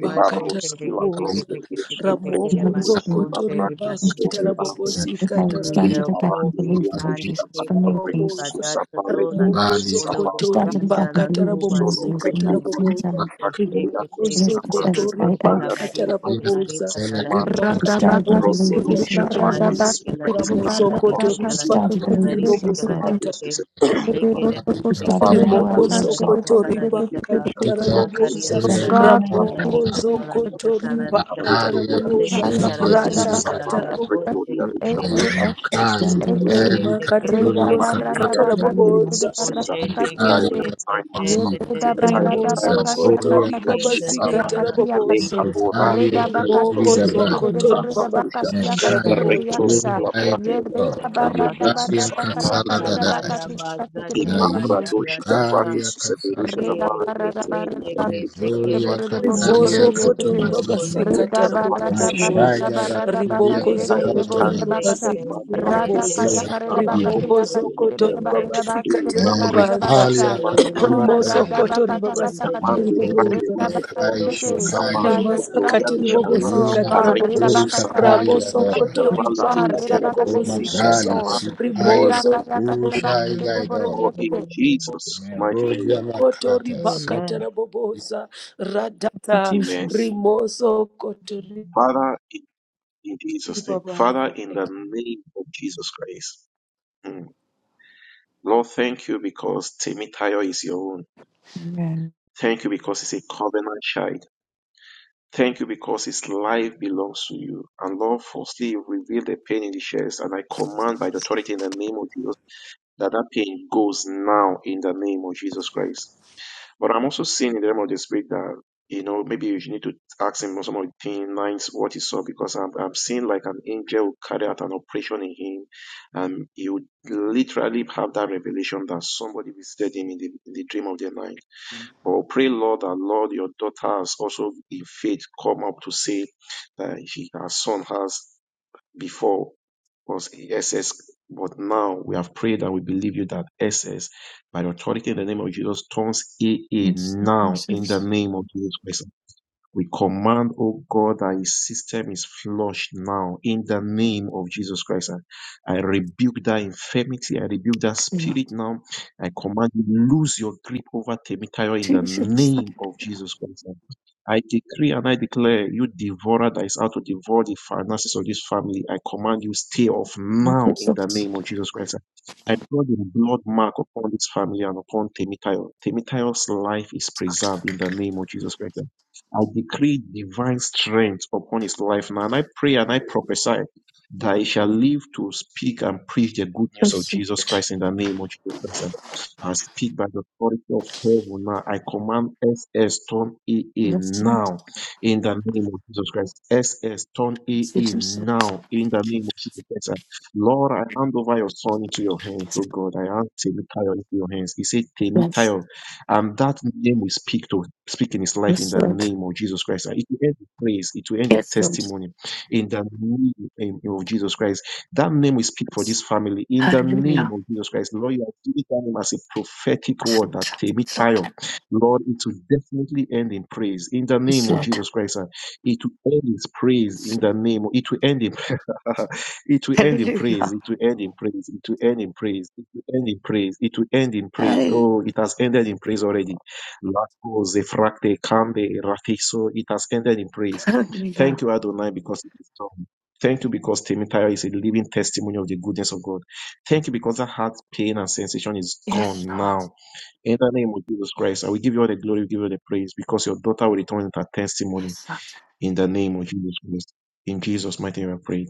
S7: The barrel
S3: Kere
S7: skill
S3: Kete
S5: Kuma
S7: abruptly
S3: Kete
S7: breaks
S3: Kete
S7: to
S3: Kete
S7: break the
S8: We
S3: Kere
S4: Ramoko
S8: have a
S7: hole. She
S8: spirit
S3: Matun
S7: not break
S3: Tere Bade
S8: and
S7: so we
S3: Kete
S7: have
S8: Jesus.
S7: the
S8: Okay,
S4: zokotoribakatarabobosikatarabobooza.
S8: stand
S5: Gita,
S7: little
S8: to
S3: Nda
S8: the gap
S7: power.
S8: and
S7: The
S3: Kobi
S8: believe
S7: little
S8: in
S7: power
S5: Kuma
S8: Lord
S5: Gita.
S3: Sandi
S7: that
S8: Jesus
S7: can
S8: for
S7: not
S3: Kete
S7: break
S8: miracles.
S3: Kiba
S7: to
S4: Boboza,
S3: Dasa
S7: survive. Let
S3: Tola
S7: me
S8: Mm.
S7: to
S5: Lali
S4: Rimokozo
S7: survive.
S3: Kolobo
S8: We stand
S4: Kotori
S8: to the
S7: Please
S8: gap
S3: Zanda
S5: Kandi
S8: and
S3: La
S4: Bakatara
S8: believe in
S3: Koba
S7: solo
S4: Bobosi
S8: miracles in
S7: perché
S4: Katara
S8: right
S3: Zete
S7: non
S8: in
S4: Boboza,
S7: la
S8: time.
S3: Shake
S7: partita
S3: take
S8: It is
S3: it,
S4: Rimokozo
S5: Kwakata
S3: seven
S7: stamane
S4: Kotori
S3: was the
S8: SSAA.
S7: la
S3: labarite,
S4: Bakatara
S7: ricerca
S5: Ina
S4: Boboza,
S3: calarita,
S7: si
S5: Kasela
S3: calarite,
S7: comanda
S5: Katuna
S8: We
S4: Rimakatara
S8: stand and
S3: le
S8: believe
S7: Rodney
S4: Bobosi
S8: this,
S3: corite,
S4: Katara
S7: Lucia
S8: Lord
S3: calarite,
S7: parte
S4: Boboza,
S8: Jesus.
S7: su
S3: calarite,
S7: perché
S5: Komari
S7: la
S4: Ramoso
S3: calarite,
S7: posso
S4: Kotori
S8: We
S7: si
S3: calarite,
S7: la
S8: stand to believe
S7: propria
S4: Bakatara
S3: calarite,
S8: this, Lord
S7: ricerca
S4: Bobosi
S8: God.
S7: parte
S4: Katara,
S7: su
S3: calarite,
S7: se
S2: Oh
S5: Kasere
S3: le
S7: la
S2: God,
S5: Lali
S8: We
S3: carite,
S7: la
S8: stand on
S5: Kasana
S8: the
S3: calarite,
S7: papa
S8: word,
S7: lo su
S4: Rimokozo
S8: Lord God.
S3: calarite,
S7: salva le
S4: Kotori
S7: che
S3: calarita, la rice calarice ta
S7: pesce da
S4: Bakatara
S5: Ita
S3: la
S7: parte su
S3: caria,
S4: Boboza,
S7: se
S8: We stand
S5: Kasuria
S7: due
S8: on the word,
S3: salarita,
S8: Lord
S5: Kasari
S7: para per
S2: please
S8: God.
S7: su
S3: salarita,
S5: Kata
S2: give me
S4: Ramokozo
S7: lo ci da
S3: salarita,
S4: Kotori
S2: the
S7: avrei
S3: salarita,
S4: Bakatara
S5: Yakaria
S7: gloria di
S3: le
S4: Boboza,
S8: Thank
S2: Kamikaya
S8: you,
S5: Kaseme
S7: scita parte
S8: Jesus.
S7: su
S3: cataralian,
S5: Getuzi
S4: Rata
S5: Vada
S2: Rabakata
S4: Katara
S7: sapale
S3: salara,
S7: per
S4: Boboza,
S2: SS
S3: fosse,
S7: gloria
S2: to
S7: di
S3: querere,
S7: sciamana
S2: AA
S5: Mayana
S7: parte
S3: canta,
S8: We
S2: SB
S7: su
S2: to
S7: se
S8: stand
S5: Kazu
S8: in the
S7: due ci
S2: AA
S8: street.
S3: fosse,
S5: Keli
S3: de que
S4: Rimakatiri
S3: se
S2: Reda
S5: Kasuria
S3: que se
S4: Bobosi
S7: Amanda,
S3: le
S2: Barada
S4: Katara
S5: Kapaya
S8: Thank
S7: Jackie,
S3: costa,
S2: Bakata Kid
S8: you,
S7: Davis,
S4: Boboza.
S7: Susan,
S3: fosse,
S2: Barasaka
S3: de que
S5: Nikari
S7: Kikayo, your
S3: se,
S2: Tikipi
S3: se,
S7: time has
S3: se,
S5: Katuni
S3: se,
S7: come.
S2: Yeda
S3: se, se,
S7: Kikayo, your
S3: que,
S2: Barada
S3: se,
S7: time
S4: Rimoso
S7: has
S8: Jesus.
S7: come.
S2: Bakasha
S5: Laboria
S4: kotori
S7: Mando,
S3: in
S2: Katakati
S3: the
S5: Kashala
S4: babasika
S2: Katia
S7: Susana,
S3: name
S5: Kata
S3: of
S2: Katia
S7: Leka,
S4: tarabobosa.
S2: Kati
S3: Jesus, God,
S7: Bora,
S5: Makuzalia
S2: Reda
S3: take it,
S7: Dede,
S2: Bakata
S3: take
S5: Katuri
S4: Riboko
S3: it, take
S8: Thank
S7: Toskeva,
S8: you,
S3: it,
S5: Gabani
S2: Tikid de
S4: zokotori
S3: take
S8: Jesus.
S2: Borida
S7: Kabarusha,
S4: babasika
S2: Bakatia
S8: Stand to
S3: it,
S5: Nekai
S2: Katikid
S3: take
S8: follow.
S2: de
S4: tarabobosa.
S3: it,
S7: Recto,
S3: take
S2: Yakata
S3: it,
S7: Sigla,
S3: take it,
S5: Kukurai
S7: Brati,
S3: take it,
S2: Yeda
S3: take
S7: Richana,
S3: it,
S7: Bata,
S2: Barada
S3: banata.
S8: Thank
S5: Kilobaria
S2: Barada
S7: Susana, Rati,
S5: Kasala
S2: Kayaka Reda
S8: you,
S7: Janama,
S5: Gadai.
S3: Makalada
S2: Bakati
S8: Jesus.
S3: baza chaka
S2: Katikid
S5: Naitu
S3: daya
S7: Imambradoshita
S3: dasa.
S7: Vatis
S5: Karia Kasala
S7: Severushita
S2: Reda
S3: Eh,
S7: Varis
S2: barra
S3: ke-
S2: da
S3: te-
S2: barra da
S3: te-
S2: barra
S3: ke- te-
S7: Bradoshita
S2: de
S3: ke- le-
S5: Mizuria
S2: borre de
S3: ko- to-
S2: borre
S3: ko-
S2: borre
S5: Katalia
S8: Jesus.
S2: de
S4: Rimoso
S3: lo- go- do-
S4: kotori
S5: Katuma
S7: Zekina
S2: yekete.
S3: to- ko-
S5: Jiki
S3: lo-
S8: Amen.
S3: go-
S4: babasika
S2: Reda
S7: Bradoshita
S2: barra da
S7: Vatis
S2: barra
S4: tarabobosa.
S2: da
S5: Mashaga
S7: Severushita
S5: da
S2: da baka
S5: Kuvia
S4: Riboko
S2: seke
S7: Retire
S3: Shende,
S2: de
S7: your
S5: Kasala
S2: borre
S4: zokotori
S5: da
S2: de
S7: kindness
S2: bakata.
S7: from
S4: babasika
S2: Rada
S7: Mambrakis
S3: lende,
S4: tiribobosa.
S2: kaya
S3: ke-
S5: Kuza
S2: kare
S5: da
S2: da
S7: Savara
S3: shende,
S5: Dini
S3: ke-
S2: bakati
S4: Rimoko
S2: ya kaseke
S7: Conquerusha
S2: de
S4: zokotori
S2: barre da
S4: babasika
S2: baseke
S7: Mambrectus Savati Rushita Vati
S2: de
S5: Mary
S2: barre da
S7: Imambreko
S4: tiribobaza.
S7: Sisa Vati
S3: Ela
S2: Oh,
S5: Katuma
S7: Rushita
S4: Rimoso
S2: rada
S5: Gali
S3: kataye
S4: kotori
S2: bakata kata
S3: kipembe
S4: babasika
S2: kate.
S7: Amande
S3: sheke
S7: Bracle
S4: tiribobosa.
S2: Reda
S5: Nikoba
S7: Rushita
S3: kotolo
S7: Vatis
S5: Kaishu
S2: bakate.
S8: Yes,
S3: kotondo
S2: By
S5: Kaishu
S7: Savara
S3: lo
S2: your
S4: Rimasa
S2: stripes
S7: Gloria de
S2: he
S3: kotondo
S2: is
S3: lo
S2: healed,
S7: Shadava
S2: oh
S4: katiribobosika
S5: Aina
S3: kotondo
S2: God. Reda
S4: tarabobo.
S7: Arrectus
S5: Kazuri
S2: bakata by
S5: Kapali
S3: kese
S2: your
S7: Savati
S4: Raboso
S2: stripes,
S5: Gador
S7: Rushita
S3: kotolo
S2: oh
S4: kotori
S7: Vale E
S3: kotondo
S2: God.
S4: baka
S8: Jesus.
S2: Reda
S3: kese
S2: bakata he
S5: Nikoma
S2: is
S7: Rometus
S2: made
S4: tarabobosika
S3: kotondo
S5: Gali
S4: ta.
S3: kese
S2: whole.
S7: Savale
S3: kotondo.
S2: Reda
S4: Rimoso
S5: Supaida
S2: kaya kare da
S5: Kushai
S2: baseke de borre de
S5: Gaidor
S7: or
S2: yekete.
S7: in Jesus' mighty name. we are
S5: Merodia
S7: praying.
S4: koto
S5: Makata Su
S8: Yeah.
S3: Amen.
S4: ribakata raboboza radata
S7: Amen.
S4: rimoso koto
S7: Father, in in Jesus' name. Father,
S4: ribabaza.
S7: in
S4: Thank you.
S7: the name of Jesus Christ. Mm. Lord, thank you because Timitayo is your own. Thank you because it's a covenant child. Thank you because his life belongs to you. And Lord, firstly, you reveal the pain in the chest. And I command by the authority in the name of Jesus that that pain goes now in the name of Jesus Christ. But I'm also seeing in the realm of the spirit that you know maybe you need to ask him some of the things, lines, what he saw, because I'm I'm seeing like an angel will carry out an operation in him, and he would literally have that revelation that somebody visited him in the, in the dream of the night.
S9: Yes.
S7: But pray, Lord, that Lord, your daughter has also in faith come up to say that he, her son has before was SS, but now we have prayed and we believe you that SS, by the authority in the name of Jesus, turns AA
S8: Jesus.
S7: now in the
S8: Jesus.
S7: name of Jesus Christ. We command, oh God, that his system is flushed now in the name of Jesus Christ. I, I rebuke that infirmity. I rebuke that
S8: Yes,
S7: spirit now. I command you lose your grip over Temitayo in the name of Jesus Christ. I decree and I declare, you devourer that is out to devour the finances of this family, I command you stay off now in the name of Jesus Christ. I draw the blood mark upon this family and upon Temitayo. Temitayo's life is preserved in the name of Jesus Christ. I decree divine strength upon his life now. And I pray and I prophesy that he shall live to speak and preach the good news of Jesus Christ in the name of Jesus Christ. And I speak by the authority of heaven now. I command SS turn AA
S8: yes,
S7: now in the name of Jesus Christ. SS turn AA
S8: Jesus.
S7: now in the name of Jesus Christ. And Lord, I hand over your son into your hands, oh God. I hand Temitayo into your hands. He said,
S8: Yes,
S7: Temitayo, and that name we speak to. Speak in his life in
S8: yes,
S7: the
S8: Lord.
S7: name of Jesus Christ. And It will end in praise. It will end in
S8: Yes, Lord.
S7: testimony in the name of Jesus Christ. That name we speak for
S8: Yes.
S7: this family in the name
S8: Hallelujah.
S7: of Jesus Christ. Lord, you are giving that name as a prophetic
S8: Yes,
S7: word that
S8: Lord.
S7: Temi Tayo. Lord, it will definitely end in praise in the name
S8: Yes, Lord. Yes,
S7: of
S8: Lord.
S7: Jesus Christ. And it will end in praise in
S8: Yes, Lord.
S7: the name. Of, it will end in it will end in praise.
S8: Hallelujah.
S7: It will end in praise. It will end in praise. It will end in praise. It will end in praise. Oh, it has ended in praise already. Lako zefrakte kande rafiso. It has ended in praise. Thank
S8: Hallelujah.
S7: you, Adonai, because it is done. Thank you because Temitaya is a living testimony of the goodness of God. Thank you because that heart pain and sensation is
S8: Yes,
S7: gone
S8: Lord.
S7: now. In the name of Jesus Christ, I will give you all the glory, give you all the praise because your daughter will return with her testimony
S8: Yes, Lord.
S7: in the name of Jesus Christ. In Jesus' mighty name, I pray.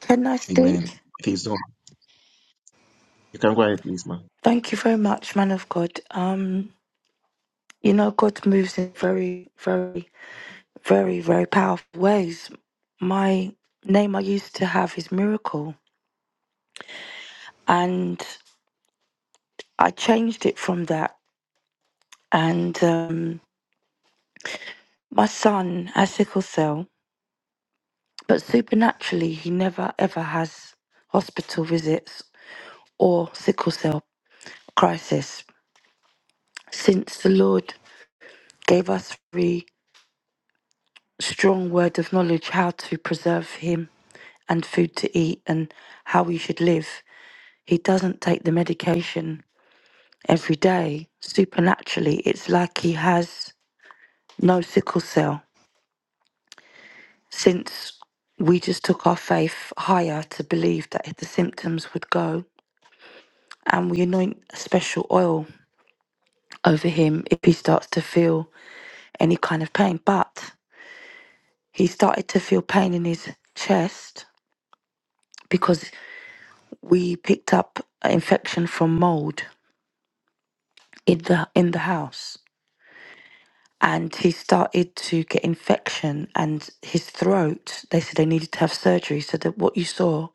S8: Can I stay?
S7: Amen. It is done. You can go ahead, please, man.
S8: Thank you very much, man of God. Um, you know, God moves in very, very, very, very powerful ways. My name I used to have is Miracle, and I changed it from that. And um, my son has sickle cell, but supernaturally, he never ever has hospital visits or sickle cell crisis since the Lord gave us a very strong word of knowledge how to preserve him and food to eat and how we should live. He doesn't take the medication every day. Supernaturally, it's like he has no sickle cell. Since we just took our faith higher to believe that if the symptoms would go, and we anoint a special oil over him if he starts to feel any kind of pain. But he started to feel pain in his chest because we picked up an infection from mold in the in the house and he started to get infection and his throat they said they needed to have surgery so that what you saw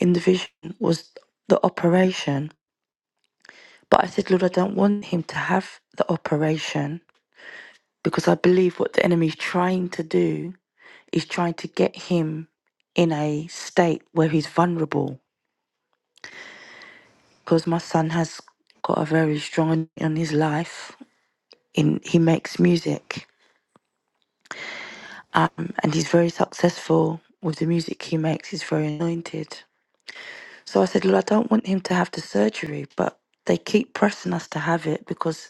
S8: in the vision was the operation but i said lord i don't want him to have the operation because i believe what the enemy is trying to do is trying to get him in a state where he's vulnerable because my son has got a very strong anointing on his life in he makes music um, and he's very successful with the music he makes. He's very anointed. So I said, Well, I don't want him to have the surgery, but they keep pressing us to have it because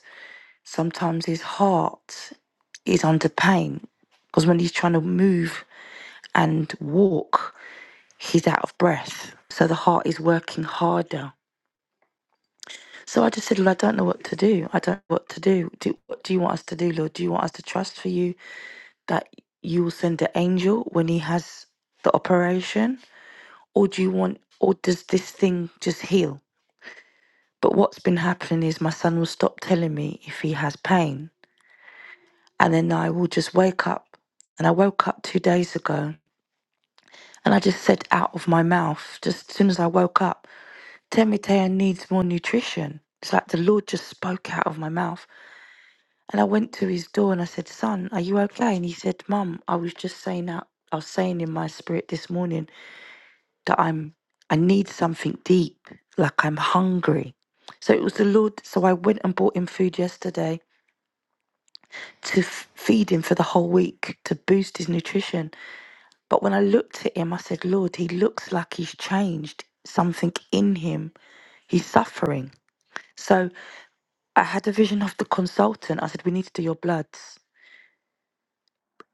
S8: sometimes his heart is under pain. Because when he's trying to move and walk, he's out of breath. So the heart is working harder. So I just said, Well, I don't know what to do. I don't know what to do. do what do you want us to do, Lord? Do you want us to trust for you that you will send an angel when he has the operation? or do you want or does this thing just heal but what's been happening is my son will stop telling me if he has pain and then i will just wake up and i woke up two days ago and i just said out of my mouth just as soon as i woke up temitea needs more nutrition it's like the lord just spoke out of my mouth and i went to his door and i said son are you okay and he said mum i was just saying out i was saying in my spirit this morning that I'm I need something deep, like I'm hungry. So it was the Lord. So I went and bought him food yesterday to f- feed him for the whole week to boost his nutrition. But when I looked at him, I said, Lord, he looks like he's changed. Something in him, he's suffering. So I had a vision of the consultant. I said, we need to do your bloods.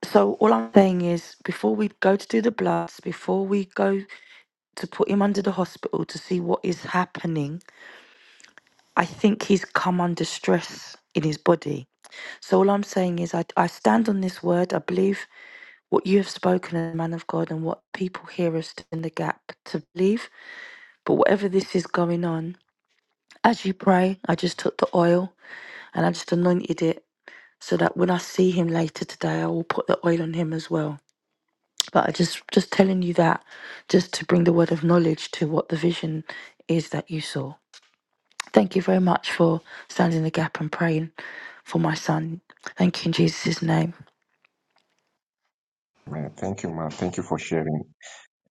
S8: So all I'm saying is, before we go to do the bloods, before we go to put him under the hospital to see what is happening, I think he's come under stress in his body. So all I'm saying is I, I stand on this word. I believe what you have spoken as a man of God and what people hear us in the gap to believe. But whatever this is going on, as you pray, I just took the oil and I just anointed it so that when I see him later today, I will put the oil on him as well. But I just just telling you that, just to bring the word of knowledge to what the vision is that you saw. Thank you very much for standing in the gap and praying. for my son. Thank you in Jesus' name.
S7: Amen. Thank you, man. Thank you for sharing.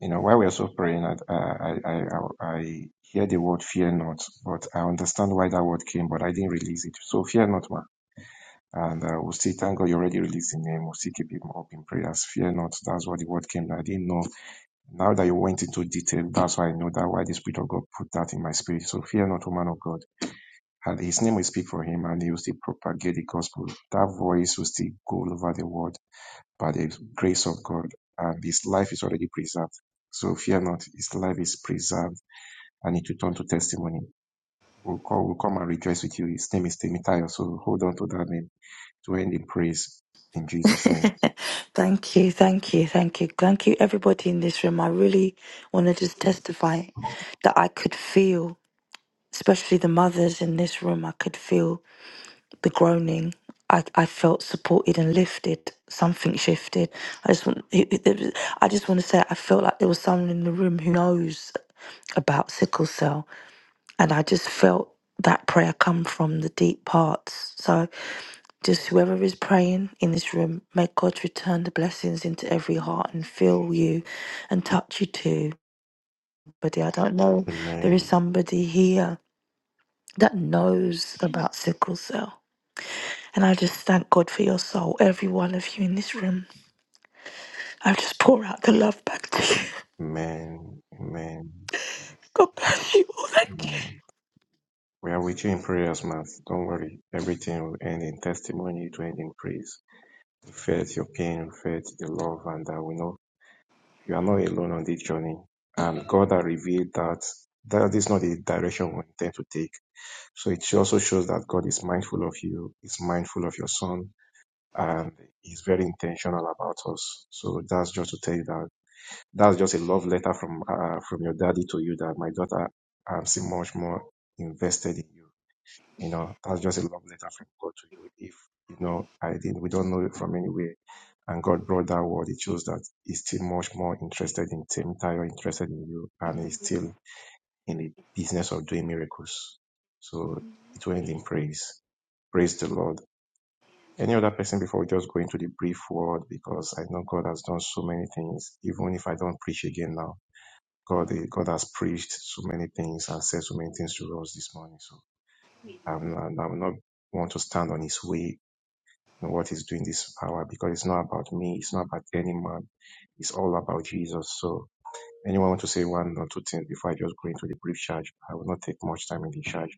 S7: You know, while we are so praying, I, I, I, I I hear the word fear not, but I understand why that word came, but I didn't release it. So fear not, man. And uh, we'll see. thank God you already released the name. We'll see. keep him up in prayers. Fear not. That's what the word came. I didn't know. Now that you went into detail, that's why I know that why the Spirit of God put that in my spirit. So fear not, O man of God. And his name will speak for him and he will still propagate the gospel. That voice will still go all over the world by the grace of God, and his life is already preserved. So fear not, his life is preserved, and it will turn to testimony. We'll, call, we'll come and rejoice with you. His name is Timothy, so hold on to that name to end in praise in Jesus' name.
S8: thank you, thank you, thank you. Thank you, everybody in this room. I really want to just testify that I could feel, especially the mothers in this room, I could feel the groaning. I, I felt supported and lifted. Something shifted. I just want. It, it, it was- I just want to say I felt like there was someone in the room who knows about sickle cell, and I just felt that prayer come from the deep parts. So Just whoever is praying in this room, may God return the blessings into every heart and fill you and touch you too. But I don't know, there is
S7: Amen.
S8: somebody here that knows about sickle cell. And I just thank God for your soul, every one of you in this room. I just pour out the love back to you.
S7: Amen. Amen.
S8: God bless you all. Thank you.
S7: Amen. We are with you in prayers, man. Don't worry. Everything will end in testimony to end in praise. Faith, your pain, faith, the love, and that we know You are not alone on this journey. And God has revealed that that is not the direction we intend to take. So it also shows that God is mindful of you, is mindful of your son, and is very intentional about us. So that's just to tell you that that's just a love letter from uh, from your daddy to you that my daughter, I'm so much more invested in you. You know, that's just a love letter from God to you. If, you know, I didn't, we don't know it from anywhere. And God brought that word. It shows that He's still much more interested in Tim Tyler, interested in you, and He's still in the business of doing miracles. So it went in praise. Praise the Lord. Any other person before we just go into the brief word because I know God has done so many things. Even if I don't preach again now, God, God has preached so many things and said so many things to us this morning. So um, and I will not want to stand on his way in what he's doing this hour because it's not about me. It's not about any man. It's all about Jesus. So anyone want to say one or two things before I just go into the brief charge? I will not take much time in the charge.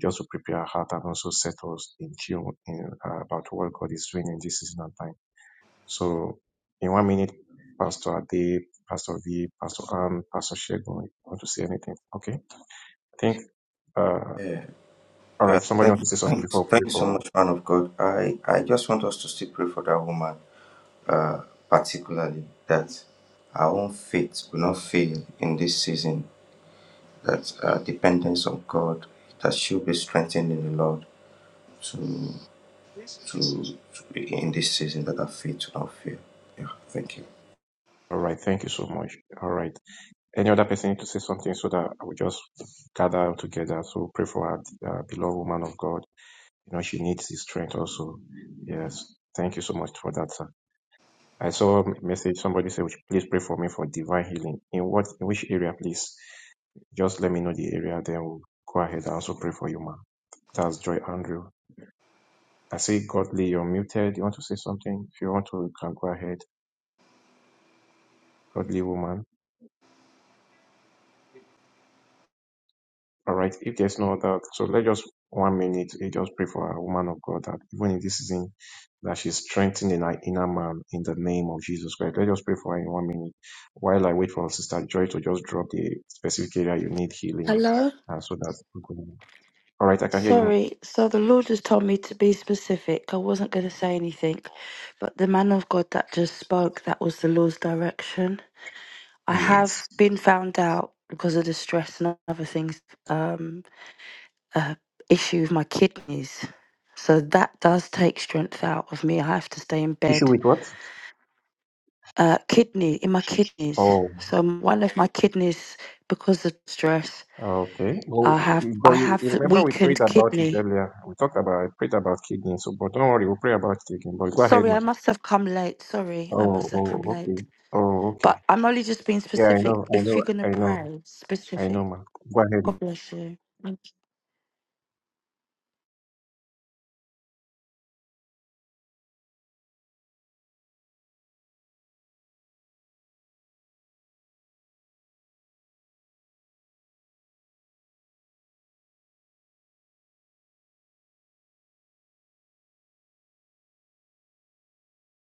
S7: Just to prepare our heart and also set us in tune in, uh, about what God is doing in this season and time. So in one minute, Pastor Ade, Pastor V, Pastor Ann, Pastor Shegun, want to say anything? Okay. I think, uh,
S10: Yeah,
S7: all
S10: uh,
S7: right. Somebody
S10: thank,
S7: want to say something
S10: thanks,
S7: before we
S10: thank
S7: pray
S10: you so
S7: for
S10: much, man of God. I, I just want us to still pray for that woman, uh, particularly that our own faith will not fail in this season. That uh, dependence on God, that she'll be strengthened in the Lord to,
S9: Yes.
S10: to, to in this season. That our faith will not fail. Yeah, thank you.
S7: All right. Thank you so much. All right. Any other person need to say something so that I will just gather together. So pray for our uh, beloved woman of God. You know, she needs his strength also. Yes. Thank you so much for that, sir. I saw a message. Somebody said, "Would you please pray for me for divine healing. In what, in which area, please? Just let me know the area. Then we'll go ahead and also pray for you, ma'am. That's Joy Andrew. I see Godly, you're muted. You want to say something? If you want to, you can go ahead. Godly woman. All right. If there's no other, so let's just one minute eh, just pray for a woman of God that even in this season that she's strengthened in her inner man in the name of Jesus Christ. Let's just pray for her in one minute while I wait for Sister Joy to just drop the specific area you need healing,
S8: Hello?
S7: uh, so that we can. All right, I can hear you. ma'am.
S8: Sorry, so the Lord just told me to be specific. I wasn't going to say anything, but the man of God that just spoke, that was the Lord's direction. I have
S7: Yes.
S8: been found out because of the stress and other things, um, uh, issue with my kidneys. So that does take strength out of me. I have to stay in
S7: Issue
S8: bed.
S7: with what?
S8: Uh, kidney in my kidneys.
S7: Oh,
S8: So one of my kidneys, because of stress,
S7: okay. Well,
S8: I have
S7: but
S8: I
S7: you,
S8: have
S7: you remember we prayed
S8: weakened
S7: about it
S8: kidney.
S7: earlier. We talked about I prayed about kidney. So, but don't worry, we'll pray about it again. But go ahead,
S8: Sorry, I
S7: man.
S8: must have come late. Sorry, I
S7: Oh,
S8: must have
S7: oh,
S8: come
S7: okay.
S8: late.
S7: Oh, okay.
S8: But I'm only just being
S7: Yeah, I
S8: specific.
S7: know, I
S8: If
S7: know,
S8: you're gonna
S7: I know,
S8: pray,
S7: I
S8: specific.
S7: know, man. Go ahead.
S8: God
S7: man.
S8: bless you.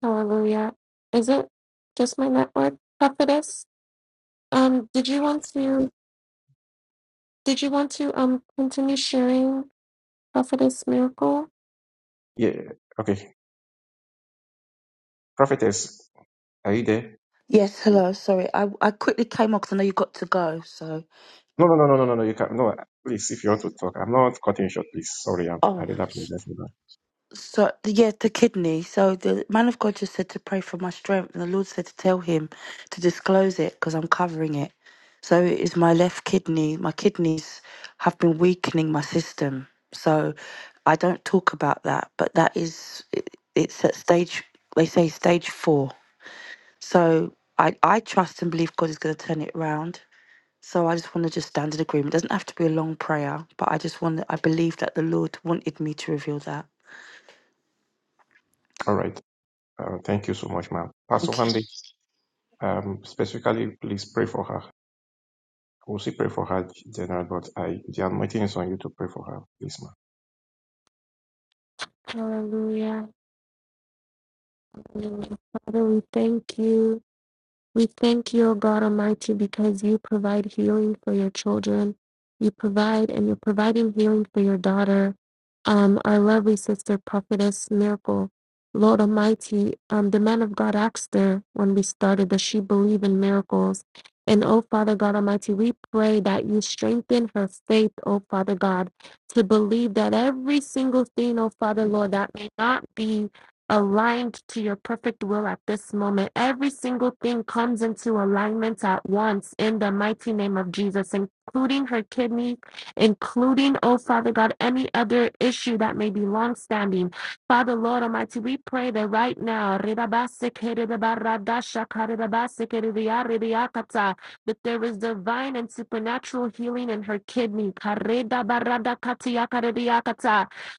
S2: Hallelujah. Is it just my network, prophetess? Um, did you want
S11: God.
S2: to did you want to um continue sharing prophetess miracle?
S7: Yeah, okay. Prophetess, are you there?
S8: Yes, hello. Sorry, I I quickly came on because I know you got to go. So,
S7: No, no, no, no, no, no, no. You can't. No, please, if you want to talk, I'm not cutting you short, please. Sorry, I'm, I
S8: oh,
S7: really apologize for that.
S8: so yeah, the kidney. So the man of God just said to pray for my strength, and the Lord said to tell him to disclose it because I'm covering it. So it is my left kidney. My kidneys have been weakening my system. So I don't talk about that, but that is it, it's at stage. They say stage four. So I I trust and believe God is going to turn it round So I just want to just stand in agreement. It doesn't have to be a long prayer, but I just want I believe that the Lord wanted me to reveal that.
S7: All right. Uh, thank you so much, ma'am. Pastor
S8: Thank you.
S7: Wendy, um, specifically, please pray for her. I will still pray for her, General, but I, the anointing is on you to pray for her, please,
S2: Hallelujah. Hallelujah. Father, we thank you. We thank you, O God Almighty, because you provide healing for your children. You provide, and you're providing healing for your daughter, um, our lovely sister, prophetess Miracle. Lord Almighty, um, the man of God asked her when we started, does she believe in miracles? And oh, Father God Almighty, we pray that you strengthen her faith, oh, Father God, to believe that every single thing, oh, Father Lord, that may not be aligned to your perfect will at this moment. Every single thing comes into alignment at once in the mighty name of Jesus, including her kidney, including, oh Father God, any other issue that may be long standing. Father Lord Almighty, we pray that right now, that there is divine and supernatural healing in her kidney.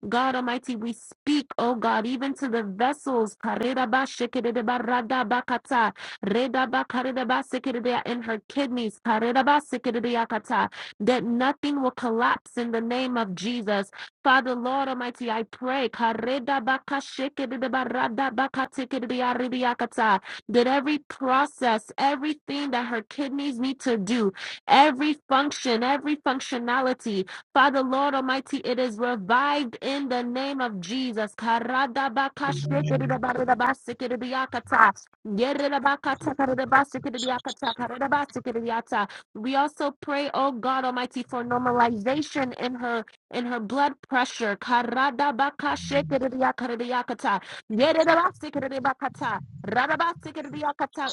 S2: God Almighty, we speak, oh God, even to the vessels Karirabashikidibaradabakata, Redabakaridabasikidia in her kidneys, Karirabasikidiakata, that nothing will collapse in the name of Jesus. Father, Lord Almighty, I pray Karidabakashikidibaradabakatikidiaridiakata, that every process, everything that her kidneys need to do, every function, every functionality, Father, Lord Almighty, it is revived in the name of Jesus. We also pray, oh God Almighty, for normalization in her in her blood pressure.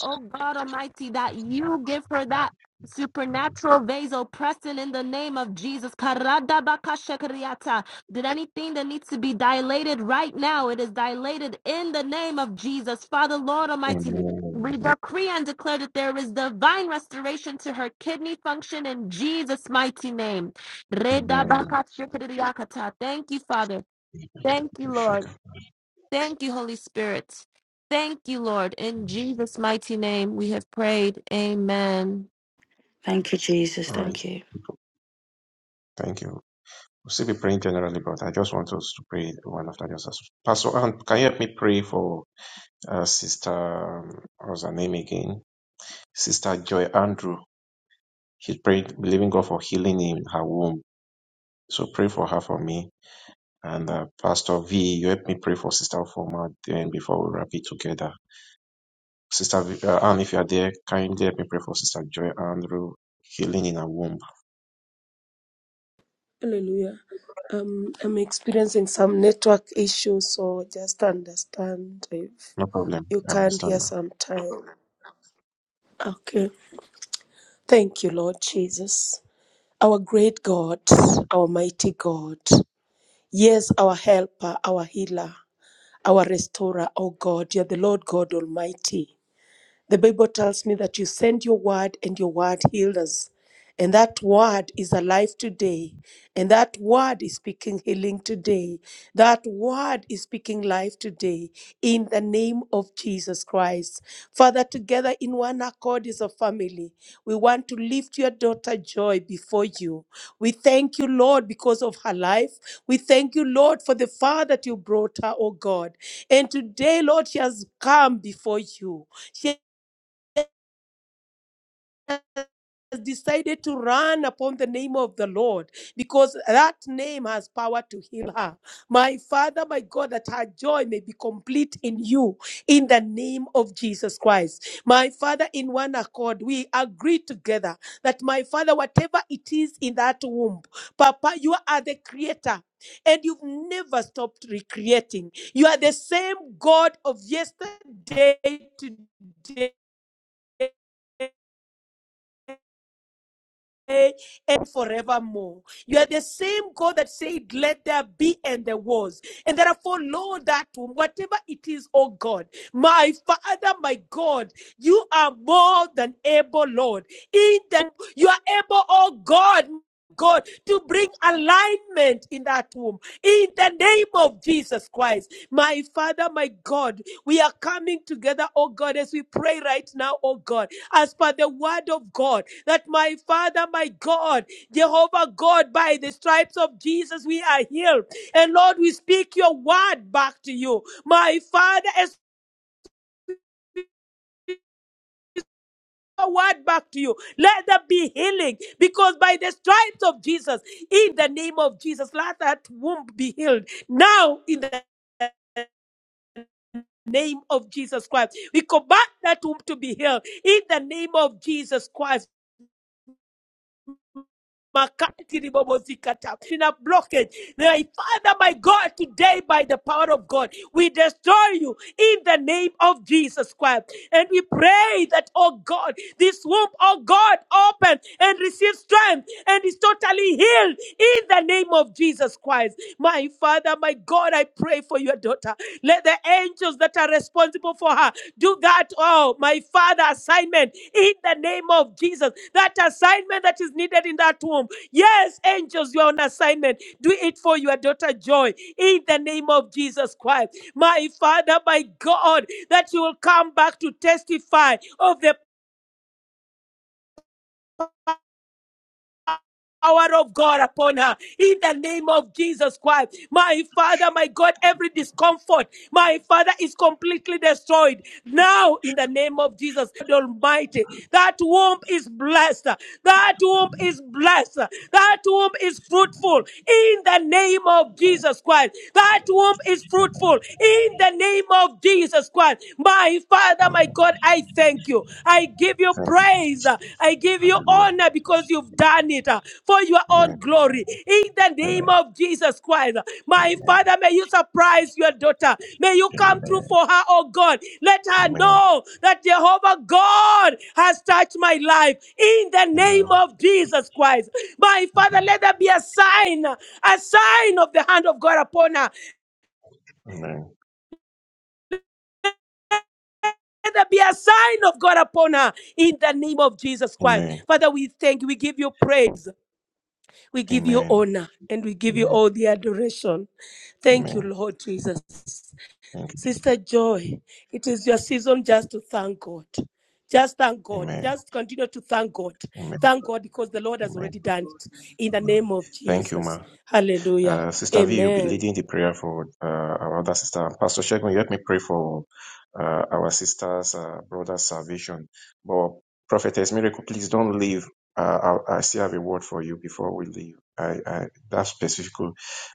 S2: Oh God Almighty, that you give her that supernatural vasopressin in the name of Jesus. Karadabakashakariata. Did anything that needs to be dilated right now, it is dilated in the name of Jesus. Father, Lord
S7: ma'am.
S2: Almighty, we
S7: Amen.
S2: decree and declare that there is divine restoration to her kidney function in Jesus' mighty name.
S7: Amen.
S2: Redabakashakariakata. Thank you, Father. Thank you, Lord. Thank you, Holy Spirit. Thank you, Lord. In Jesus' mighty name, we have prayed. Amen.
S8: Thank you, Jesus.
S7: All right.
S8: Thank you.
S7: Thank you. We'll still be praying generally, but I just want us to pray one after the other. Pastor Anne, can you help me pray for uh, Sister, um, what's her name again? Sister Joy Andrew. She prayed, believing God for healing in her womb. So pray for her for me. And uh, Pastor V, you help me pray for Sister Foma then before we wrap it together. Sister v, uh, Ann, if you are there, kindly help me pray for Sister Joy Andrew, healing in her womb.
S4: Hallelujah. Um, I'm experiencing some network issues, so just understand if
S7: No problem.
S4: you
S7: I
S4: can't hear
S7: understand.
S4: sometime. Okay. Thank you, Lord Jesus. Our great God, our mighty God. Yes, our helper, our healer, our restorer, O God. You're the Lord God Almighty. The Bible tells me that you send your word and your word healed us. And that word is alive today. And that word is speaking healing today. That word is speaking life today in the name of Jesus Christ. Father, together in one accord as a family, we want to lift your daughter Joy before you. We thank you, Lord, because of her life. We thank you, Lord, for the far that you brought her, oh God. And today, Lord, she has come before you has decided to run upon the name of the Lord because that name has power to heal her. My Father, my God, that her joy may be complete in you in the name of Jesus Christ. My Father, in one accord, we agree together that, my Father, whatever it is in that womb, Papa, you are the creator. And you've never stopped recreating. You are the same God of yesterday, today, and forevermore. You are the same God that said, Let there be, and there was. And therefore, Lord, that whatever it is, oh God, my Father, my God, you are more than able, Lord. In that you are able, oh God. God, to bring alignment in that womb. In the name of Jesus Christ, my Father, my God, we are coming together, oh God, as we pray right now, oh God, as per the word of God, that my Father, my God, Jehovah God, by the stripes of Jesus, we are healed. And Lord, we speak your word back to you, my Father, as a word back to you. Let there be healing because by the stripes of Jesus, in the name of Jesus, let that womb be healed. Now, in the name of Jesus Christ, we command that womb to be healed in the name of Jesus Christ. Makatiribobosikata, in a blockage. My Father, my God, today by the power of God, we destroy you in the name of Jesus Christ. And we pray that, oh God, this womb, oh God, open and receive strength and is totally healed in the name of Jesus Christ. My Father, my God, I pray for your daughter. Let the angels that are responsible for her do that, oh, my Father, assignment in the name of Jesus. That assignment that is needed in that womb. Yes, angels, you are on assignment. Do it for your daughter Joy in the name of Jesus Christ. My Father, my God, that you will come back to testify of the power of God upon her in the name of Jesus Christ. My Father, my God, every discomfort, my Father, is completely destroyed now in the name of Jesus Almighty. That womb is blessed. That womb is blessed. That womb is fruitful in the name of Jesus Christ. That womb is fruitful in the name of Jesus Christ. My Father,
S7: Amen.
S4: my God, I thank you. I give you
S7: Thank you.
S4: praise. I give you
S7: Hallelujah.
S4: honor because you've done it uh, for your
S7: Amen.
S4: own glory. In the name
S7: Amen.
S4: of Jesus Christ, uh, my Father, may you surprise your daughter. May you come through
S7: Amen.
S4: for her, oh God. Let her
S7: Amen.
S4: know that Jehovah God has touched my life. In the
S7: Amen.
S4: name of Jesus Christ, my Father,
S7: Amen.
S4: let there be a sign, a sign of the hand of God upon her. Let there be a sign of God upon her in the name of Jesus Christ.
S7: Amen.
S4: Father, we thank you. We give you praise. We give you
S7: Amen.
S4: honor and we give you
S7: Amen.
S4: all the adoration. Thank you,
S7: Amen.
S4: Lord Jesus.
S7: Thank you, Jesus.
S4: Sister Joy, it is your season just to thank God. Just thank God.
S7: Amen.
S4: Just continue to thank God.
S7: Amen.
S4: Thank God because the Lord has
S7: Amen.
S4: already done it. In the
S7: Amen.
S4: name of
S7: Thank you, ma.
S4: Jesus. Hallelujah.
S7: Uh, Sister V will be
S4: Amen.
S7: leading the prayer for uh, our other sister. Pastor Shegun, you help me pray for uh, our sister's uh, brother's salvation. But Prophetess Miracle, please don't leave. Uh, I, I still have a word for you before we leave. I, I that's specific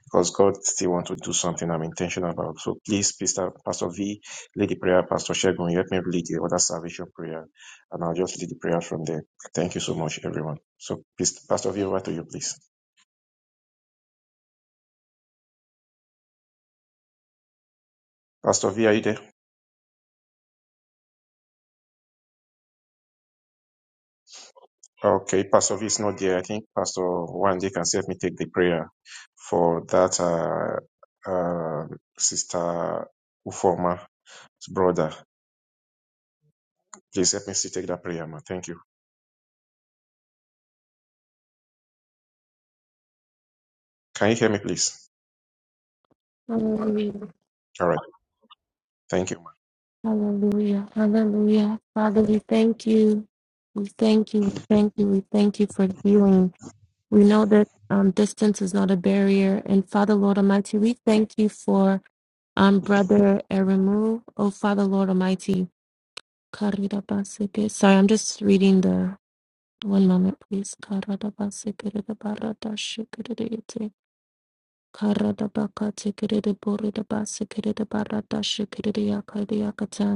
S7: because God still wants to do something I'm intentional about. So please, Pastor, Pastor V, lead the prayer. Pastor Shegun, you help me lead the other salvation prayer, and I'll just lead the prayer from there. Thank you so much, everyone. So, please, Pastor V, over to you, please. Pastor V, are you there? Okay, Pastor V is not there. I think Pastor Wande can help me take the prayer for that uh, uh, sister Uforma's brother. Please help me to take that prayer, ma. Thank you. Can you hear me, please?
S2: Hallelujah.
S7: All right. Thank you, ma.
S2: Hallelujah. Hallelujah. Father, we thank you. We thank you. We thank you. We thank you for healing. We know that um, distance is not a barrier. And Father, Lord Almighty, we thank you for um, Brother Eremu. Oh, Father, Lord Almighty. Karirabaseke. Sorry, I'm just reading the one moment, please. Karirabaseke. Karadabaka tekere de bore de base kere de barada shekere de yakade yakata.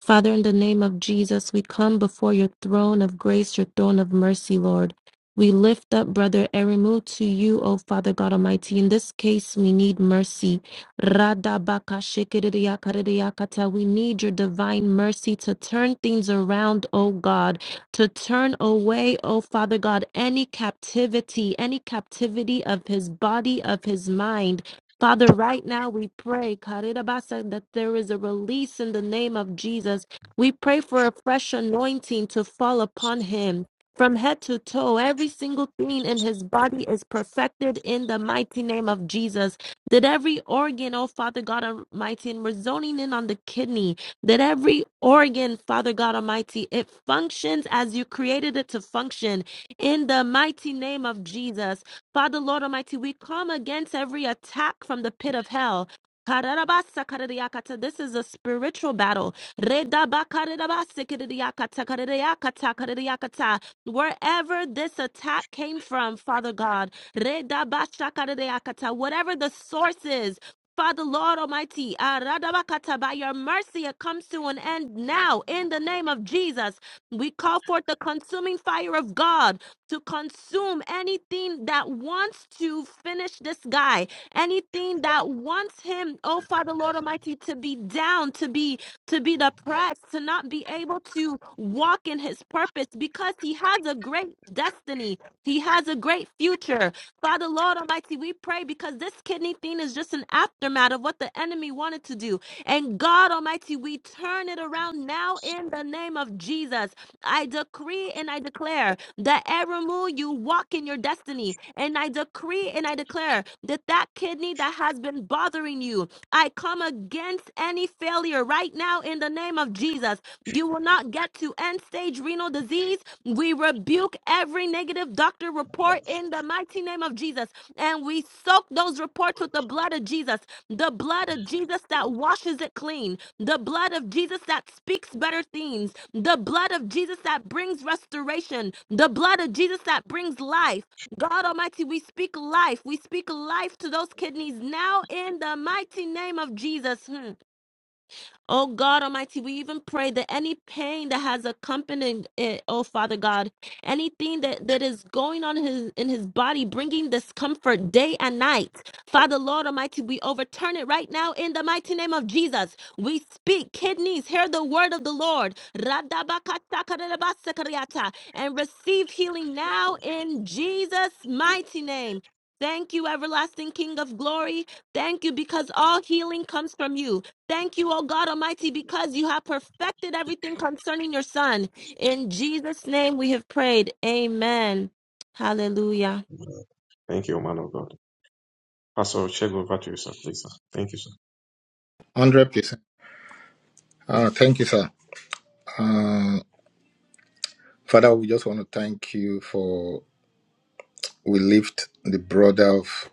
S2: Father, in the name of Jesus, we come before your throne of grace, your throne of mercy, Lord. We lift up Brother Erimu to you, O Father God Almighty. In this case, we need mercy. Radabakashikiriyakariyakata. We need your divine mercy to turn things around, O God, to turn away, O Father God, any captivity, any captivity of his body, of his mind. Father, right now we pray, Karirabasa, that there is a release in the name of Jesus. We pray for a fresh anointing to fall upon him. From head to toe, every single thing in his body is perfected in the mighty name of Jesus. That every organ, oh Father God Almighty, and we're zoning in on the kidney, that every organ, Father God Almighty, it functions as you created it to function in the mighty name of Jesus Father, Lord Almighty, we come against every attack from the pit of hell. This is a spiritual battle. Wherever this attack came from, Father God, whatever the source is, Father, Lord Almighty, by your mercy, it comes to an end now in the name of Jesus. We call forth the consuming fire of God to consume anything that wants to finish this guy, anything that wants him, oh Father Lord Almighty, to be down, to be to be depressed, to not be able to walk in his purpose because he has a great destiny. He has a great future. Father Lord Almighty, we pray because this kidney thing is just an aftermath of what the enemy wanted to do. And God Almighty, we turn it around now in the name of Jesus. I decree and I declare that every move you walk in your destiny. And I decree and I declare that that kidney that has been bothering you, I come against any failure right now in the name of Jesus. You will not get to end stage renal disease. We rebuke every negative doctor report in the mighty name of Jesus. And we soak those reports with the blood of Jesus, the blood of Jesus that washes it clean the blood of Jesus that speaks better things, the blood of Jesus that brings restoration, the blood of Jesus that brings life. God Almighty, we speak life. We speak life to those kidneys now in the mighty name of Jesus. Hmm. Oh God Almighty, we even pray that any pain that has accompanied it, oh Father God, anything that, that is going on in his, in his body, bringing discomfort day and night, Father Lord Almighty, we overturn it right now in the mighty name of Jesus. We speak, kidneys, hear the word of the Lord, Radabakatakarabasakariata, and receive healing now in Jesus' mighty name. Thank you, everlasting King of glory. Thank you because all healing comes from you. Thank you, O God Almighty, because you have perfected everything concerning your Son. In Jesus' name we have prayed. Amen. Hallelujah.
S7: Thank you, man of God. Pastor, check over to you, sir, please. Sir. Thank you, sir.
S5: 100%. Uh, thank you, sir. Ah, Father, we just want to thank you for we lift the brother of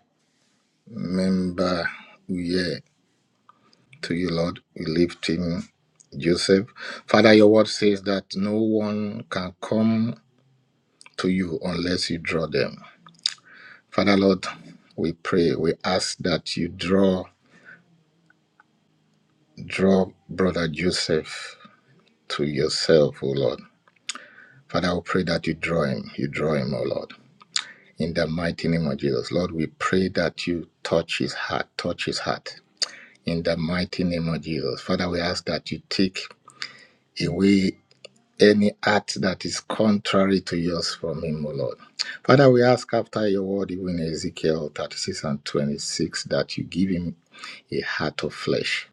S5: member yeah to you, Lord. We lift him, Joseph. Father, your word says that no one can come to you unless you draw them. Father, Lord, we pray, we ask that you draw, draw brother Joseph to yourself, O Lord. Father, we pray that you draw him, you draw him, O Lord. In the mighty name of Jesus, Lord, we pray that you touch his heart, touch his heart. In the mighty name of Jesus, Father, we ask that you take away any act that is contrary to yours from him, O Lord. Father, we ask after your word, even Ezekiel 36 and 26, that you give him a heart of flesh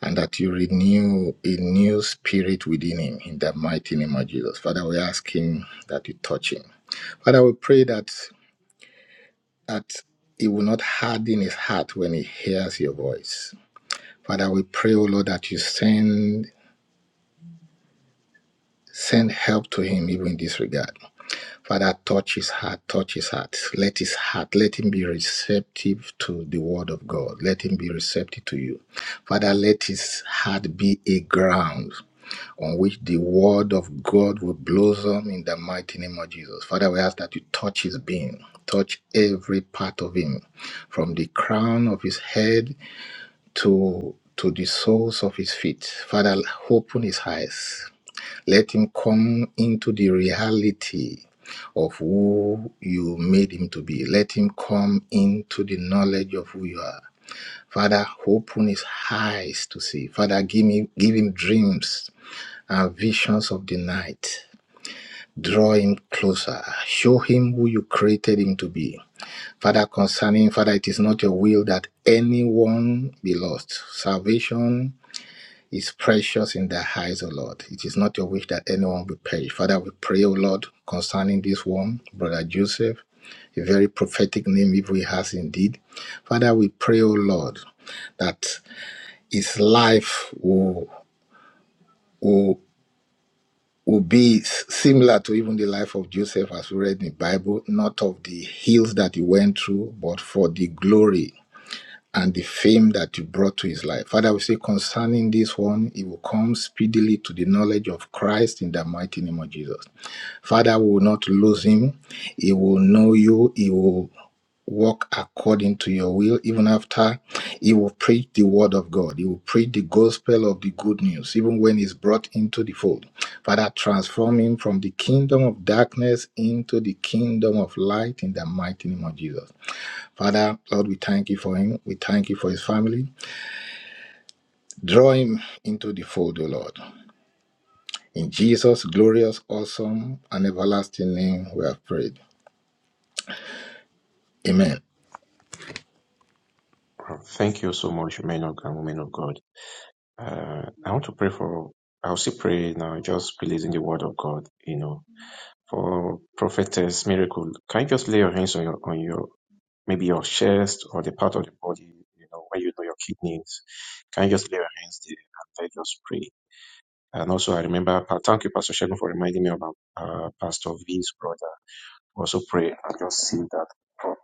S5: and that you renew a new spirit within him in the mighty name of Jesus. Father, we ask him that you touch him. Father, we pray that that he will not harden his heart when he hears your voice. Father, we pray, O Lord, that you send send help to him even in this regard. Father, touch his heart, touch his heart. Let his heart, let him be receptive to the word of God. Let him be receptive to you. Father, let his heart be a ground on which the word of God will blossom in the mighty name of Jesus. Father, we ask that you touch his being, touch every part of him, from the crown of his head to to the soles of his feet. Father, open his eyes. Let him come into the reality of who you made him to be. Let him come into the knowledge of who you are. Father, open his eyes to see. Father, give me give him dreams and visions of the night. Draw him closer. Show him who you created him to be. Father, concerning, Father, it is not your will that anyone be lost. Salvation is precious in their eyes, O Lord. It is not your wish that anyone will perish. Father, we pray, O Lord, concerning this one, Brother Joseph, a very prophetic name if he has indeed. Father, we pray, O Lord, that his life will, will, will be similar to even the life of Joseph as we read in the Bible, not of the hills that he went through, but for the glory and the fame that you brought to his life. Father, we say concerning this one, he will come speedily to the knowledge of Christ in the mighty name of Jesus. Father, we will not lose him. He will know you. He will walk according to your will. Even after he will preach the word of God, he will preach the gospel of the good news, even when he's brought into the fold. Father, transform him from the kingdom of darkness into the kingdom of light in the mighty name of Jesus. Father, Lord, we thank you for him. We thank you for his family. Draw him into the fold, O Lord. In Jesus' glorious, awesome, and everlasting name, we have prayed. Amen.
S7: Oh, Thank you so much, men of God, women of God. Uh, I want to pray for. I'll still pray now, just releasing the word of God. You know, for prophetess miracle. Can you just lay your hands on your on your maybe your chest or the part of the body, you know, where you know your kidneys. Can you just lay your hands there and then just pray? And also, I remember, uh, thank you, Pastor Shegun, for reminding me about uh, Pastor V's brother. Also, pray and just seal that up.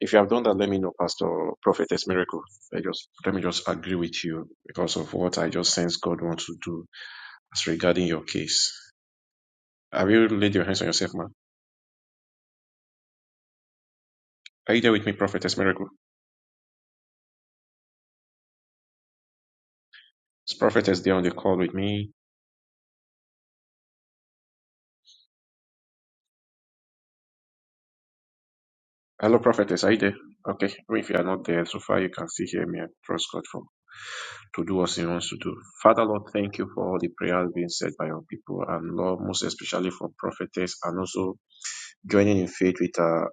S7: If you have done that, let me know, Pastor Prophetess Miracle. I just let me just agree with you because of what I just sense God wants to do as regarding your case. Have you laid your hands on yourself, man? Are you there with me, Prophetess Miracle? Is Prophetess there on the call with me? Hello, prophetess. Are you there? Okay. Even If you are not there, so far you can still hear me. I trust God for to do what He wants to do. Father, Lord, thank you for all the prayers being said by your people, and Lord, most especially for prophetess, and also joining in faith with our,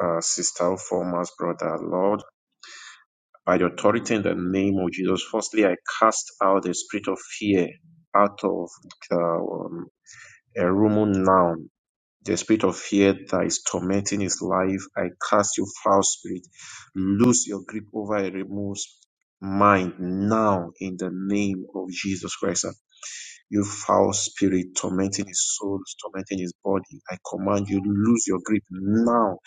S7: our sister, former brother. Lord, by the authority in the name of Jesus, firstly, I cast out the spirit of fear out of the um, a room now The spirit of fear that is tormenting his life, I cast you foul spirit. Lose your grip over Eremo's mind now in the name of Jesus Christ. And You foul spirit tormenting his soul, tormenting his body. I command you, lose your grip now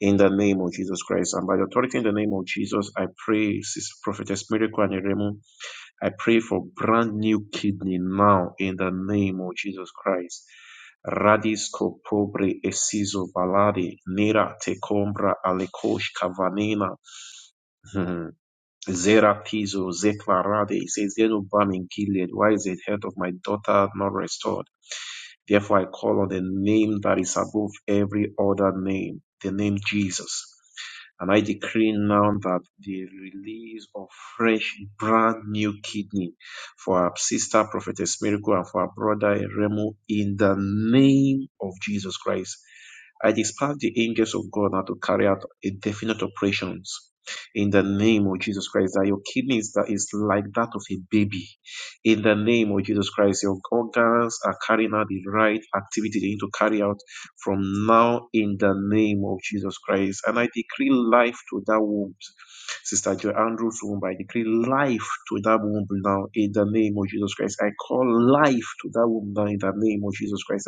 S7: in the name of Jesus Christ. And by the authority in the name of Jesus, I pray, Sister Prophetess Miracle and Eremo I pray for brand new kidney now in the name of Jesus Christ. Radisco pobre esizo valade, nera te combra alekosh kavanena, Hmm. zeratizo zeklarade, it says, "There no balm in Gilead, why is the health of my daughter not restored? Therefore, I call on the name that is above every other name, the name Jesus. And I decree now that the release of fresh, brand new kidney for our sister prophetess Miracle and for our brother Remo in the name of Jesus Christ. I dispatch the angels of God now to carry out a definite operations in the name of Jesus Christ. That your kidneys that is like that of a baby. In the name of Jesus Christ, your organs are carrying out the right activity they need to carry out from now in the name of Jesus Christ. And I decree life to that womb. Sister Joy Andrews' womb, I decree life to that womb now in the name of Jesus Christ. I call life to that womb now in the name of Jesus Christ.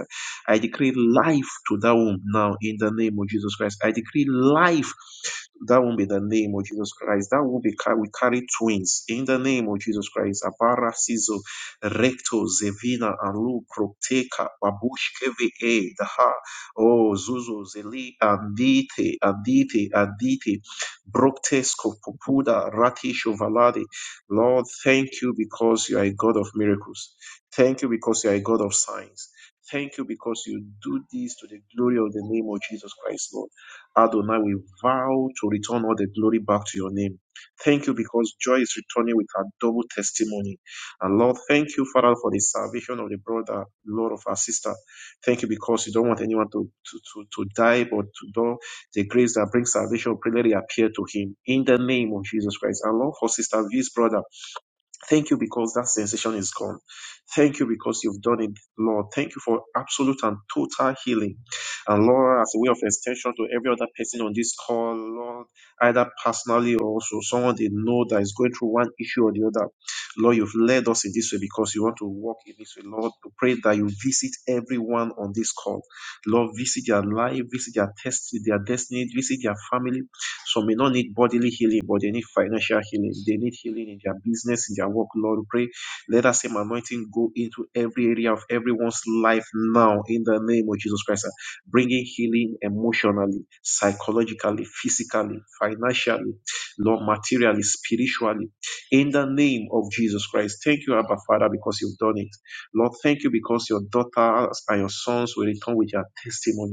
S7: I decree life to that womb now in the name of Jesus Christ. I decree life to that womb not the name of Jesus Christ. That womb be car- we carry twins in the name of Jesus Christ. Abara Sizo Recto Zevina Alu Proteka Babush Keve E, Daha Oh Zuzu Zeli Andite Andite Andite Broktesko Popuda Ratisho Valade. Lord, thank you because you are a God of miracles. Thank you because you are a God of signs. Thank you because you do this to the glory of the name of Jesus Christ, Lord. Adonai, we vow to return all the glory back to your name. Thank you because joy is returning with a double testimony. And Lord, thank you, Father, for the salvation of the brother, Lord, of our sister. Thank you because you don't want anyone to, to, to, to die, but to know the grace that brings salvation, pray let it appear to him in the name of Jesus Christ. And Lord, for Sister V's brother. Thank you because that sensation is gone. Thank you because you've done it, Lord. Thank you for absolute and total healing. And Lord, as a way of extension to every other person on this call, Lord, either personally or also someone they know that is going through one issue or the other. Lord, you've led us in this way because you want to walk in this way. Lord, we pray that you visit everyone on this call. Lord, visit their life, visit their test, their destiny, visit their family, some may not need bodily healing, but they need financial healing. They need healing in their business, in their work. Lord, we pray. Let that same anointing go into every area of everyone's life now in the name of Jesus Christ. Bringing healing emotionally, psychologically, physically, financially, Lord, materially, spiritually, in the name of Jesus Christ. Thank you, Abba Father, because you've done it. Lord, thank you because your daughters and your sons will return with their testimony.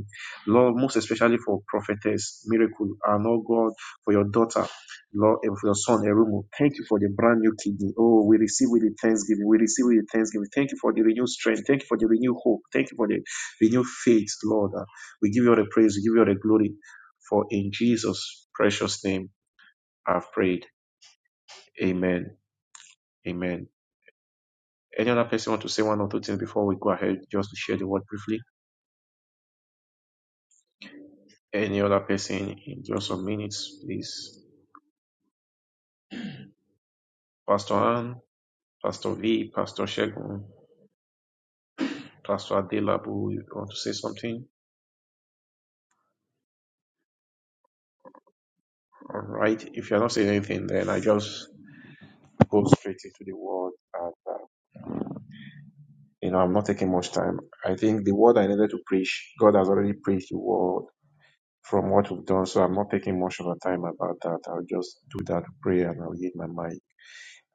S7: Lord, most especially for prophetess Miracle and oh God, for your daughter, Lord, and for your son Erumu. Thank you for the brand new kidney. Oh, we receive with the thanksgiving. We receive with the thanksgiving. Thank you for the renewed strength. Thank you for the renewed hope. Thank you for the renewed faith, Lord. Uh, We give you all the praise. We give you all the glory. For in Jesus' precious name, I've prayed. Amen. Amen. Any other person want to say one or two things before we go ahead, just to share the word briefly? Any other person in just some minutes, please. Pastor Ann. Pastor V, Pastor Shegun, Pastor Adelabu, you want to say something? All right. If you're not saying anything, then I just go straight into the word. And, uh, you know, I'm not taking much time. I think the word I needed to preach, God has already preached the word from what we've done. So I'm not taking much of a time about that. I'll just do that prayer and I'll yield my mic.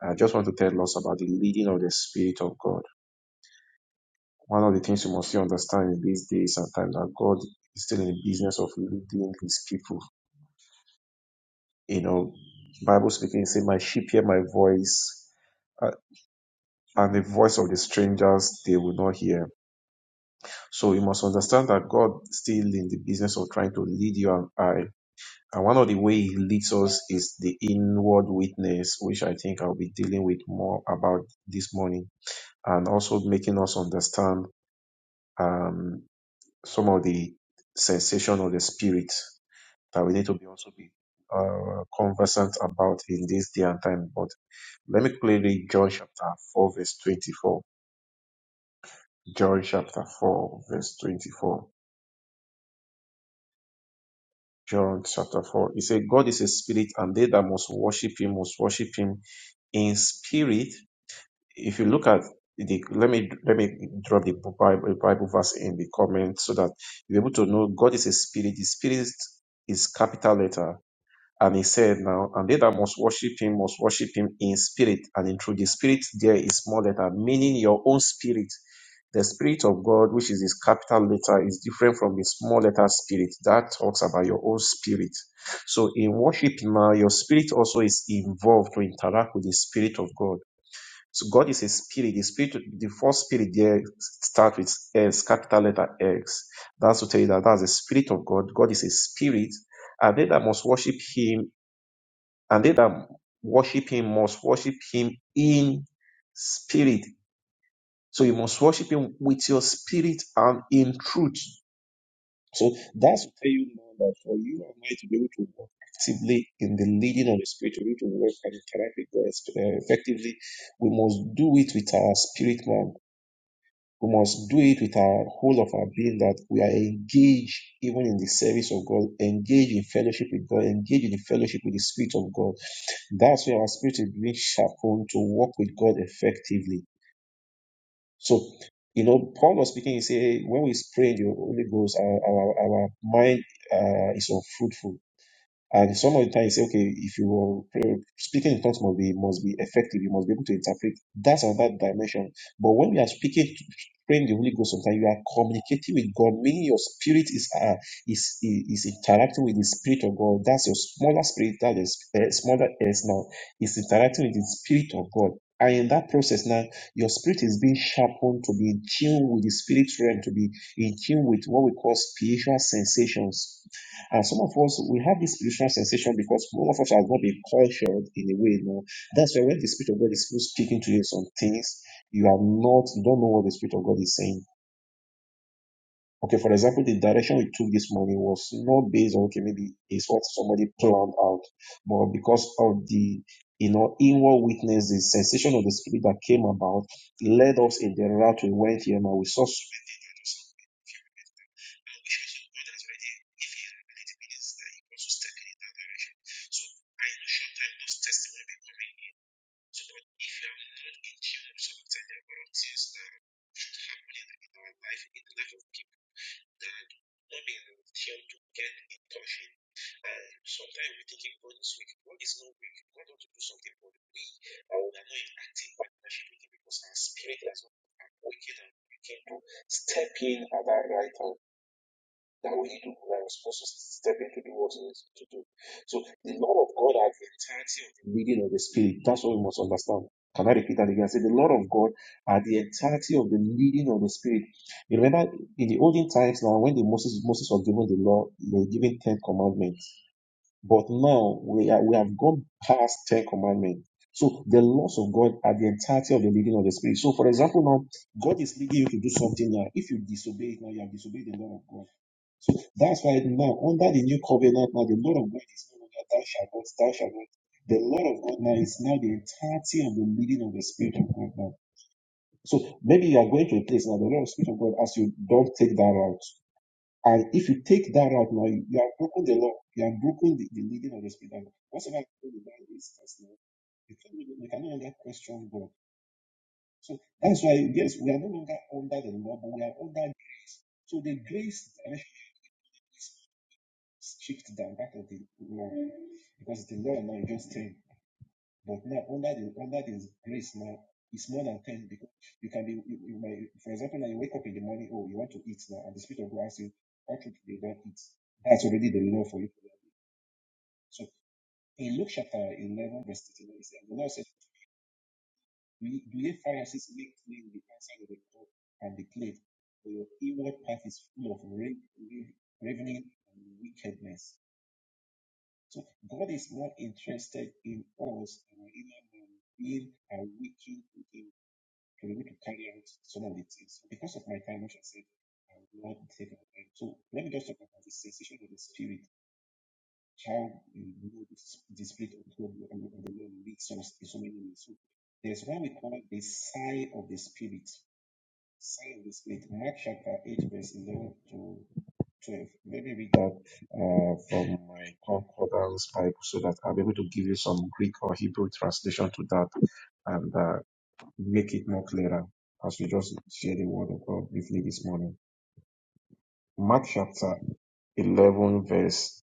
S7: I just want to tell us about the leading of the Spirit of God. One of the things you must understand in these days and times that God is still in the business of leading His people You know, Bible speaking, it say, "My sheep hear my voice, uh, and the voice of the strangers they will not hear." So you must understand that God still in the business of trying to lead you and I. And one of the way He leads us is the inward witness, which I think I'll be dealing with more about this morning, and also making us understand um, some of the sensation of the spirit that we need to be also be uh, conversant about in this day and time. But let me quickly read John chapter 4, verse 24. John chapter 4, verse 24. John chapter 4. He said, God is a spirit, and they that must worship him must worship him in spirit. If you look at the, let me let me drop the Bible, Bible verse in the comment so that you're able to know God is a spirit. The spirit is capital letter And he said, Now, and they that must worship him must worship him in spirit and in truth. The spirit there is small letter, meaning your own spirit. The spirit of God, which is his capital letter, is different from the small letter spirit. That talks about your own spirit. So in worship now, your spirit also is involved to interact with the spirit of God. So God is a spirit. The spirit, the first spirit there starts with S, capital letter X. That's to tell you that that's the spirit of God. God is a spirit and they that must worship him and they that worship him must worship him in spirit. So you must worship him with your spirit and in truth. So that's to tell you now that for you and I to be able to walk actively in the leading of the spirit, to be able to work and interact with God uh, effectively, we must do it with our spirit man. We must do it with our whole of our being that we are engaged even in the service of God, engaged in fellowship with God, engaged in the fellowship with the Spirit of God. That's where our spirit is being sharpened to work with God effectively. So, you know, Paul was speaking, he said, when we pray in the Holy Ghost, our, our, our mind uh, is unfruitful and some of the time you say, okay, if you are uh, speaking in tongues must be must be effective, you must be able to interpret. That's another dimension. But when we are speaking, praying the Holy Ghost, sometimes you are communicating with God, meaning your spirit is uh, is, is is interacting with the spirit of God. That's your smaller spirit, that is uh, smaller S now, is interacting with the spirit of God. And in that process now, your spirit is being sharpened to be in tune with the spirit realm, to be in tune with what we call spiritual sensations and some of us, we have this spiritual sensation because one of us has not been cultured in a way. No, that's why when the Spirit of God is still speaking to you some things, you are not, you don't know what the Spirit of God is saying. Okay, for example, the direction we took this morning was not based on, okay, maybe it's what somebody planned out, but because of the, you know, inward witness, the sensation of the Spirit that came about led us in the route we went here. Now we saw and we should also go that way then if he really believes that he wants to step in that direction. So I know short term those testimony will be coming in. So but if you are not in tune with some of the level of things that are happening in our life, in the life of people that not being in tune to get in touch with and sometimes we think God is weak. God is not weak. God wants to do something for we. But we are not in active partnership with Him because our spirit has not awakened and we can to step in at that right time that we do that we're supposed to step in to do what it is to do. So the Lord of God has the entirety of the leading of the Spirit. That's what we must understand. Can I repeat that again? Say the Lord of God are the entirety of the leading of the Spirit. You remember in the olden times now when the Moses Moses was given the law, they were given ten commandments. But now we are, we have gone past ten commandments. So the laws of God are the entirety of the leading of the Spirit. So for example, now God is leading you to do something now. If you disobey it now, you have disobeyed the law of God. That's why now, under the new covenant, now the Lord of God is no longer thou shalt not, thou shalt not. The Lord of God now is now the entirety of the leading of the Spirit of God now. So maybe you are going to a place now, the Lord of Spirit of God, as you don't take that route. And if you take that route now, you, you have broken the law. You have broken the, the leading of the Spirit of God. Whatever you do in that instance now, you can't really- you can no longer question God. So that's why, yes, we are no longer under the law, but we are under. So the grace shift down back of the law. because it's a law now is just 10. But now, under the under the grace now, it's more than 10 because you can be, you, you might, for example, now you wake up in the morning, oh, you want to eat now, and the Spirit of God asks you, what should you not eat? That's already the law for you. So in Luke chapter 11, verse 39, it says, the Lord said, Do ye Pharisees make clean the outside of the cup and the plate, for your inward path is full of ra- ra- ravening and wickedness? So God is not interested in us, our inner man, being awakened within to be able to carry out some of the things. So Because of my time, which I said, I will not take our time. So let me just talk about the sensation of the spirit, how you know the, s- the spirit of God and the Lord leads us in so many ways. So there's what we call the sigh of the spirit. Sign Same split. Mark chapter 8, verse 11 to 12. Maybe read that uh, from my concordance Bible so that I'll be able to give you some Greek or Hebrew translation to that and uh, make it more clearer as we just share the word of God briefly this morning. Mark chapter 11, verse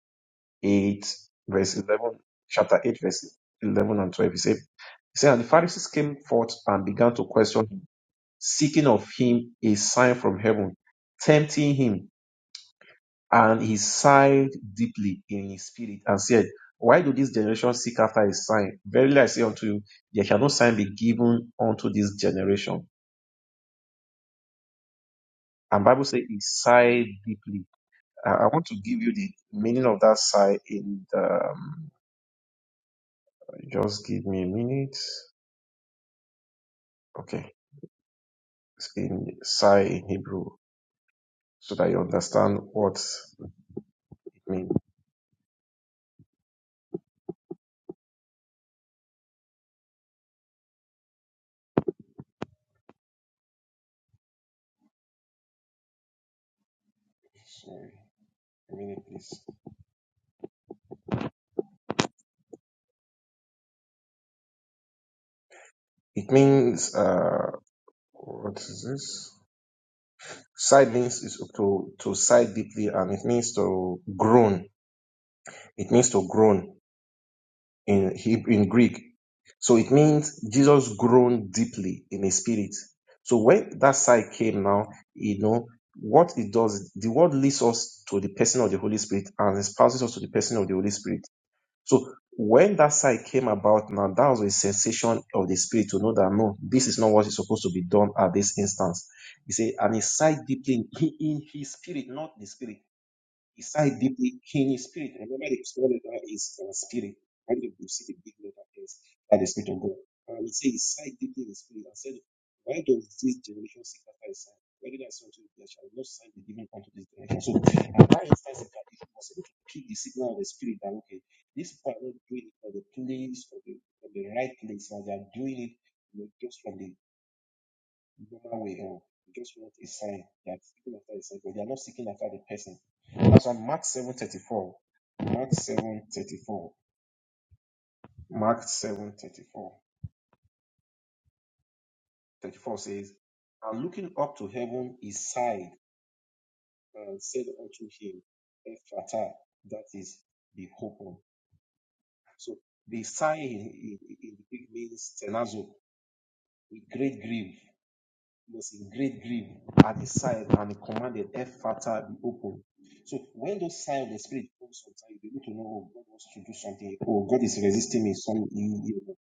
S7: 8, verse 11, chapter 8, verse 11 and 12. He said, he said, And the Pharisees came forth and began to question him seeking of him a sign from heaven, tempting him, and he sighed deeply in his spirit and said, Why do this generation seek after a sign? Verily I say unto you, there shall no sign be given unto this generation. And Bible says he sighed deeply. I I want to give you the meaning of that sigh in the, um, just give me a minute. Okay. It's in sigh in Hebrew so that you understand what it means. Sorry, a minute, please. It means uh, what is size to to means to groan it, in Heb- in Greek. So it means Jesus groaned deeply in his spirit. So when that side came now, you know what it does. The word leads us to the person of the Holy Spirit and espouses us to the person of the Holy Spirit. So when that side came about now, that was a sensation of the spirit to know that no, this is not what is supposed to be done at this instance. He said, and he sighed deeply in, in his spirit, not the spirit. Reside deeply in his spirit. Remember, the small letter is our spirit. And if you see the big letter is by the Spirit of God. And he said, Reside deeply in his spirit. And said, Why does this generation seek after his sign? Whether that's unto you, there shall no sign be given unto this generation. So, at that instance, in fact, he was able to pick the signal of the spirit that, okay, these people are not doing it for the place, for the, for the right place, but they are doing it you know, just from the human way or they just want a sign. They are seeking after a sign, but they are not seeking after the person. That's why Mark seven thirty four. Mark seven thirty four. Mark seven thirty four. Thirty four says, And looking up to heaven, he sighed and said unto him, Ephata, that is, be open. So the sigh in, in, in the Greek means tenazo, with great grief. He was in great grief at the sight and he commanded earth fata be open. So when those signs of the spirit come sometimes, you need to know oh, God wants to do something. Oh, God is resisting me. Some you, know.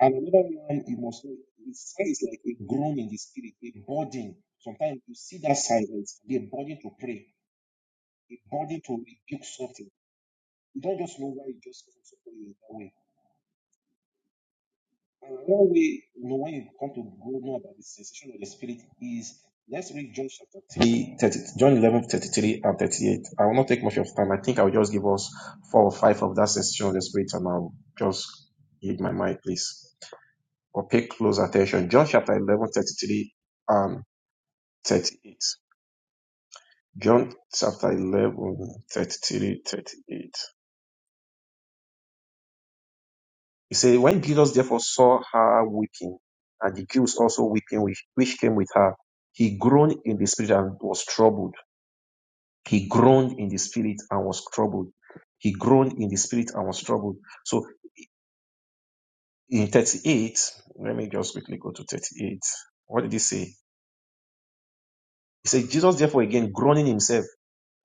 S7: And another one you must know it's like a groan in the spirit, a burden. Sometimes you see that silence, a burden to pray, a burden to rebuke something. You don't just know why it just comes upon you in that way And one way, one way you come to grow more about the sensation of the spirit is let's read John chapter 3 30. John 11 33 and 38. I will not take much of time. I think I'll just give us four or five of that sensation of the spirit and I'll just give my mind, please. Or pay close attention. John chapter eleven thirty three and 38. John chapter 11 33 38. He said, When Jesus therefore saw her weeping, and the Jews also weeping, which, which came with her, he groaned in the spirit and was troubled. He groaned in the spirit and was troubled. He groaned in the spirit and was troubled. So in 38, let me just quickly go to 38. What did he say? He said, Jesus therefore again groaning himself,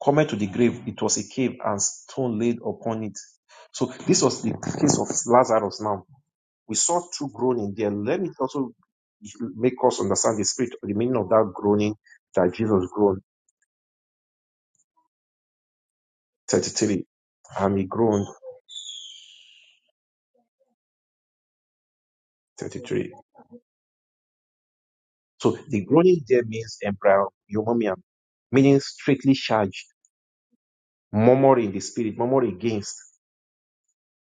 S7: coming to the grave. It was a cave and stone laid upon it. So this was the case of Lazarus now We saw two groaning there. Let me also make us understand the spirit, the meaning of that groaning that Jesus groaned 33 and he groaned 33. So the groaning there means embryomonium, meaning strictly charged, murmuring in the spirit, murmuring against.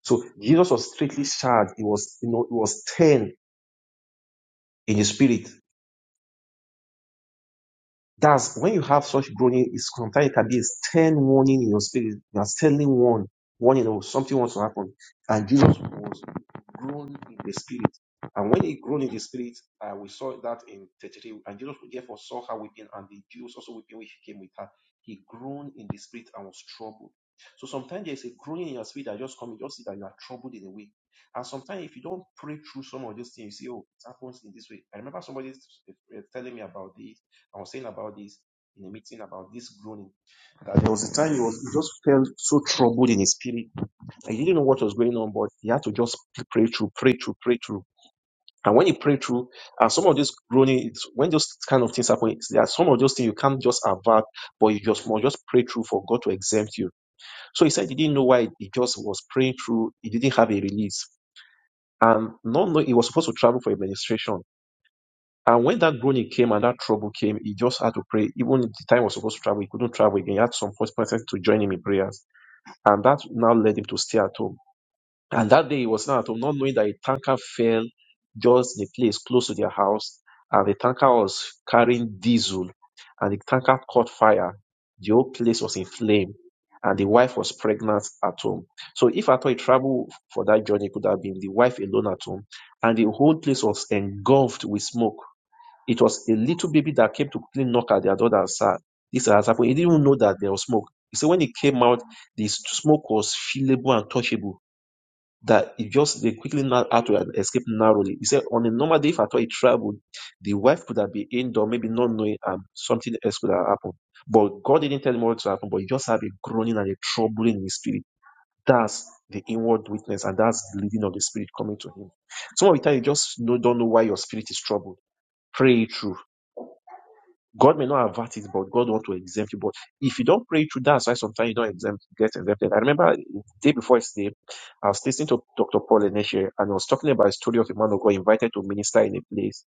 S7: So Jesus was strictly charged. It was, you know, it was 10 in the spirit. That's when you have such groaning, it's sometimes it can be a stern warning in your spirit. You are telling one, warning, you know something wants to happen. And Jesus was grown in the spirit. And when he grown in the spirit, uh, we saw that in 33. And Jesus therefore saw her weeping, and the Jews also weeping when she came with her. He groaned in the spirit and was troubled. So sometimes there is a groaning in your spirit that just comes, you just see that you are troubled in a way. And sometimes if you don't pray through some of those things, you see, oh, it happens in this way. I remember somebody s- eh, telling me about this. I was saying about this in a meeting about this groaning. That there was a time he was he just felt so troubled in his spirit he didn't know what was going on, but he had to just pray through, pray through, pray through. And when you pray through, and some of these groaning, it's- when those kind of things happen, it's- there are some of those things you can't just avert, but you just must just pray through for God to exempt you. So he said he didn't know why he just was praying through. He didn't have a release, and not know he was supposed to travel for administration. And when that groaning came and that trouble came, he just had to pray. Even if the time he was supposed to travel, he couldn't travel again. He had some first person to join him in prayers, and that now led him to stay at home. And that day he was not at home, not knowing that a tanker fell just in a place close to their house, and the tanker was carrying diesel, and the tanker caught fire. The whole place was in flame, and the wife was pregnant at home. So if at all he traveled for that journey, it could have been the wife alone at home, and the whole place was engulfed with smoke. It was a little baby that came to clean knock at their door and said, This has happened. He didn't even know that there was smoke. He said when he came out, the smoke was feelable and touchable that it just they quickly not out to an- escape narrowly. He said on a normal day, if at all he traveled, the wife could have been indoor, maybe not knowing um, something else could have happened. But God didn't tell him what to happen, but he just had a groaning and a troubling in his spirit. That's the inward witness, and that's the leading of the spirit coming to him. Some of the time you just know, don't know why your spirit is troubled. Pray it through God may not avert it, but God want to exempt you. But if you don't pray through, that's why sometimes you don't exempt, get exempted. I remember the day before yesterday, I was listening to Dr. Paul Eneshe, and I was talking about a story of a man of God invited to minister in a place.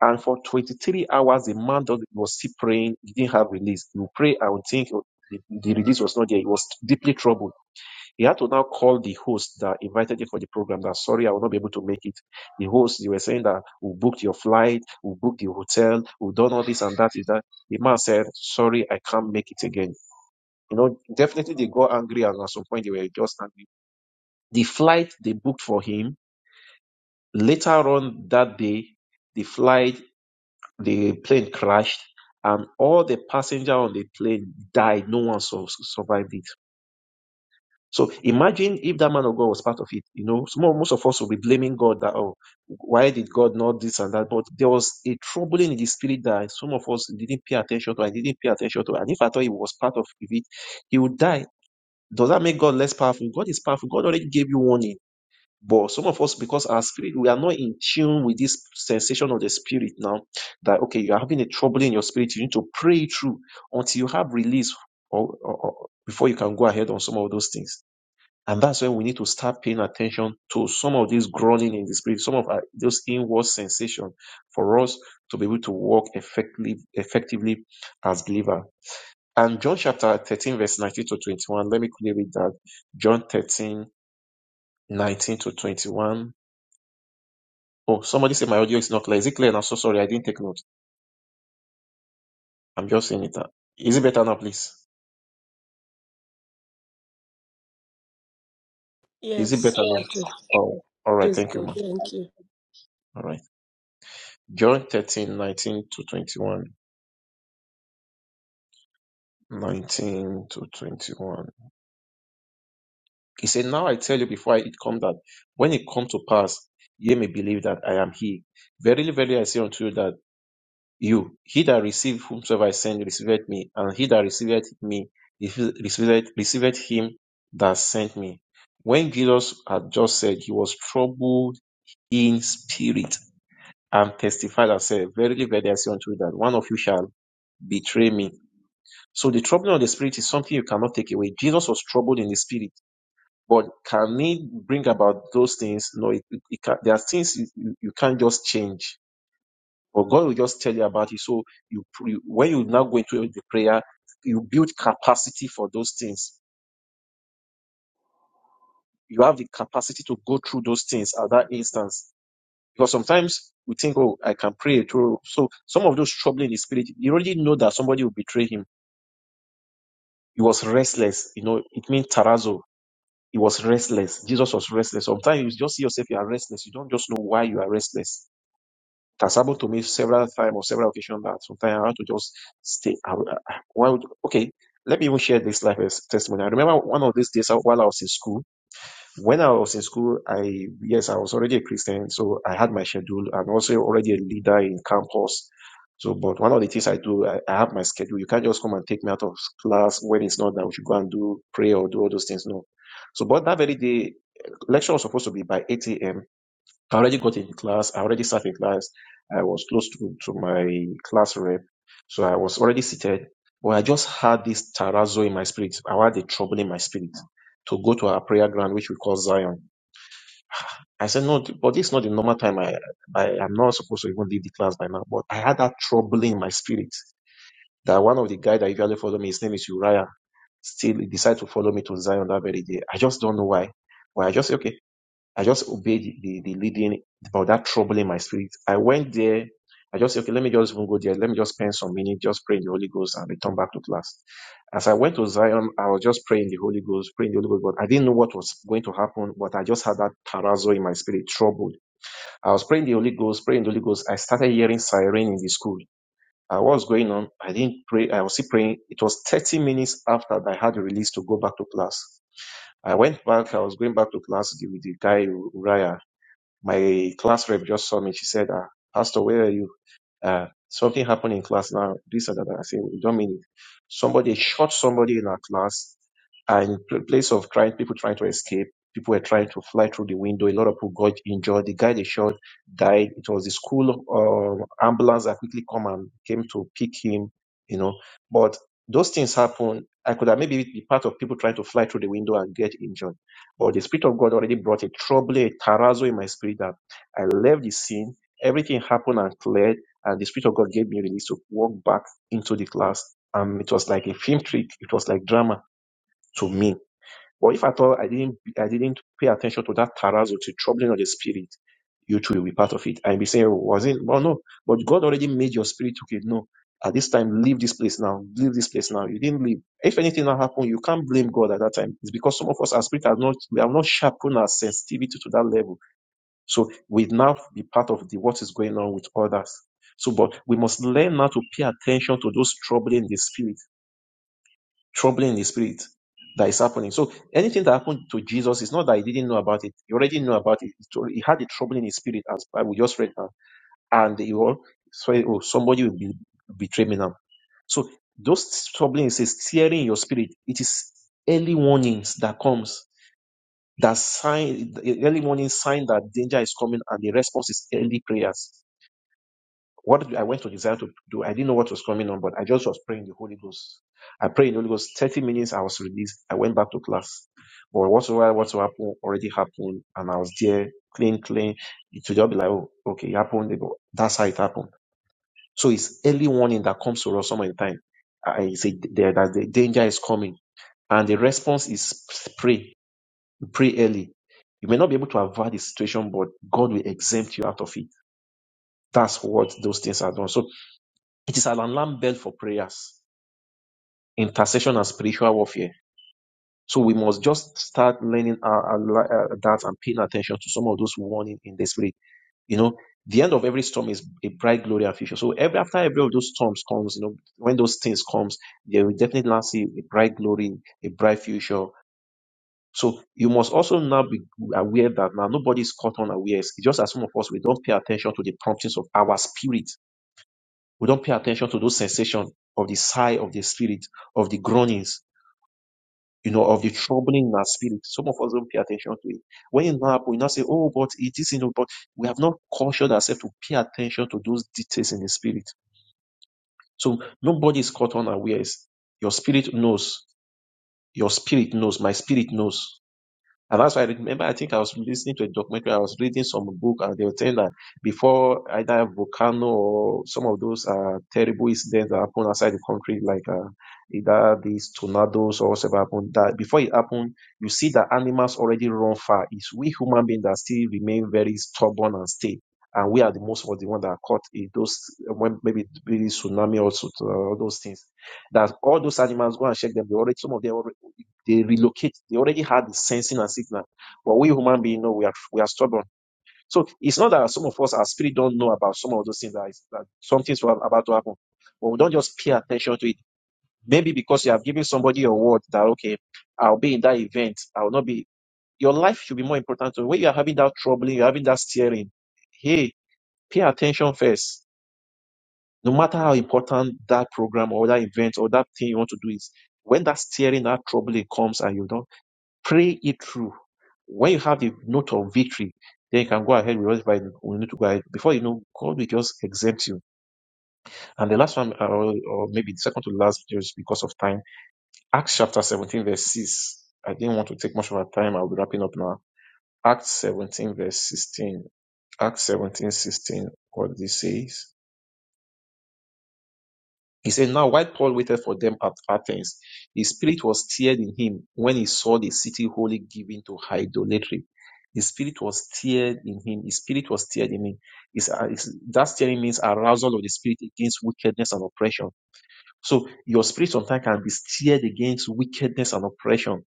S7: And for 23 hours, the man that was still praying. He didn't have release. He would pray and would think the, the release was not there. He was deeply troubled. He had to now call the host that invited him for the program that sorry, I will not be able to make it. The host, they were saying that we booked your flight, we booked the hotel, we've done all this and that is that. The man said, Sorry, I can't make it again. You know, definitely they got angry and at some point they were just angry. The flight they booked for him, later on that day, the flight, the plane crashed and all the passengers on the plane died. No one survived it So imagine if that man of God was part of it. You know, small, most of us will be blaming God that, oh, why did God not this and that? But there was a troubling in the spirit that some of us didn't pay attention to. I didn't pay attention to. And if I thought he was part of it, he would die. Does that make God less powerful? God is powerful. God already gave you warning. But some of us, because our spirit, we are not in tune with this sensation of the spirit now that, okay, you are having a trouble in your spirit. You need to pray it through until you have release or, or, or before you can go ahead on some of those things. And that's when we need to start paying attention to some of these groaning in the spirit, some of our, those inward sensation for us to be able to walk effectively, effectively as believer. And John chapter 13, verse 19 to 21, let me quickly read that. John 13 19 to 21. Oh, somebody said my audio is not clear. Is it clear now? So sorry, I didn't take note. I'm just saying it now. Is it better now, please? Is it better
S4: Yes,
S7: now?
S4: it is,
S7: Oh, all
S4: it
S7: right.
S4: is
S7: Thank you,
S4: good.
S7: man.
S4: Thank you.
S7: All right. John 13 19 to 21. 19 to 21. He said, Now I tell you before I- it come that when it come to pass, ye may believe that I am he. Verily, verily, I say unto you that you, he that received whomsoever I send, receiveth me, and he that receiveth me, receiveth, receiveth him that sent me. When Jesus had just said, he was troubled in spirit and testified and said, Verily, verily, I say unto you that one of you shall betray me. So the troubling of the spirit is something you cannot take away. Jesus was troubled in the spirit but can he bring about those things? No, it, it, it can, there are things you, you you can't just change. But God will just tell you about it. So you, pr- you when you now go into the prayer, you build capacity for those things. You have the capacity to go through those things at that instance. Because sometimes we think, oh, I can pray through. So some of those trouble in the spirit, you already know that somebody will betray him. He was restless. You know, it means tarazo. He was restless. Jesus was restless. Sometimes you just see yourself, you are restless. You don't just know why you are restless It has happened to me several times or several occasions that sometimes I have to just stay. I, would- I- well, okay, let me even share this life as testimony. I remember one of these days uh, while I was in school. When I was in school, I yes, I was already a Christian, so I had my schedule. I'm also already a leader in campus. So, but one of the things I do, I, I have my schedule. You can't just come and take me out of class when it's not that we should go and do pray or do all those things. No. So, but that very day, lecture was supposed to be by 8 a.m. I already got in class. I already sat in class. I was close to, to my class rep. So I was already seated. But I just had this terrazzo in my spirit. I had a trouble in my spirit to go to our prayer ground, which we call Zion. I said, no, but this is not the normal time. I, I am not supposed to even leave the class by now. But I had that trouble in my spirit that one of the guys that usually follow me, his name is Uriah, still decided to follow me to Zion that very day. I just don't know why. But I just, say, okay, I just obeyed the, the leading about that trouble in my spirit. I went there. I just said, okay, let me just even go there. Let me just spend some minutes, just pray in the Holy Ghost and return back to class. As I went to Zion, I was just praying the Holy Ghost, praying the Holy Ghost, but I didn't know what was going to happen, but I just had that tarazo in my spirit, troubled. I was praying the Holy Ghost, praying the Holy Ghost. I started hearing siren in the school. I was going on. I didn't pray. I was still praying. It was 30 minutes after I had the release to go back to class. I went back. I was going back to class with the guy, Uriah. My class rep just saw me. She said, uh, Pastor, where are you? Uh, something happened in class now. This and that. I said, we don't mean it. Somebody shot somebody in our class. And in pl- place of trying, people trying to escape, people were trying to fly through the window. A lot of people got injured. The guy they shot died. It was the school um, ambulance that quickly come and came to pick him, you know. But those things happen. I could have maybe be part of people trying to fly through the window and get injured but the Spirit of God already brought a trouble, a tarazo in my spirit that I left the scene. Everything happened and cleared. And the Spirit of God gave me release to walk back into the class. And it was like a film trick. It was like drama to me. But if at all I didn't, I didn't pay attention to that tarazo, to troubling of the spirit, you too will be part of it. And be saying, was it? Well, no. But God already made your spirit okay. No. At this time, leave this place now. Leave this place now. You didn't leave. If anything now happened, you can't blame God at that time. It's because some of us, our spirit has not, we have not sharpened our sensitivity to that level. So we now be part of the what is going on with others. So, but we must learn now to pay attention to those troubling the spirit, troubling the spirit that is happening. So anything that happened to Jesus is not that he didn't know about it. He already knew about it. He had the trouble in his spirit, as we just read now and they will swear, oh, somebody will be betray me now. So those troubling is a steering in your spirit. It is early warnings that comes, that sign, early warning sign that danger is coming, and the response is early prayers. What do- I went to desire to do, I didn't know what was coming on, but I just was praying in the Holy Ghost. I prayed in the Holy Ghost. Thirty minutes, I was released. I went back to class, but whatsoever what happened already happened, and I was there, clean, clean. It should just be like, oh, okay, it happened. They go, That's how it happened. So it's early warning that comes to us some of the time. I say there, that the danger is coming. And the response is pray, pray early. You may not be able to avoid the situation, but God will exempt you out of it. That's what those things are done. So it is an alarm bell for prayers, intercession, and spiritual warfare. So we must just start learning our, our, li- uh, that and paying attention to some of those warning in the spirit you know the end of every storm is a bright glory and future so every after every of those storms comes you know when those things comes there will definitely now see a bright glory a bright future so you must also now be aware that now nobody is caught unaware it's just as some of us we don't pay attention to the promptings of our spirit we don't pay attention to those sensations of the sigh of the spirit of the groanings you know, of the troubling in our spirit. Some of us don't pay attention to it. When it happens, we now say, oh, but it is, you know, but we have not cautioned ourselves to pay attention to those details in the spirit. So nobody is caught unawares. Your spirit knows. Your spirit knows. My spirit knows. And that's why I remember, I think I was listening to a documentary, I was reading some book, and they were saying that before either volcano or some of those uh, terrible incidents that happen outside the country, like uh, either these tornadoes or whatever happened, that before it happened, you see that animals already run far. It's we human beings that still remain very stubborn and stay. And we are the most of the one that are caught in those, when maybe it be tsunami or so- all those things. That all those animals go and check them. They already, some of them already. They relocate. They already had the sensing and signal. But we human beings, know we are we are stubborn. So it's not that some of us, our spirit, don't know about some of those things that, is, that something's wa- about to happen. But we don't just pay attention to it. Maybe because you have given somebody your word that okay, I'll be in that event. I will not be. Your life should be more important. So when you are having that troubling, you're having that steering. Hey, pay attention first. No matter how important that program or that event or that thing you want to do is, when that steering, that troubling comes and you don't Pray it through. When you have a note of victory, then you can go ahead with whatever we need to go ahead. Before you know, God will just exempt you. And the last one, uh, or maybe the second to last, just because of time, Acts chapter 17, verse 6. I didn't want to take much of our time. I'll be wrapping up now. Acts 17, verse 16. Acts 17 16. What this says. He said, Now while Paul waited for them at Athens, his spirit was stirred in him when he saw the city wholly given to idolatry. His spirit was stirred in him. His spirit was stirred in him. It's, uh, it's- that stirring means arousal of the spirit against wickedness and oppression. So your spirit sometimes can be stirred against wickedness and oppression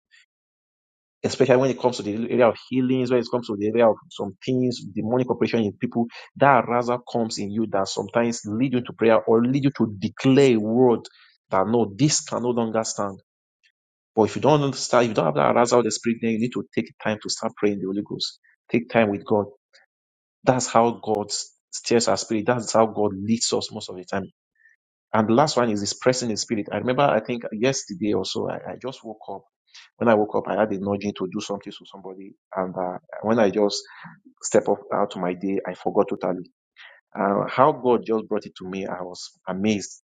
S7: especially when it comes to the area of healings, when it comes to the area of some things, demonic operation in people, that arousal comes in you that sometimes lead you to prayer or lead you to declare a word that no, this can no longer stand. But if you don't understand, if you don't have that arousal of the spirit, then you need to take time to start praying the Holy Ghost. Take time with God. That's how God steers our spirit. That's how God leads us most of the time. And the last one is expressing the spirit. I remember, I think yesterday or so, I, I just woke up. When I woke up, I had a nudging to do something to somebody. And uh, when I just step up out of my day, I forgot totally. Uh, how God just brought it to me, I was amazed.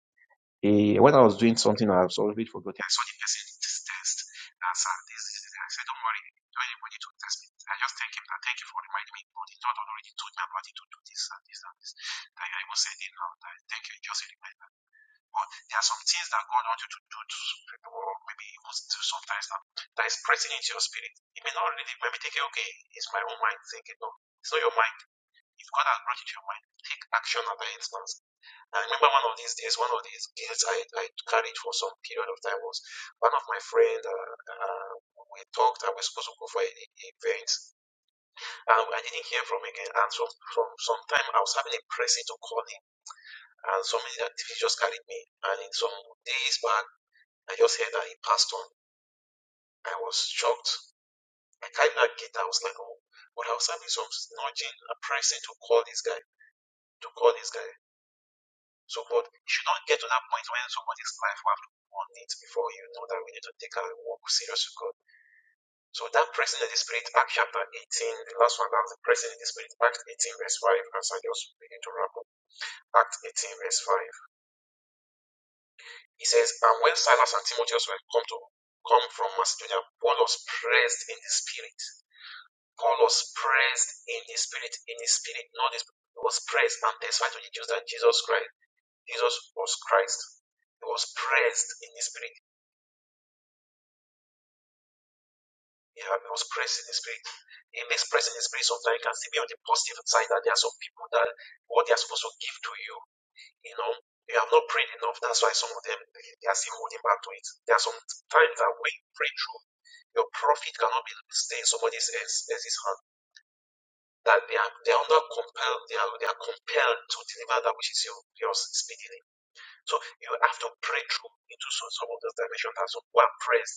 S7: Eh, when I was doing something, I was already forgotten. I saw the person this test. And sir, this, this, this. I said, don't worry. Don't anybody to test me. I just thank him. Thank you for reminding me. But the Lord already told me about it to do this and this and this. I, I will send it now. I thank you. Just remind me. But there are some things that God wants you to do to people, or maybe even do sometimes that, that is pressing into your spirit. It may not really, maybe think, okay, it's my own mind thinking. No, it's not your mind. If God has brought it to your mind, take action at that instance. I remember one of these days, one of these guilt I, I carried for some period of time was one of my friend. Uh, uh, we talked. I was supposed to go for an e- event, and I didn't hear from him again. And from from some time, I was having a pressing to call him, and somebody that he just carried me. And in some days back, I just heard that he passed on. I was shocked. I carried that gate. I was like, oh, but I was having some nudging and pressing to call this guy, to call this guy. So, but you should not get to that point when somebody's life will have to go on it before you know that we need to take our walk serious with God. So that pressing in the spirit, Acts chapter 18, the last one, that's the pressing in the spirit, Acts 18, verse 5, as I just begin to wrap up. Acts 18, verse 5. It says, And when Silas and Timotheus were come to come from Macedonia, Paul was pressed in the spirit God was praised in his spirit, in his spirit, not his he was praised, and that's why to the Jews that Jesus Christ, Jesus was Christ. He was praised in his spirit. He was praised in his spirit. He makes praise in his spirit. Sometimes you can see me on the positive side that there are some people that what they are supposed to give to you, you know, they have not prayed enough. That's why some of them they are still holding back to it. There are some times that when you pray through, your profit cannot be staying somebody's else- else's hand that they are they are not compelled they are, they are compelled to deliver that which is your yours is beginning. So you have to pray through into some, some of those dimensions. That's what one prays.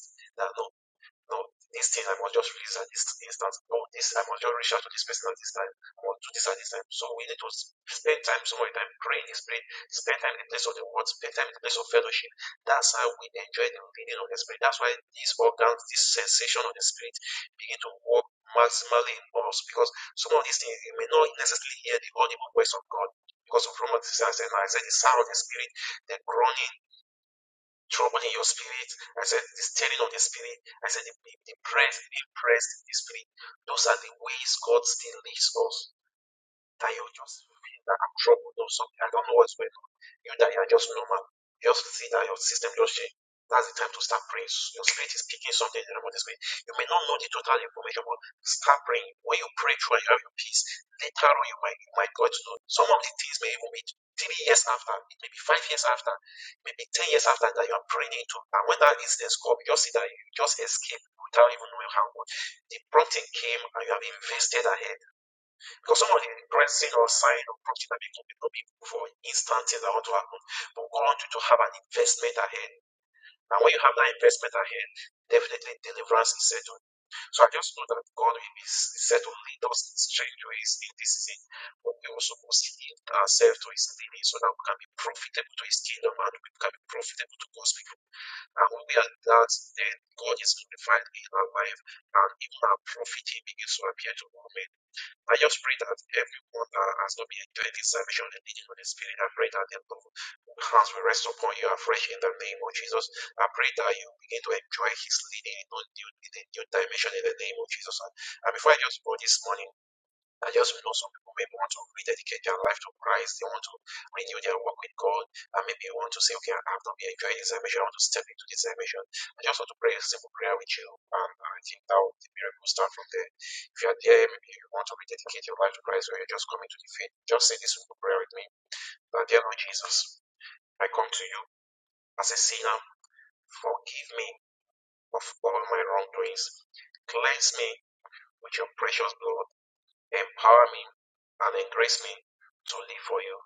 S7: No, this thing I must just release at this instance. Or this I must just reach out to this person at this time. I must do this at this time. So we need to spend time, some of time praying is praying. Spend time in the place of the word. Spend time in the place of fellowship. That's how we enjoy the leading of the spirit. That's why these organs, this sensation of the spirit, begin to work maximally in us. Because some of these things you may not necessarily hear the audible voice of God. Because of Romans 6 and I said the sound of the spirit, the groaning trouble in your spirit. I said the stirring of the spirit. I said the, the, the the press in the spirit. Those are the ways God still leads us. That you just feel that I'm troubled or something. I don't know what's going you that you are just normal. Just see that your system just change. That's the time to start praying. Your spirit is picking something in the Holy Spirit. You may not know the total information, but start praying. When you pray through and you have your peace, later on you might you might get to know. Some of the things may even be three years after, it may be five years after, maybe ten years after that you are praying into. And when that is incident comes, you just see that you just escape without even knowing how much. The prompting came and you have invested ahead. Because some of the great or sign of profit are making people be looking for instant things that want to happen. But we want you to have an investment ahead. And when you have that investment ahead, definitely deliverance is certain. So I just know that God will be is set to lead us in strange ways in this season, but we also must yield ourselves to His leading so that we can be profitable to His kingdom and we can be profitable to God's people. And when we are that, then God is glorified in our life and even our profiting begins to appear to all men. I just pray that everyone that has not been enjoying this salvation and leading on the Spirit, I pray that their love hands will rest upon you afresh in the name of Jesus. I pray that you begin to enjoy His leading in a new, in a new dimension in the name of Jesus. and before I just go this morning, I just know some people maybe want to rededicate their life to Christ. They want to renew their walk with God. And maybe you want to say, okay, I've not been enjoying this dimension. I want to step into this dimension. I just want to pray a simple prayer with you. And I think that will, the miracle will start from there. If you are there, maybe you want to rededicate your life to Christ or you're just coming to the faith, just say this simple prayer with me. That dear Lord Jesus, I come to you as a sinner. Forgive me of all my wrongdoings. Cleanse me with your precious blood Empower me and embrace me to live for you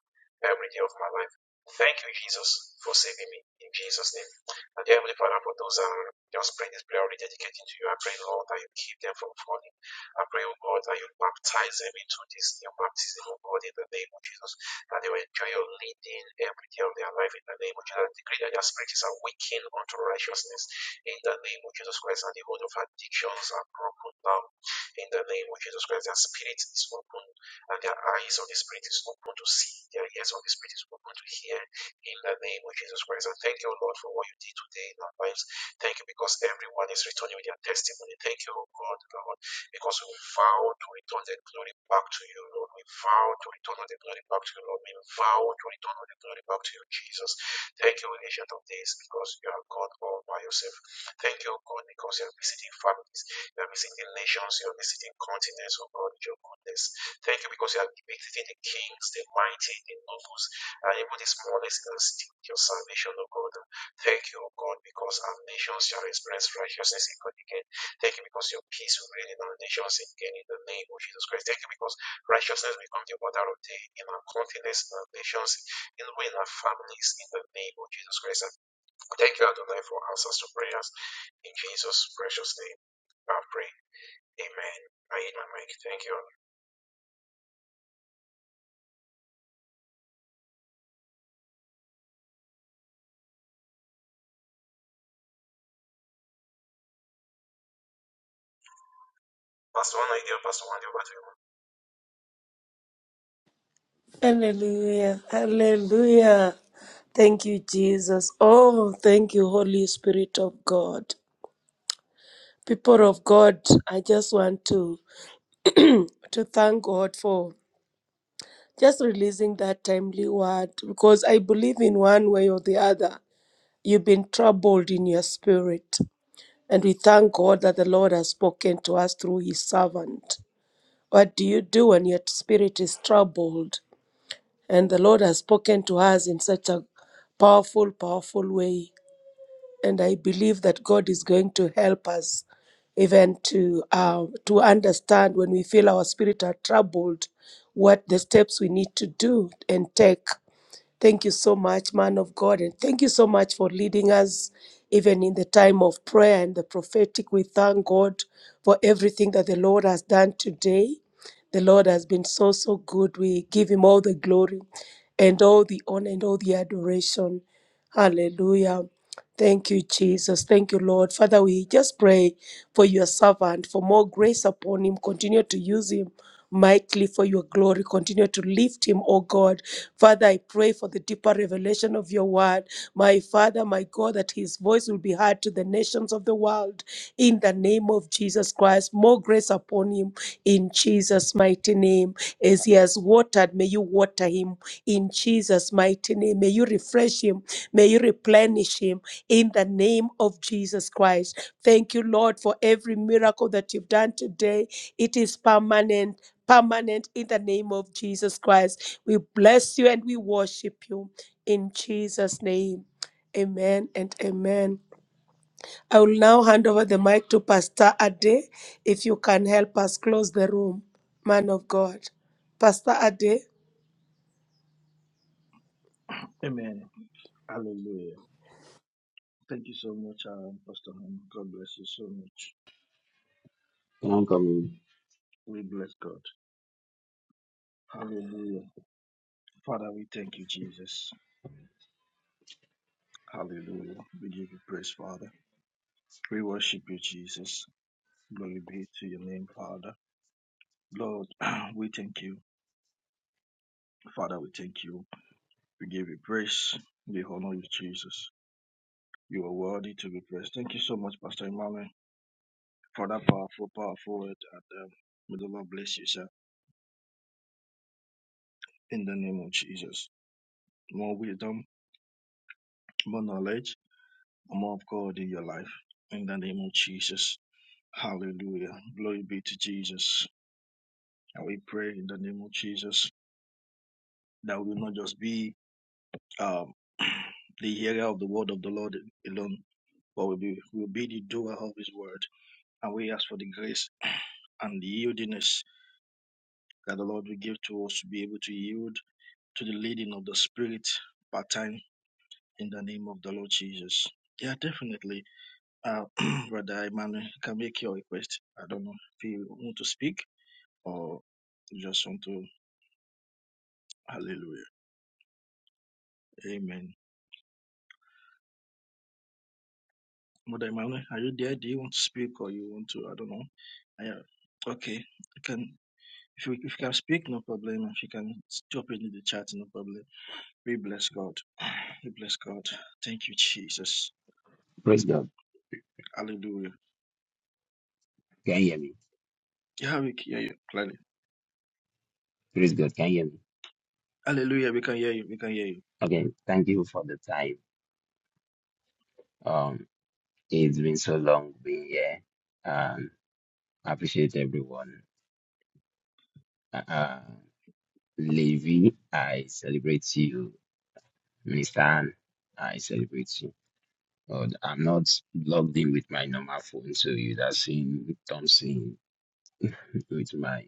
S7: every day of my life. Thank you, Jesus, for saving me in Jesus' name. And dear Heavenly Father, for those that are just praying this prayer already dedicating to you, I pray, Lord, that you keep them from falling. I pray, oh God, that you baptize them into this new baptism, oh God, in the name of Jesus, that they will enjoy your leading every day of their life in the name of Jesus. I decree that their spirits are awakened unto righteousness in the name of Jesus Christ, and the hold of addictions are broken down. In the name of Jesus Christ, their spirit is open and their eyes of the spirit is open to see, their ears of the spirit is open to hear. In the name of Jesus Christ, and thank you, Lord, for what you did today in our lives. Thank you because everyone is returning with their testimony. Thank you, oh God, Lord, because we vow to return the glory back to you, Lord. We vow to return all the glory back to you, Lord. We vow to return all the glory back to you, Jesus. Thank you, Ancient of Days, because you are God all by yourself. Thank you, God, because you are visiting families. You are visiting nations, you are visiting continents, oh God, with your goodness. Thank you because you are visiting the kings, the mighty, the nobles, and even the smallest in the city with your salvation, oh God. Thank you, oh God, because our nations shall express righteousness in God again. Thank you because your peace will reign in our nations again in the name of Jesus Christ. Thank you because righteousness becomes the order of day in our continents, in our nations, in, in our families, in the name of Jesus Christ. And Thank you, Adonai, for answers to prayers in Jesus' precious name. I pray. Amen. I hit my mic. Thank you. Pastor One, idea. do. Pastor One, idea. Back to you.
S4: Hallelujah. Hallelujah. Thank you, Jesus. Oh, thank you, Holy Spirit of God. people of god i just want to to thank god for just releasing that timely word because i believe in one way or the other you've been troubled in your spirit and we thank god that the lord has spoken to us through his servant what do you do when your spirit is troubled and the lord has spoken to us in such a powerful powerful way and I believe that God is going to help us even to uh, to understand when we feel our spirit are troubled, what the steps we need to do and take Thank you so much, man of God, and thank you so much for leading us even in the time of prayer and the prophetic. We thank God for everything that the Lord has done today. The Lord has been so, so good. We give him all the glory and all the honor and all the adoration. Hallelujah. Thank you, Jesus. Thank you, Lord. Father, we just pray for your servant, for more grace upon him. Continue to use him mightily for your glory. Continue to lift him, O God. Father, I pray for the deeper revelation of your word. My Father, my God, that his voice will be heard to the nations of the world in the name of Jesus Christ. More grace upon him in Jesus' mighty name. As he has watered, may you water him in Jesus' mighty name. May you refresh him. May you replenish him in the name of Jesus Christ. Thank you, Lord, for every miracle that you've done today. It is permanent permanent in the name of Jesus Christ. We bless you and we worship you in Jesus' name. Amen and amen. I will now hand over the mic to Pastor Ade if you can help us close the room, man of God. Pastor Ade.
S11: Amen. Hallelujah. Thank you so much, um, Pastor Home. God bless you so much.
S6: Can I come in?
S11: We bless God. Hallelujah. Father, we thank you, Jesus. Hallelujah. We give you praise, Father. We worship you, Jesus. Glory be to your name, Father. Lord, we thank you. Father, we thank you. We give you praise. We honor you, Jesus. You are worthy to be praised. Thank you so much, Pastor Emmanuel, for that powerful, powerful word. And um, may the Lord bless you, sir, in the name of Jesus more wisdom, more knowledge, more of God in your life. In the name of Jesus. Hallelujah. Glory be to Jesus. And we pray in the name of Jesus that we will not just be um, the hearer of the word of the Lord alone, but we'll be, we'll be the doer of his word. And we ask for the grace and the yieldiness that the Lord will give to us to be able to yield to the leading of the Spirit part time in the name of the Lord Jesus. Yeah, definitely Uh, Brother Emmanuel, you can make your request. I don't know if you want to speak or you just want to. Hallelujah. Amen. Brother Emmanuel, are you there? Do you want to speak or you want to? I don't know. Yeah. Okay. You can. If you, if you can speak, no problem. If you can drop it in the chat, no problem. We bless God. We bless God. Thank you, Jesus.
S6: Praise God.
S11: Hallelujah.
S6: Can you hear me?
S11: Yeah, we can hear you clearly.
S6: Praise God. Can you hear me?
S11: Hallelujah. We can hear you. We can hear you.
S6: Okay. Thank you for the time. Um, it's been so long being here. Um, I appreciate everyone. Uh, uh, Levi, I celebrate you. Minister, Ann, I celebrate you. Oh, I'm not logged in with my normal phone, so you are seeing don't seeing with my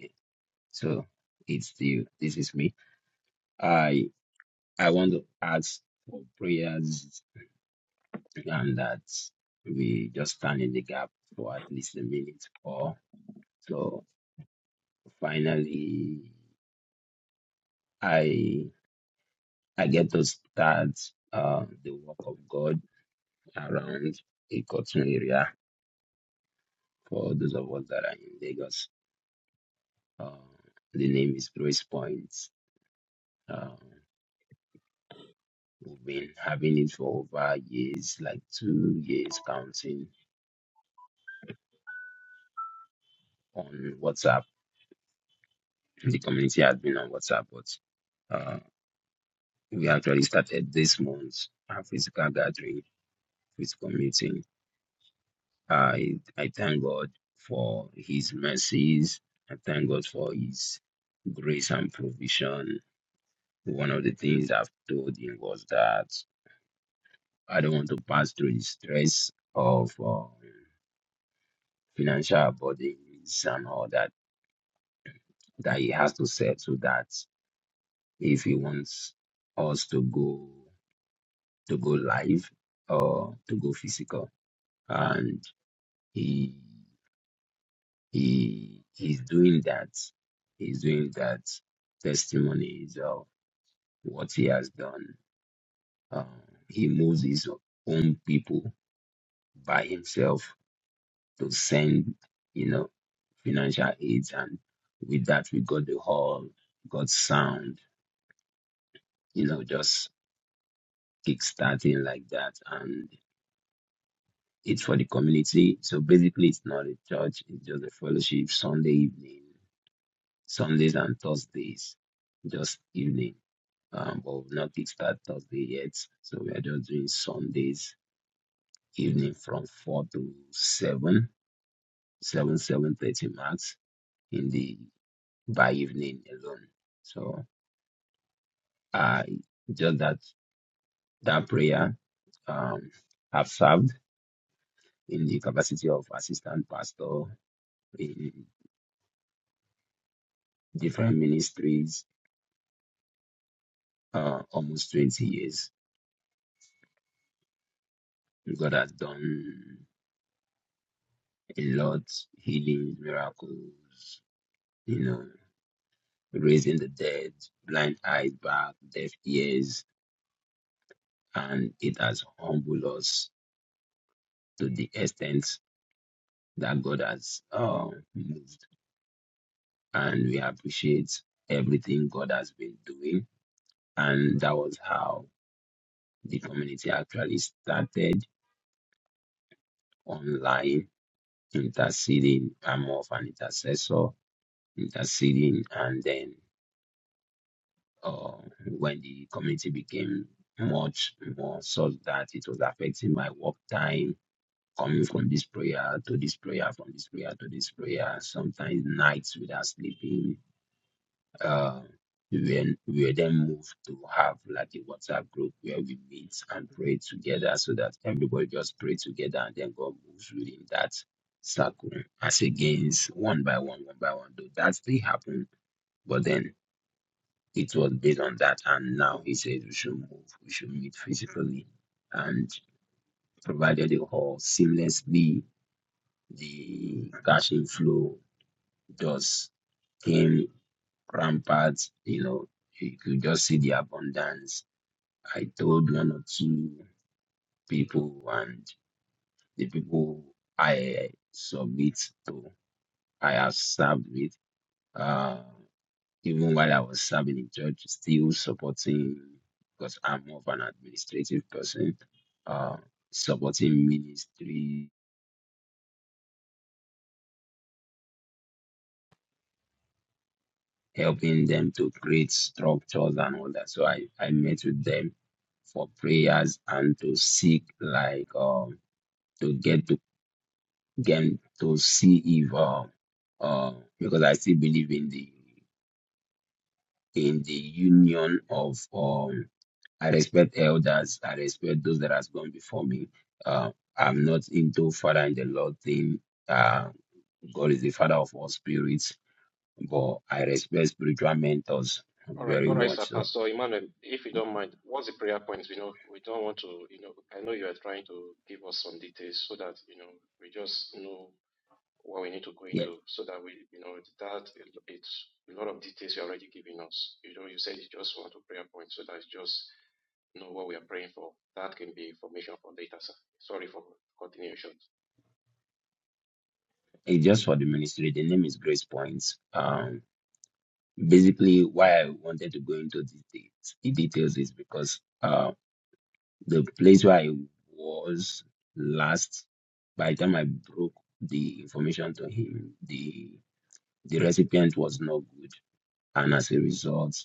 S6: so it's the this is me. I I want to ask for prayers and that we just stand in the gap for at least a minute or so finally I I get to start uh the work of God around a cotton area for those of us that are in Lagos. Uh, the name is Grace Point Um, we've been having it for over years, like two years counting on WhatsApp. The community has been on WhatsApp, but uh, we actually started this month a physical gathering, physical meeting. I I thank God for His mercies. I thank God for His grace and provision. One of the things I've told him was that I don't want to pass through the stress of uh, financial burdens and all that that he has to settle that if he wants us to go to go live or to go physical and he he he's doing that he's doing that testimonies of what he has done uh, he moves his own people by himself to send you know financial aids and with that we got the hall got sound you know just kick starting like that It's for the community. So basically, it's not a church. It's just a fellowship Sunday evening, Sundays and Thursdays, just evening. Um, but we've not kickstart Thursday yet. So we are just doing Sundays evening from four to seven, seven seven thirty max in the by evening alone. So I just that that prayer um have served in the capacity of assistant pastor in different ministries uh, almost 20 years. God has done a lot healings, miracles, you know, raising the dead, blind eyes back, deaf ears, and it has humbled us to the extent that God has uh, moved. And we appreciate everything God has been doing. And that was how the community actually started online, interceding. I'm of an intercessor, interceding, and then uh, when the community became much more such that it was affecting my work time, coming from this prayer to this prayer, from this prayer to this prayer, sometimes nights without sleeping. Uh, we then we were then moved to have like a WhatsApp group where we meet and pray together so that everybody just pray together and then God moves within that circle as against one by one, one by one. Though that still happened, but then it was based on that, and now he says we should move, we should meet physically, and provided the hall seamlessly, the cash inflow just came rampant. You know, you could just see the abundance. I told one or two people, and the people I submit to, I have served with. uh, Even while I was serving in church, still supporting because I'm more of an administrative person, uh, supporting ministry, helping them to create structures and all that. So I, I met with them for prayers and to seek like um to get to get to see if uh, uh because I still believe in the in the union of um I respect elders. I respect those that has gone before me. Uh, I'm not into father in the Lord thing. Uh, God is the father of all spirits, but I respect spiritual mentors very much. So yeah, it's just for the ministry. The name is Grace Points. Um, basically, why I wanted to go into the, de- the details is because uh, the place where I was last, by the time I broke the information to him, the The recipient was no good, and as a result,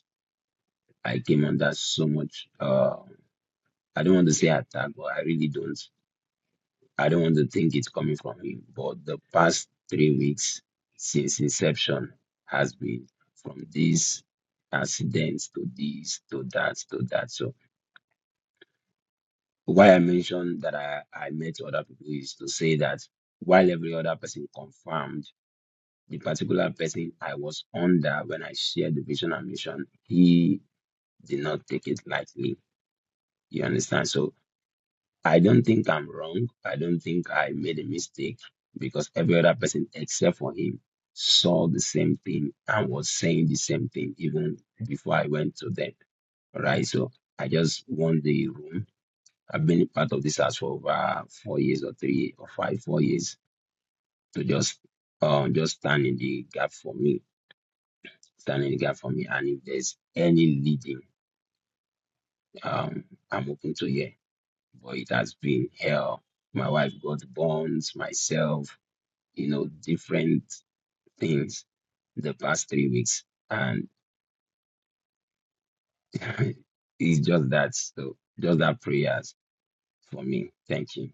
S6: I came under so much. Uh, I don't want to say attack, but I really don't. I don't want to think it's coming from him. But the past three weeks since inception has been from these accident to this to that to that. So why I mentioned that I, I met other people is to say that while every other person confirmed the particular person I was under when I shared the vision and mission, he. did not take it lightly. You understand? So I don't think I'm wrong. I don't think I made a mistake because every other person except for him saw the same thing and was saying the same thing even before I went to them. All right. So I just want the room. I've been a part of this house for over four years or three or five, four years to just um just stand in the gap for me. Stand in the gap for me. And if there's any leading, um I'm open to hear. but it has been hell. My wife got burns, myself, you know, different things the past three weeks. And it's just that, so just that prayers for me. Thank you.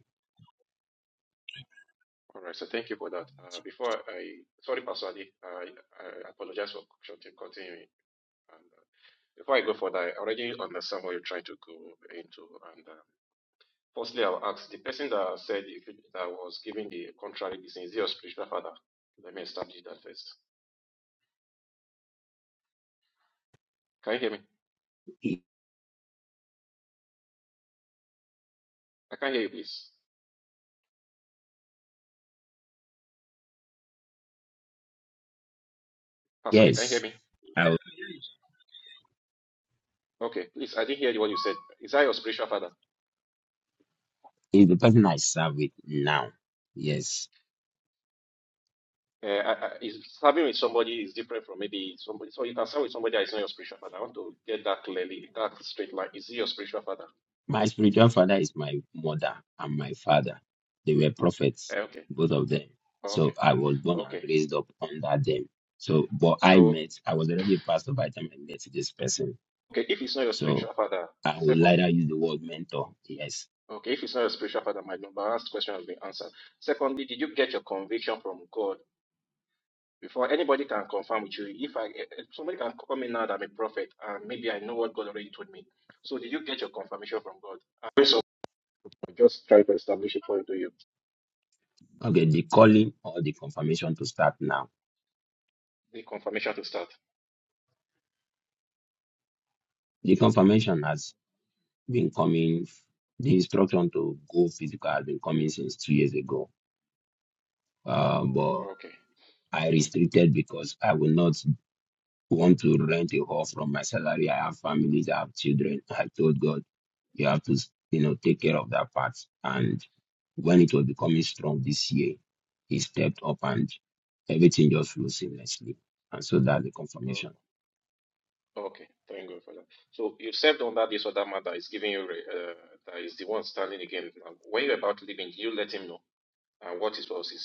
S6: Yes, I, it's the person I serve with now. Yes. My spiritual father is my mother and my father. They were prophets, both of them. So I was born and raised up under them. So, but I met, I was already a pastor by the time I met this person. So I would later use the word mentor. Yes. Okay, the calling or the confirmation to start now. The confirmation has been coming, the instruction to go physical has been coming since two years ago. Uh, but I restricted because I will not. want to rent a hall from my salary. I have families, I have children. I told God, you have to, you know, take care of that part. And when it was becoming strong this year, he stepped up and everything just flew seamlessly. And so that's the confirmation.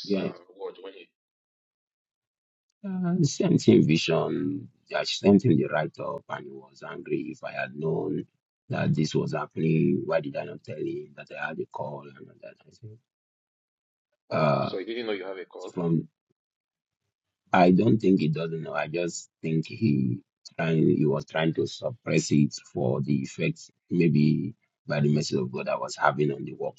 S6: Yeah, uh, sent him vision. I sent him the write up and he was angry. If I had known that this was happening, why did I not tell him that I had a call and all that? I said, uh, from I don't think he doesn't know. I just think he trying he was trying to suppress it for the effects maybe by the mercy of God I was having on the work.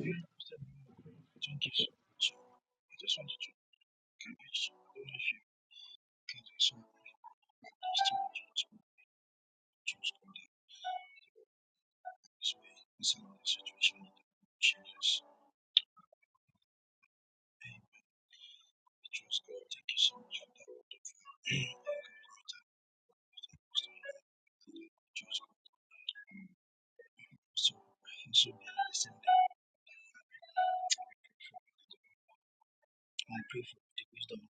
S11: Yeah. Thank you so much. I just wanted to encourage you. As we saw that Christian was choose God in this way, this is another situation that changes. He chose God. Thank you so much for that wonderful So, so be listening. I pray for the wisdom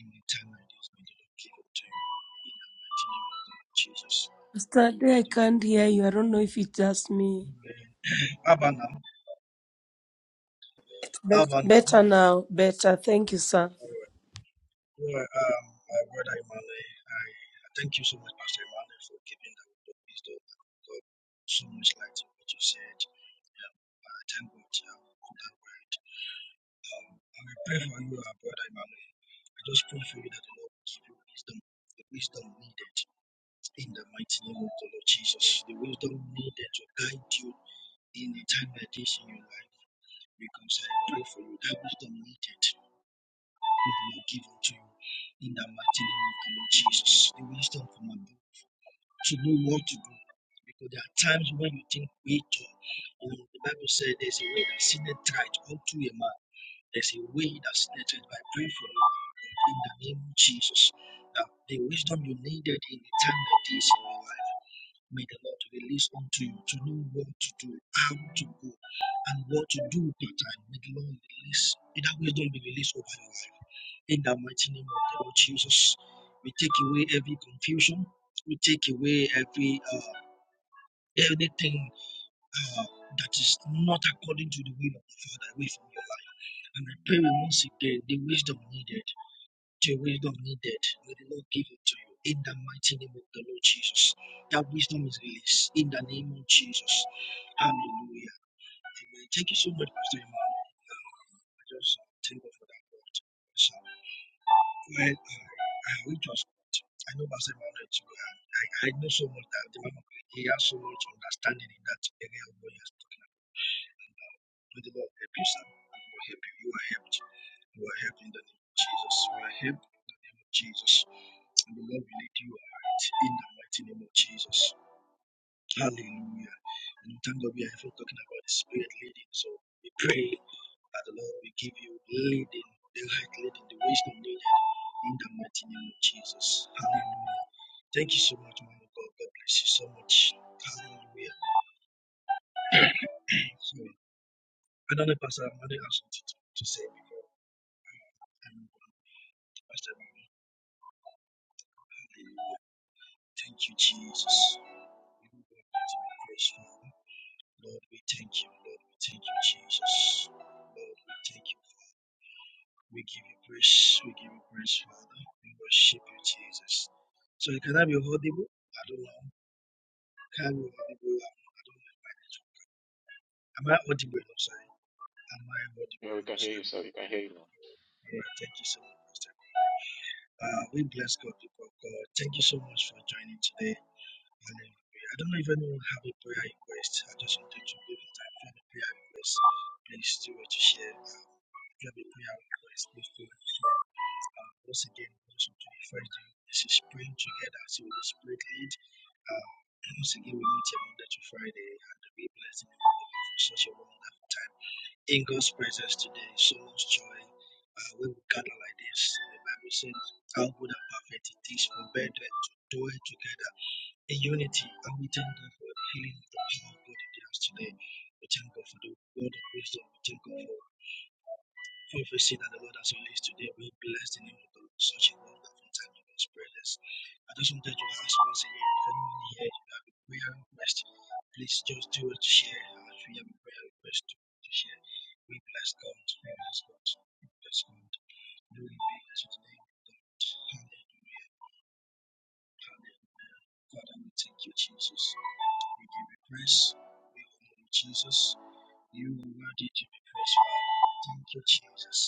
S11: in the time like this. May the Lord give it to you in the mighty name of Jesus.
S4: Pastor
S11: The
S4: Ade, I
S11: wisdom.
S4: can't hear you. I don't know if it's just me.
S11: Abba now.
S4: It's bet-
S11: Abba
S4: better
S11: now.
S4: now. Better. Thank you, sir.
S11: Yeah, um, my brother Imane, I I thank you so much, Pastor Imane, for giving that word of wisdom. God, so much light in what you said. Um, I thank God um, for that word. Um, I will pray for you, our brother Imane. I just pray for you that the Lord will give you wisdom, the wisdom needed in the mighty name of the Lord Jesus, the wisdom needed to guide you in a time like this in your life. Because I pray for you, that wisdom needed it will be given to you in the mighty name of the Lord Jesus. The wisdom from above to know what to do. Because there are times when you think way too. Or the Bible said there's a way that sinneth right unto a man. There's a way that sinneth right. I pray for you in the name of Jesus. That the wisdom you needed in the time like this in your life. May the Lord release unto you to know what to do, how to go, and what to do with time. May the Lord release, may that wisdom be released over your life. In the mighty name of the Lord Jesus, we take away every confusion, we take away every uh, anything uh, that is not according to the will of the Father away from your life. And I pray once again the wisdom needed the wisdom needed. May the Lord give it to you in the mighty name of the Lord Jesus. That wisdom is released in the name of Jesus. Hallelujah. Amen. Thank you so much, Pastor Emmanuel. Uh, I just uh, thank God for that word. So, well, uh, I will just, I know Pastor Emmanuel too. uh, I, I know so much that the man of God, he has so much understanding in that area of what he has taught. When the Lord help you, sir. The Lord help you. You are helped. You are helped in the name of Jesus. You are helped in the name of Jesus. And the Lord will lead you right in the mighty name of Jesus. Hallelujah. And in terms of we are even talking about the spirit leading. So we pray that the Lord will give you leading, the right leading, the wisdom needed in the mighty name of Jesus. Hallelujah. Thank you so much, man of God. God bless you so much. Hallelujah. So, I don't know, Pastor, I'm going to something to to say before I move on. Pastor Mary. Hallelujah. Thank you, Jesus. We give you all to be Father. Lord, we thank you. Lord, we thank you, Jesus. Lord, we thank you, Father. We give you praise. We give you praise, Father. We worship you, Jesus. So can I be audible? I don't know. Can I audible? I don't I don't know. Am I audible? I'm sorry. Am I audible? I'm sorry. All right. Thank you so much, Pastor. Uh, we bless God, people of God. Thank you so much for joining today. Hallelujah. I don't know if anyone have a prayer request. I just wanted to give it time. If you have a prayer request, please do it to share. If you have a prayer request, please do it to share. Uh, once again, I just want to refer to you. This is praying together. So the spirit lead. Uh, once again, we meet here Monday to Friday and we bless you for such a wonderful time. In God's presence today, so much joy. Uh, when we gather like this, the Bible says, How good and perfect it is for brethren to do it together in unity. And we thank God for the healing of the power of God in the house today. We thank God for the word of wisdom. We thank God for prophecy that the Lord has released today. We bless the name of the Lord. Such a wonderful time in God's presence. I just wanted to ask once again if anyone here you have a prayer request, please just do it to share. If you have a prayer request, do it to share. We bless God. We bless God. We bless God. We bless God. Glory be to the name of the Lord. Hallelujah. Father, we thank you, Jesus. We give you praise. We honor you, Jesus. You are worthy to be praised. Father. Thank you, Jesus.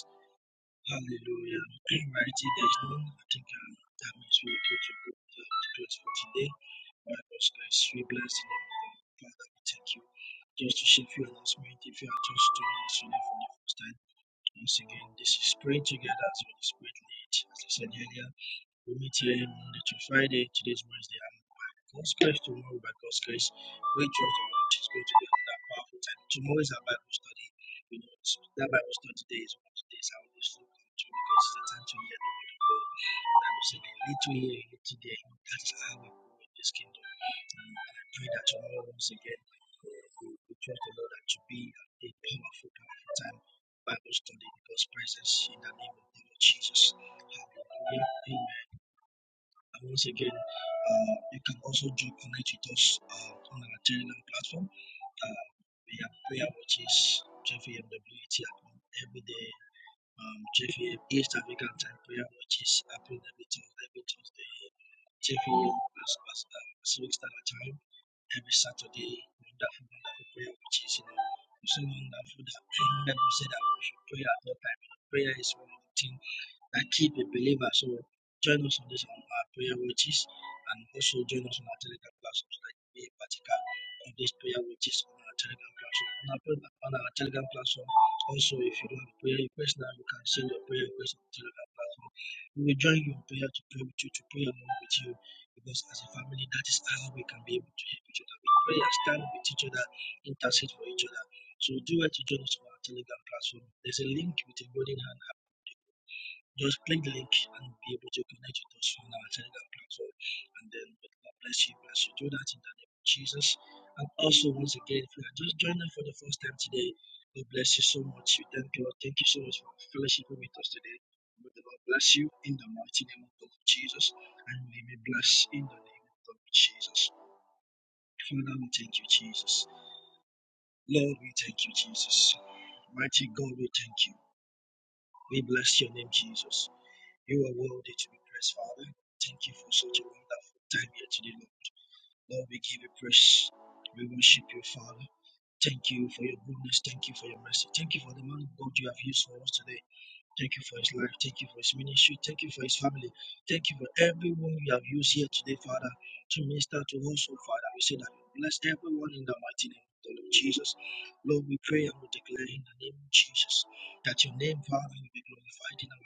S11: Hallelujah. Mighty, there is no one I think come. That means we are going to go to the place for today. My God's grace, we bless the name of God. Father, we thank you. Just to share a few announcements, if you are just joining us today for the first time, once again, this is Praying Together as Holy Spirit lead. As I said earlier, we meet here Monday to Friday. Today's Wednesday. God's grace tomorrow by God's grace. We trust the Lord is going to be another powerful time. Tomorrow is our Bible study. You know, that Bible study today is one of the days I always look forward to because it's a time to hear the word of God. The Bible said, a little here, a little there. That's how we grow in this kingdom. And I pray that tomorrow, once again, uh, we we trust the Lord that to be a powerful, powerful time. Bible study in God's presence in the name of the Lord Jesus. Hallelujah. Amen. And once again, uh, you can also do connect with us uh, on our Telegram platform. Uh, we have prayer watches, JFAMWT happening every day. Um, JFAM East African Time prayer watches happening every Tuesday, every Tuesday. JFAM as, as, um, Pacific Standard Time every Saturday. Wonderful, wonderful prayer watches. You know, so wonderful that I remember we said that we should pray at all time. Prayer is one of the things that keep a believer. So join us on this on our prayer watches and also join us on our telegram platform so that you be a partaker of this prayer watches on our telegram platform. On our, on our telegram platform, also if you don't have prayer request now, you can send your prayer request on the telegram platform. We will join you in prayer to pray with you, to pray along with you. Because as a family, that is how we can be able to help each other. We pray and stand with each other, intercede for each other. So do it to join us on our Telegram platform. There's a link with a golden hand just click the link and be able to connect with us on our Telegram platform. And then God bless you as you do that in the name of Jesus. And also, once again, if you are just joining for the first time today, God bless you so much. We thank God. Thank you so much for fellowshipping with us today. May the Lord bless you in the mighty name of God, Jesus. And may we bless in the name of God, Jesus. Father, we thank you, Jesus. Lord, we thank you, Jesus. Mighty God, we thank you. We bless your name, Jesus. You are worthy to be praised, Father. Thank you for such a wonderful time here today, Lord. Lord, we give you praise. We worship you, Father. Thank you for your goodness. Thank you for your mercy. Thank you for the man of God you have used for us today. Thank you for his life. Thank you for his ministry. Thank you for his family. Thank you for everyone you have used here today, Father, to minister to us, oh Father. We say that you bless everyone in the mighty name of the Lord Jesus. Lord, we pray and we declare in the name of Jesus that your name, Father, will be glorified in our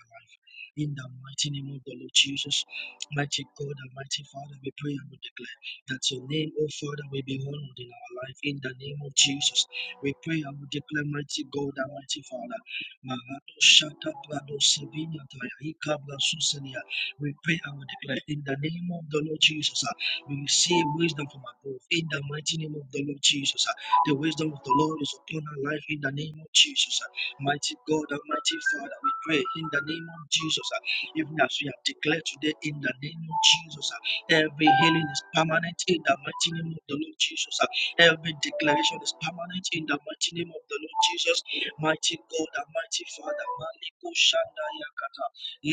S11: in the mighty name of the Lord Jesus, mighty God and mighty Father, we pray and we declare that your name, O Father, will be honored in our life. In the name of Jesus, we pray and we declare, mighty God and mighty Father. Marato shata prado sevina taya ikabla suselia. We pray and we declare in the name of the Lord Jesus, ah, we receive wisdom from above. In the mighty name of the Lord Jesus, ah, the wisdom of the Lord is upon our life. In the name of Jesus, uh, Mighty God, Almighty Father, we pray in the name of Jesus, uh, even as we have declared today, in the name of Jesus, uh, every healing is permanent in the mighty name of the Lord Jesus. uh, Every declaration is permanent in the mighty name of the Lord Jesus. Mighty God, Almighty Father, Maliko Shanda Yakata,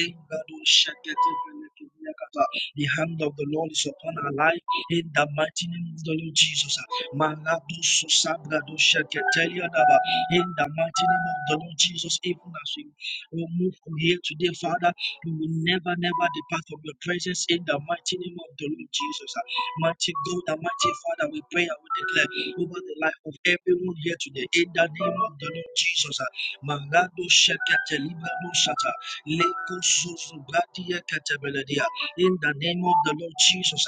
S11: Lingado Shakete Beleke Yakata. The hand of the Lord is upon our life in the mighty name of the Lord Jesus. uh, Malado Susabra Do Shakete Yadaba. In the mighty name of the Lord Jesus, even as we will move from here today, Father, we will never, never depart from your presence in the mighty name of the Lord Jesus. Ah, Mighty God, mighty Father, we pray and we declare over the life of everyone here today in the name of the Lord Jesus. Ah, Marado shekete libado shata, leko sozo bratia kete beledia. In the name of the Lord Jesus,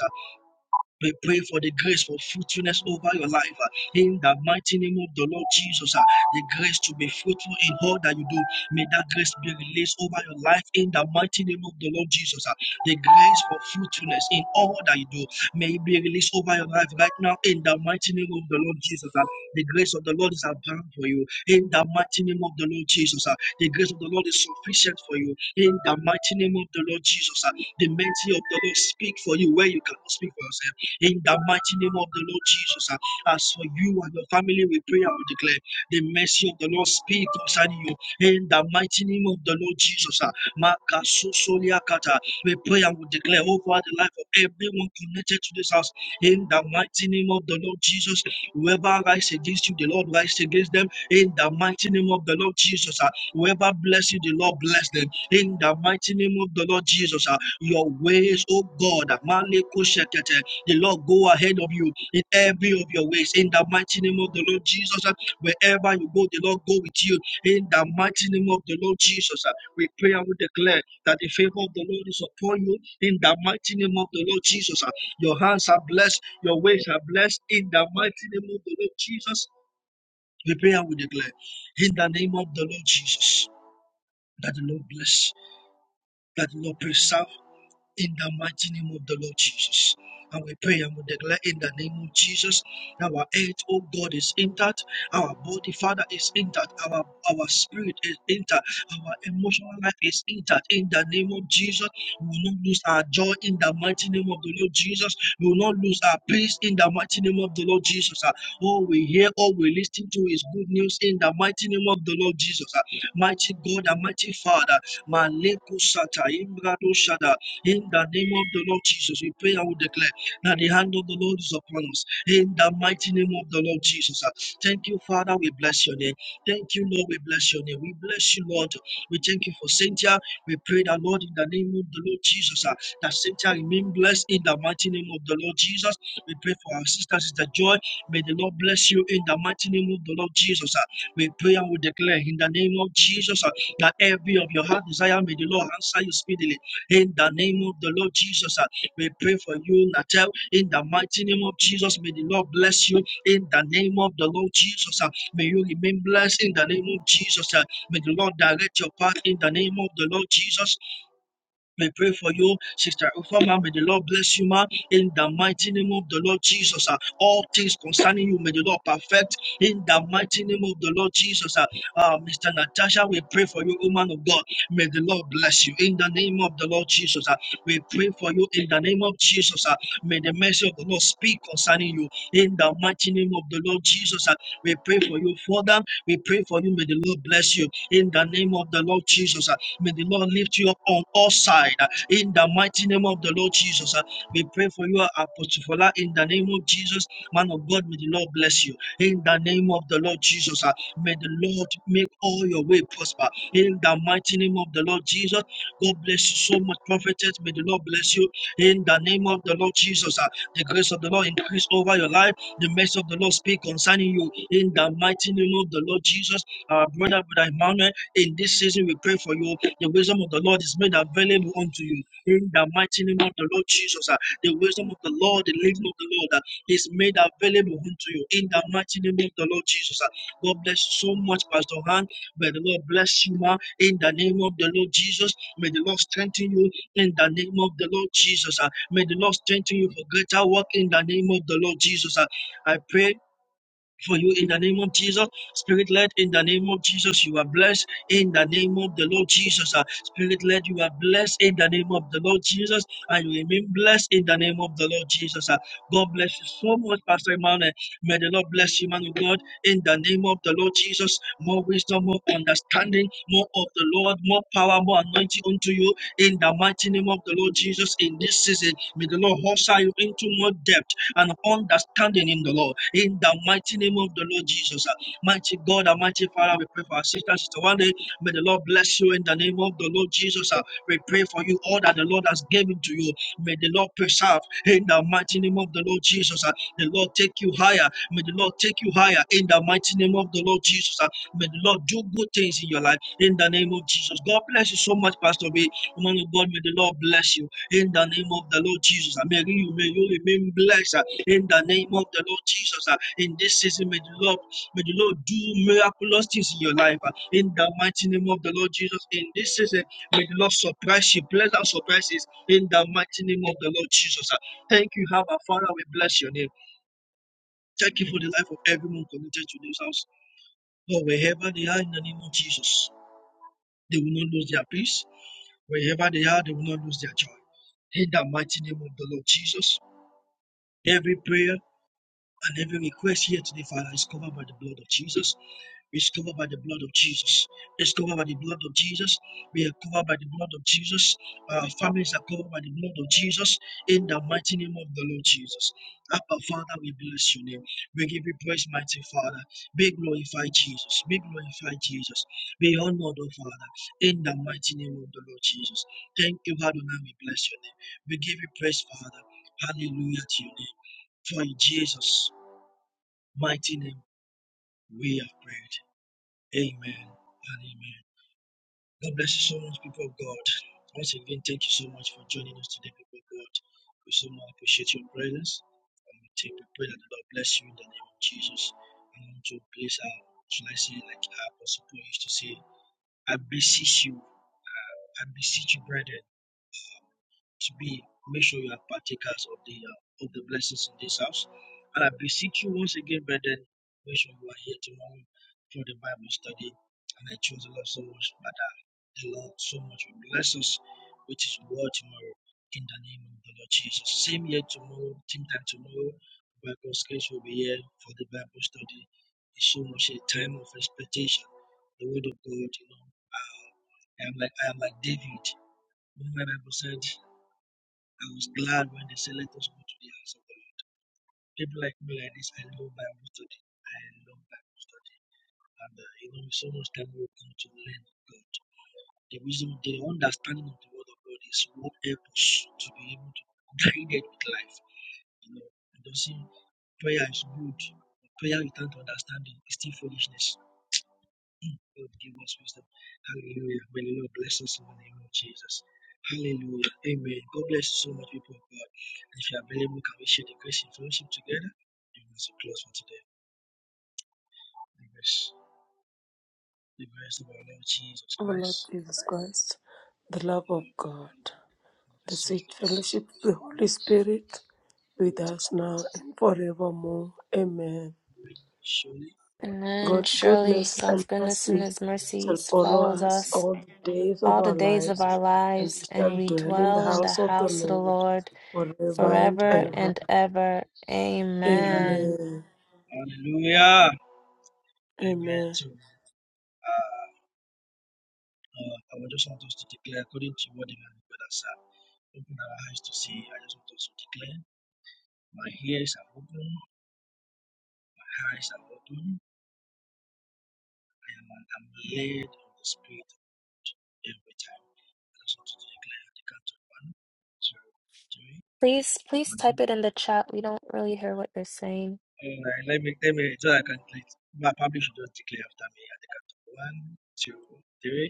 S11: we pray for the grace for fruitfulness over your life uh, in the mighty name of the Lord Jesus. uh, The grace to be fruitful in all that you do. May that grace be released over your life in the mighty name of the Lord Jesus. uh, The grace for fruitfulness in all that you do may it be released over your life right now in the mighty name of the Lord Jesus. uh, The grace of the Lord is abound for you in the mighty name of the Lord Jesus. uh, The grace of the Lord is sufficient for you in the mighty name of the Lord Jesus. uh, The mercy of the Lord speak for you where you cannot speak for yourself. In the mighty name of the Lord Jesus, uh, as for you and your family, we pray and we declare the mercy of the Lord speak concerning you. In the mighty name of the Lord Jesus, uh, Makasosoliakata, we pray and we declare over the life of everyone connected to this house. In the mighty name of the Lord Jesus, whoever rise against you, the Lord rise against them. In the mighty name of the Lord Jesus, uh, whoever bless you, the Lord bless them. In the mighty name of the Lord Jesus, uh, your ways, oh God, Maleko Shekete, the Lord go ahead of you in every of your ways. In the mighty name of the Lord Jesus, uh, wherever you go, the Lord go with you. In the mighty name of the Lord Jesus, uh, we pray and we declare that the favor of the Lord is upon you. In the mighty name of the Lord Jesus, uh, your hands are blessed, your ways are blessed. In the mighty name of the Lord Jesus, we pray and we declare in the name of the Lord Jesus that the Lord bless, that the Lord preserve in the mighty name of the Lord Jesus. And we pray and we declare in the name of Jesus, our head, oh God, is intact, our body, Father, is intact, our, our spirit is intact, our emotional life is intact. In the name of Jesus, we will not lose our joy in the mighty name of the Lord Jesus. We will not lose our peace in the mighty name of the Lord Jesus. Ah, All we hear, all we listen to is good news in the mighty name of the Lord Jesus. Ah, Mighty God, and mighty Father, Maleko Sata, Imbrado Shada, in the name of the Lord Jesus, we pray and we declare that the hand of the Lord is upon us. In the mighty name of the Lord Jesus. Uh, Thank you, Father. We bless your name. Thank you, Lord. We bless your name. We bless you, Lord. We thank you for Cynthia. We pray that, Lord, in the name of the Lord Jesus, uh, that Cynthia remain blessed in the mighty name of the Lord Jesus. We pray for our sister, Sister Joy. May the Lord bless you in the mighty name of the Lord Jesus. uh. We pray and we declare in the name of Jesus uh, that every of your heart desire, may the Lord answer you speedily in the name of the Lord Jesus, uh, we pray for you, Natel. In the mighty name of Jesus, may the Lord bless you. In the name of the Lord Jesus, uh, may you remain blessed. In the name of Jesus, uh, may the Lord direct your path. In the name of the Lord Jesus. We pray for you, Sister Ufa, May the Lord bless you, ma. In the mighty name of the Lord Jesus, ah. all things concerning you, may the Lord perfect. In the mighty name of the Lord Jesus, ah. Ah, Mr. Natasha, we pray for you, woman of God. May the Lord bless you. In the name of the Lord Jesus, ah. we pray for you. In the name of Jesus, ah. may the mercy of the Lord speak concerning you. In the mighty name of the Lord Jesus, ah. we pray for you, Father. We pray for you. May the Lord bless you. In the name of the Lord Jesus, ah. May the Lord lift you up on all sides uh, in the mighty name of the Lord Jesus. Uh, We pray for you, Apostle Fola, in the name of Jesus. Man of God, may the Lord bless you in the name of the Lord Jesus. uh, May the Lord make all your way prosper in the mighty name of the Lord Jesus. God bless you so much, prophetess. May the Lord bless you in the name of the Lord Jesus. uh, The grace of the Lord increase over your life. The mercy of the Lord speak concerning you in the mighty name of the Lord Jesus. Our brother, brother Emmanuel, in this season we pray for you the wisdom of the Lord is made available unto you. In the mighty name of the Lord Jesus, uh, the wisdom of the Lord, the living of the Lord uh, is made available unto you. In the mighty name of the Lord Jesus. uh. God bless you so much, Pastor Han. May the Lord bless you, ma. In the name of the Lord Jesus, may the Lord strengthen you. In the name of the Lord Jesus, uh. may the Lord strengthen you for greater work. In the name of the Lord Jesus, uh. I pray for you in the name of Jesus. Spirit led in the name of Jesus, you are blessed in the name of the Lord Jesus. Uh, Spirit led, you are blessed in the name of the Lord Jesus, and you remain blessed in the name of the Lord Jesus. ah. God bless you so much, Pastor Emmanuel. May the Lord bless you, man of God, in the name of the Lord Jesus. More wisdom, more understanding, more of the Lord, more power, more anointing unto you in the mighty name of the Lord Jesus in this season. May the Lord hustle you into more depth and understanding in the Lord. In the mighty name of the Lord Jesus, uh, mighty God, and mighty Father, we pray for our sister, sister one May the Lord bless you in the name of the Lord Jesus. uh, We pray for you all that the Lord has given to you. May the Lord preserve in the mighty name of the Lord Jesus. uh, The Lord take you higher. May the Lord take you higher in the mighty name of the Lord Jesus. uh, May the Lord do good things in your life in the name of Jesus. God bless you so much, Pastor B. Man of God, may the Lord bless you in the name of the Lord Jesus. may you may you remain blessed in the name of the Lord Jesus. uh, In this season, may the Lord may the Lord do miraculous things in your life. uh, In the mighty name of the Lord Jesus. In this season, may the Lord surprise you, pleasant surprises. In the mighty name of the Lord Jesus. uh. Thank you, Abba Father. We bless your name. Thank you for the life of everyone connected to this house. Lord, wherever they are in the name of Jesus, they will not lose their peace. Wherever they are, they will not lose their joy. In the mighty name of the Lord Jesus, every prayer And every request here today, Father, is covered by the blood of Jesus. It's covered by the blood of Jesus. It's covered by the blood of Jesus. We are covered by the blood of Jesus. Our families are covered by the blood of Jesus. In the mighty name of the Lord Jesus. Abba, Father, we bless your name. We give you praise, mighty Father. Be glorified, Jesus. Be glorified, Jesus. Be honored, O Father. In the mighty name of the Lord Jesus. Thank you, Adonai. We bless your name. We give you praise, Father. Hallelujah to your name. For in Jesus mighty name we have prayed. Amen and amen. God bless you so much, people of God. Once again, thank you so much for joining us today, people of God. We so much appreciate your presence. And we take we pray that the Lord bless you in the name of Jesus. I want to place our, shall I say, like our apostle Paul used to say, I beseech you, I beseech you, brethren. to be, make sure you are partakers of the uh, of the blessings in this house. And I beseech you once again, brethren, make sure you are here tomorrow for the Bible study. And I choose the Lord so much, but uh, the Lord so much will bless us with His word tomorrow in the name of the Lord Jesus. Same here tomorrow, same time tomorrow. By God's grace, will be here for the Bible study. It's so much a time of expectation. The Word of God, you know. Uh, I am like I am like David. Remember the Bible said. I was glad when they said, Let us go to the house of the Lord. People like me, like this, I love Bible study. I love Bible study. And, uh, you know, so much time we come to learn of God. The wisdom, the understanding of the word of God is what helps us to be able to guide it with life. You know, and don't see prayer is good. Prayer without understanding is still foolishness. Lord, give us wisdom. Hallelujah. May the Lord bless us in the name of Jesus. Hallelujah. Amen. God bless you so much, people of God. And if you are available, can we share the grace and fellowship together? And as we will close for today, the grace, the grace of our Lord Jesus
S4: Oh,
S11: Christ,
S4: Lord Jesus Christ, the love
S11: the
S4: of
S11: Lord of
S4: God.
S11: the
S4: the
S11: saints
S4: sweet
S11: for us,
S4: fellowship of the Holy Spirit
S11: will
S4: with
S11: let us
S4: us
S11: know.
S4: now and forevermore. Amen.
S11: Surely,
S2: Amen.
S4: God's
S2: Surely
S4: goodness and
S2: God's goodness and
S4: mercy
S2: his
S4: shall
S2: mercies
S4: follow
S2: follows
S4: us
S2: us
S4: all the days of
S2: all the
S4: our
S2: days of
S4: lives,
S2: our
S4: and we
S2: lives, and
S4: shall
S2: we
S4: dwell in the
S2: dwell in the
S4: house of the
S2: house of the
S4: Lord
S2: Lord
S4: forever and
S2: forever
S4: ever.
S2: and ever.
S11: Amen.
S2: Amen.
S4: Amen.
S11: Hallelujah. Amen.
S4: Amen.
S11: So, uh, Uh, I would just want us to declare according to what the man of God has said. Open our eyes to see. I just want us to declare. My ears are open. My eyes are open. I am I'm led of the Spirit of God every time. I just want you to declare the count of one, two, three.
S2: Please, please type
S11: Mm-hmm.
S2: it in the chat. We don't really hear what you're saying.
S11: All right, let me let me so I can let my public should just declare after me at the count of one, two, three.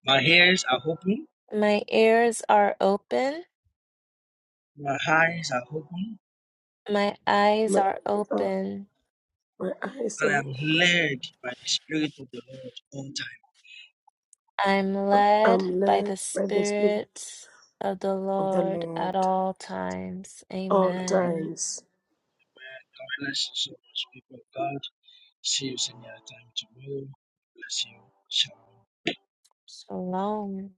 S11: My ears are open.
S2: My ears are open.
S11: My eyes are open
S2: My eyes
S4: My,
S2: are
S4: uh,
S2: open.
S4: my eyes
S11: and
S4: are
S11: I am
S4: open.
S11: led by the Spirit of the Lord all
S2: I'm led
S4: I'm
S2: by
S4: led
S2: the
S4: by the Spirit
S2: Spirit of the
S4: of the
S2: Lord at
S4: Lord
S2: all times.
S4: all
S11: time.
S2: Amen.
S4: times.
S11: Amen. God bless you so much, people of God. See you some other time tomorrow. Bless you. Shalom.
S2: Shalom.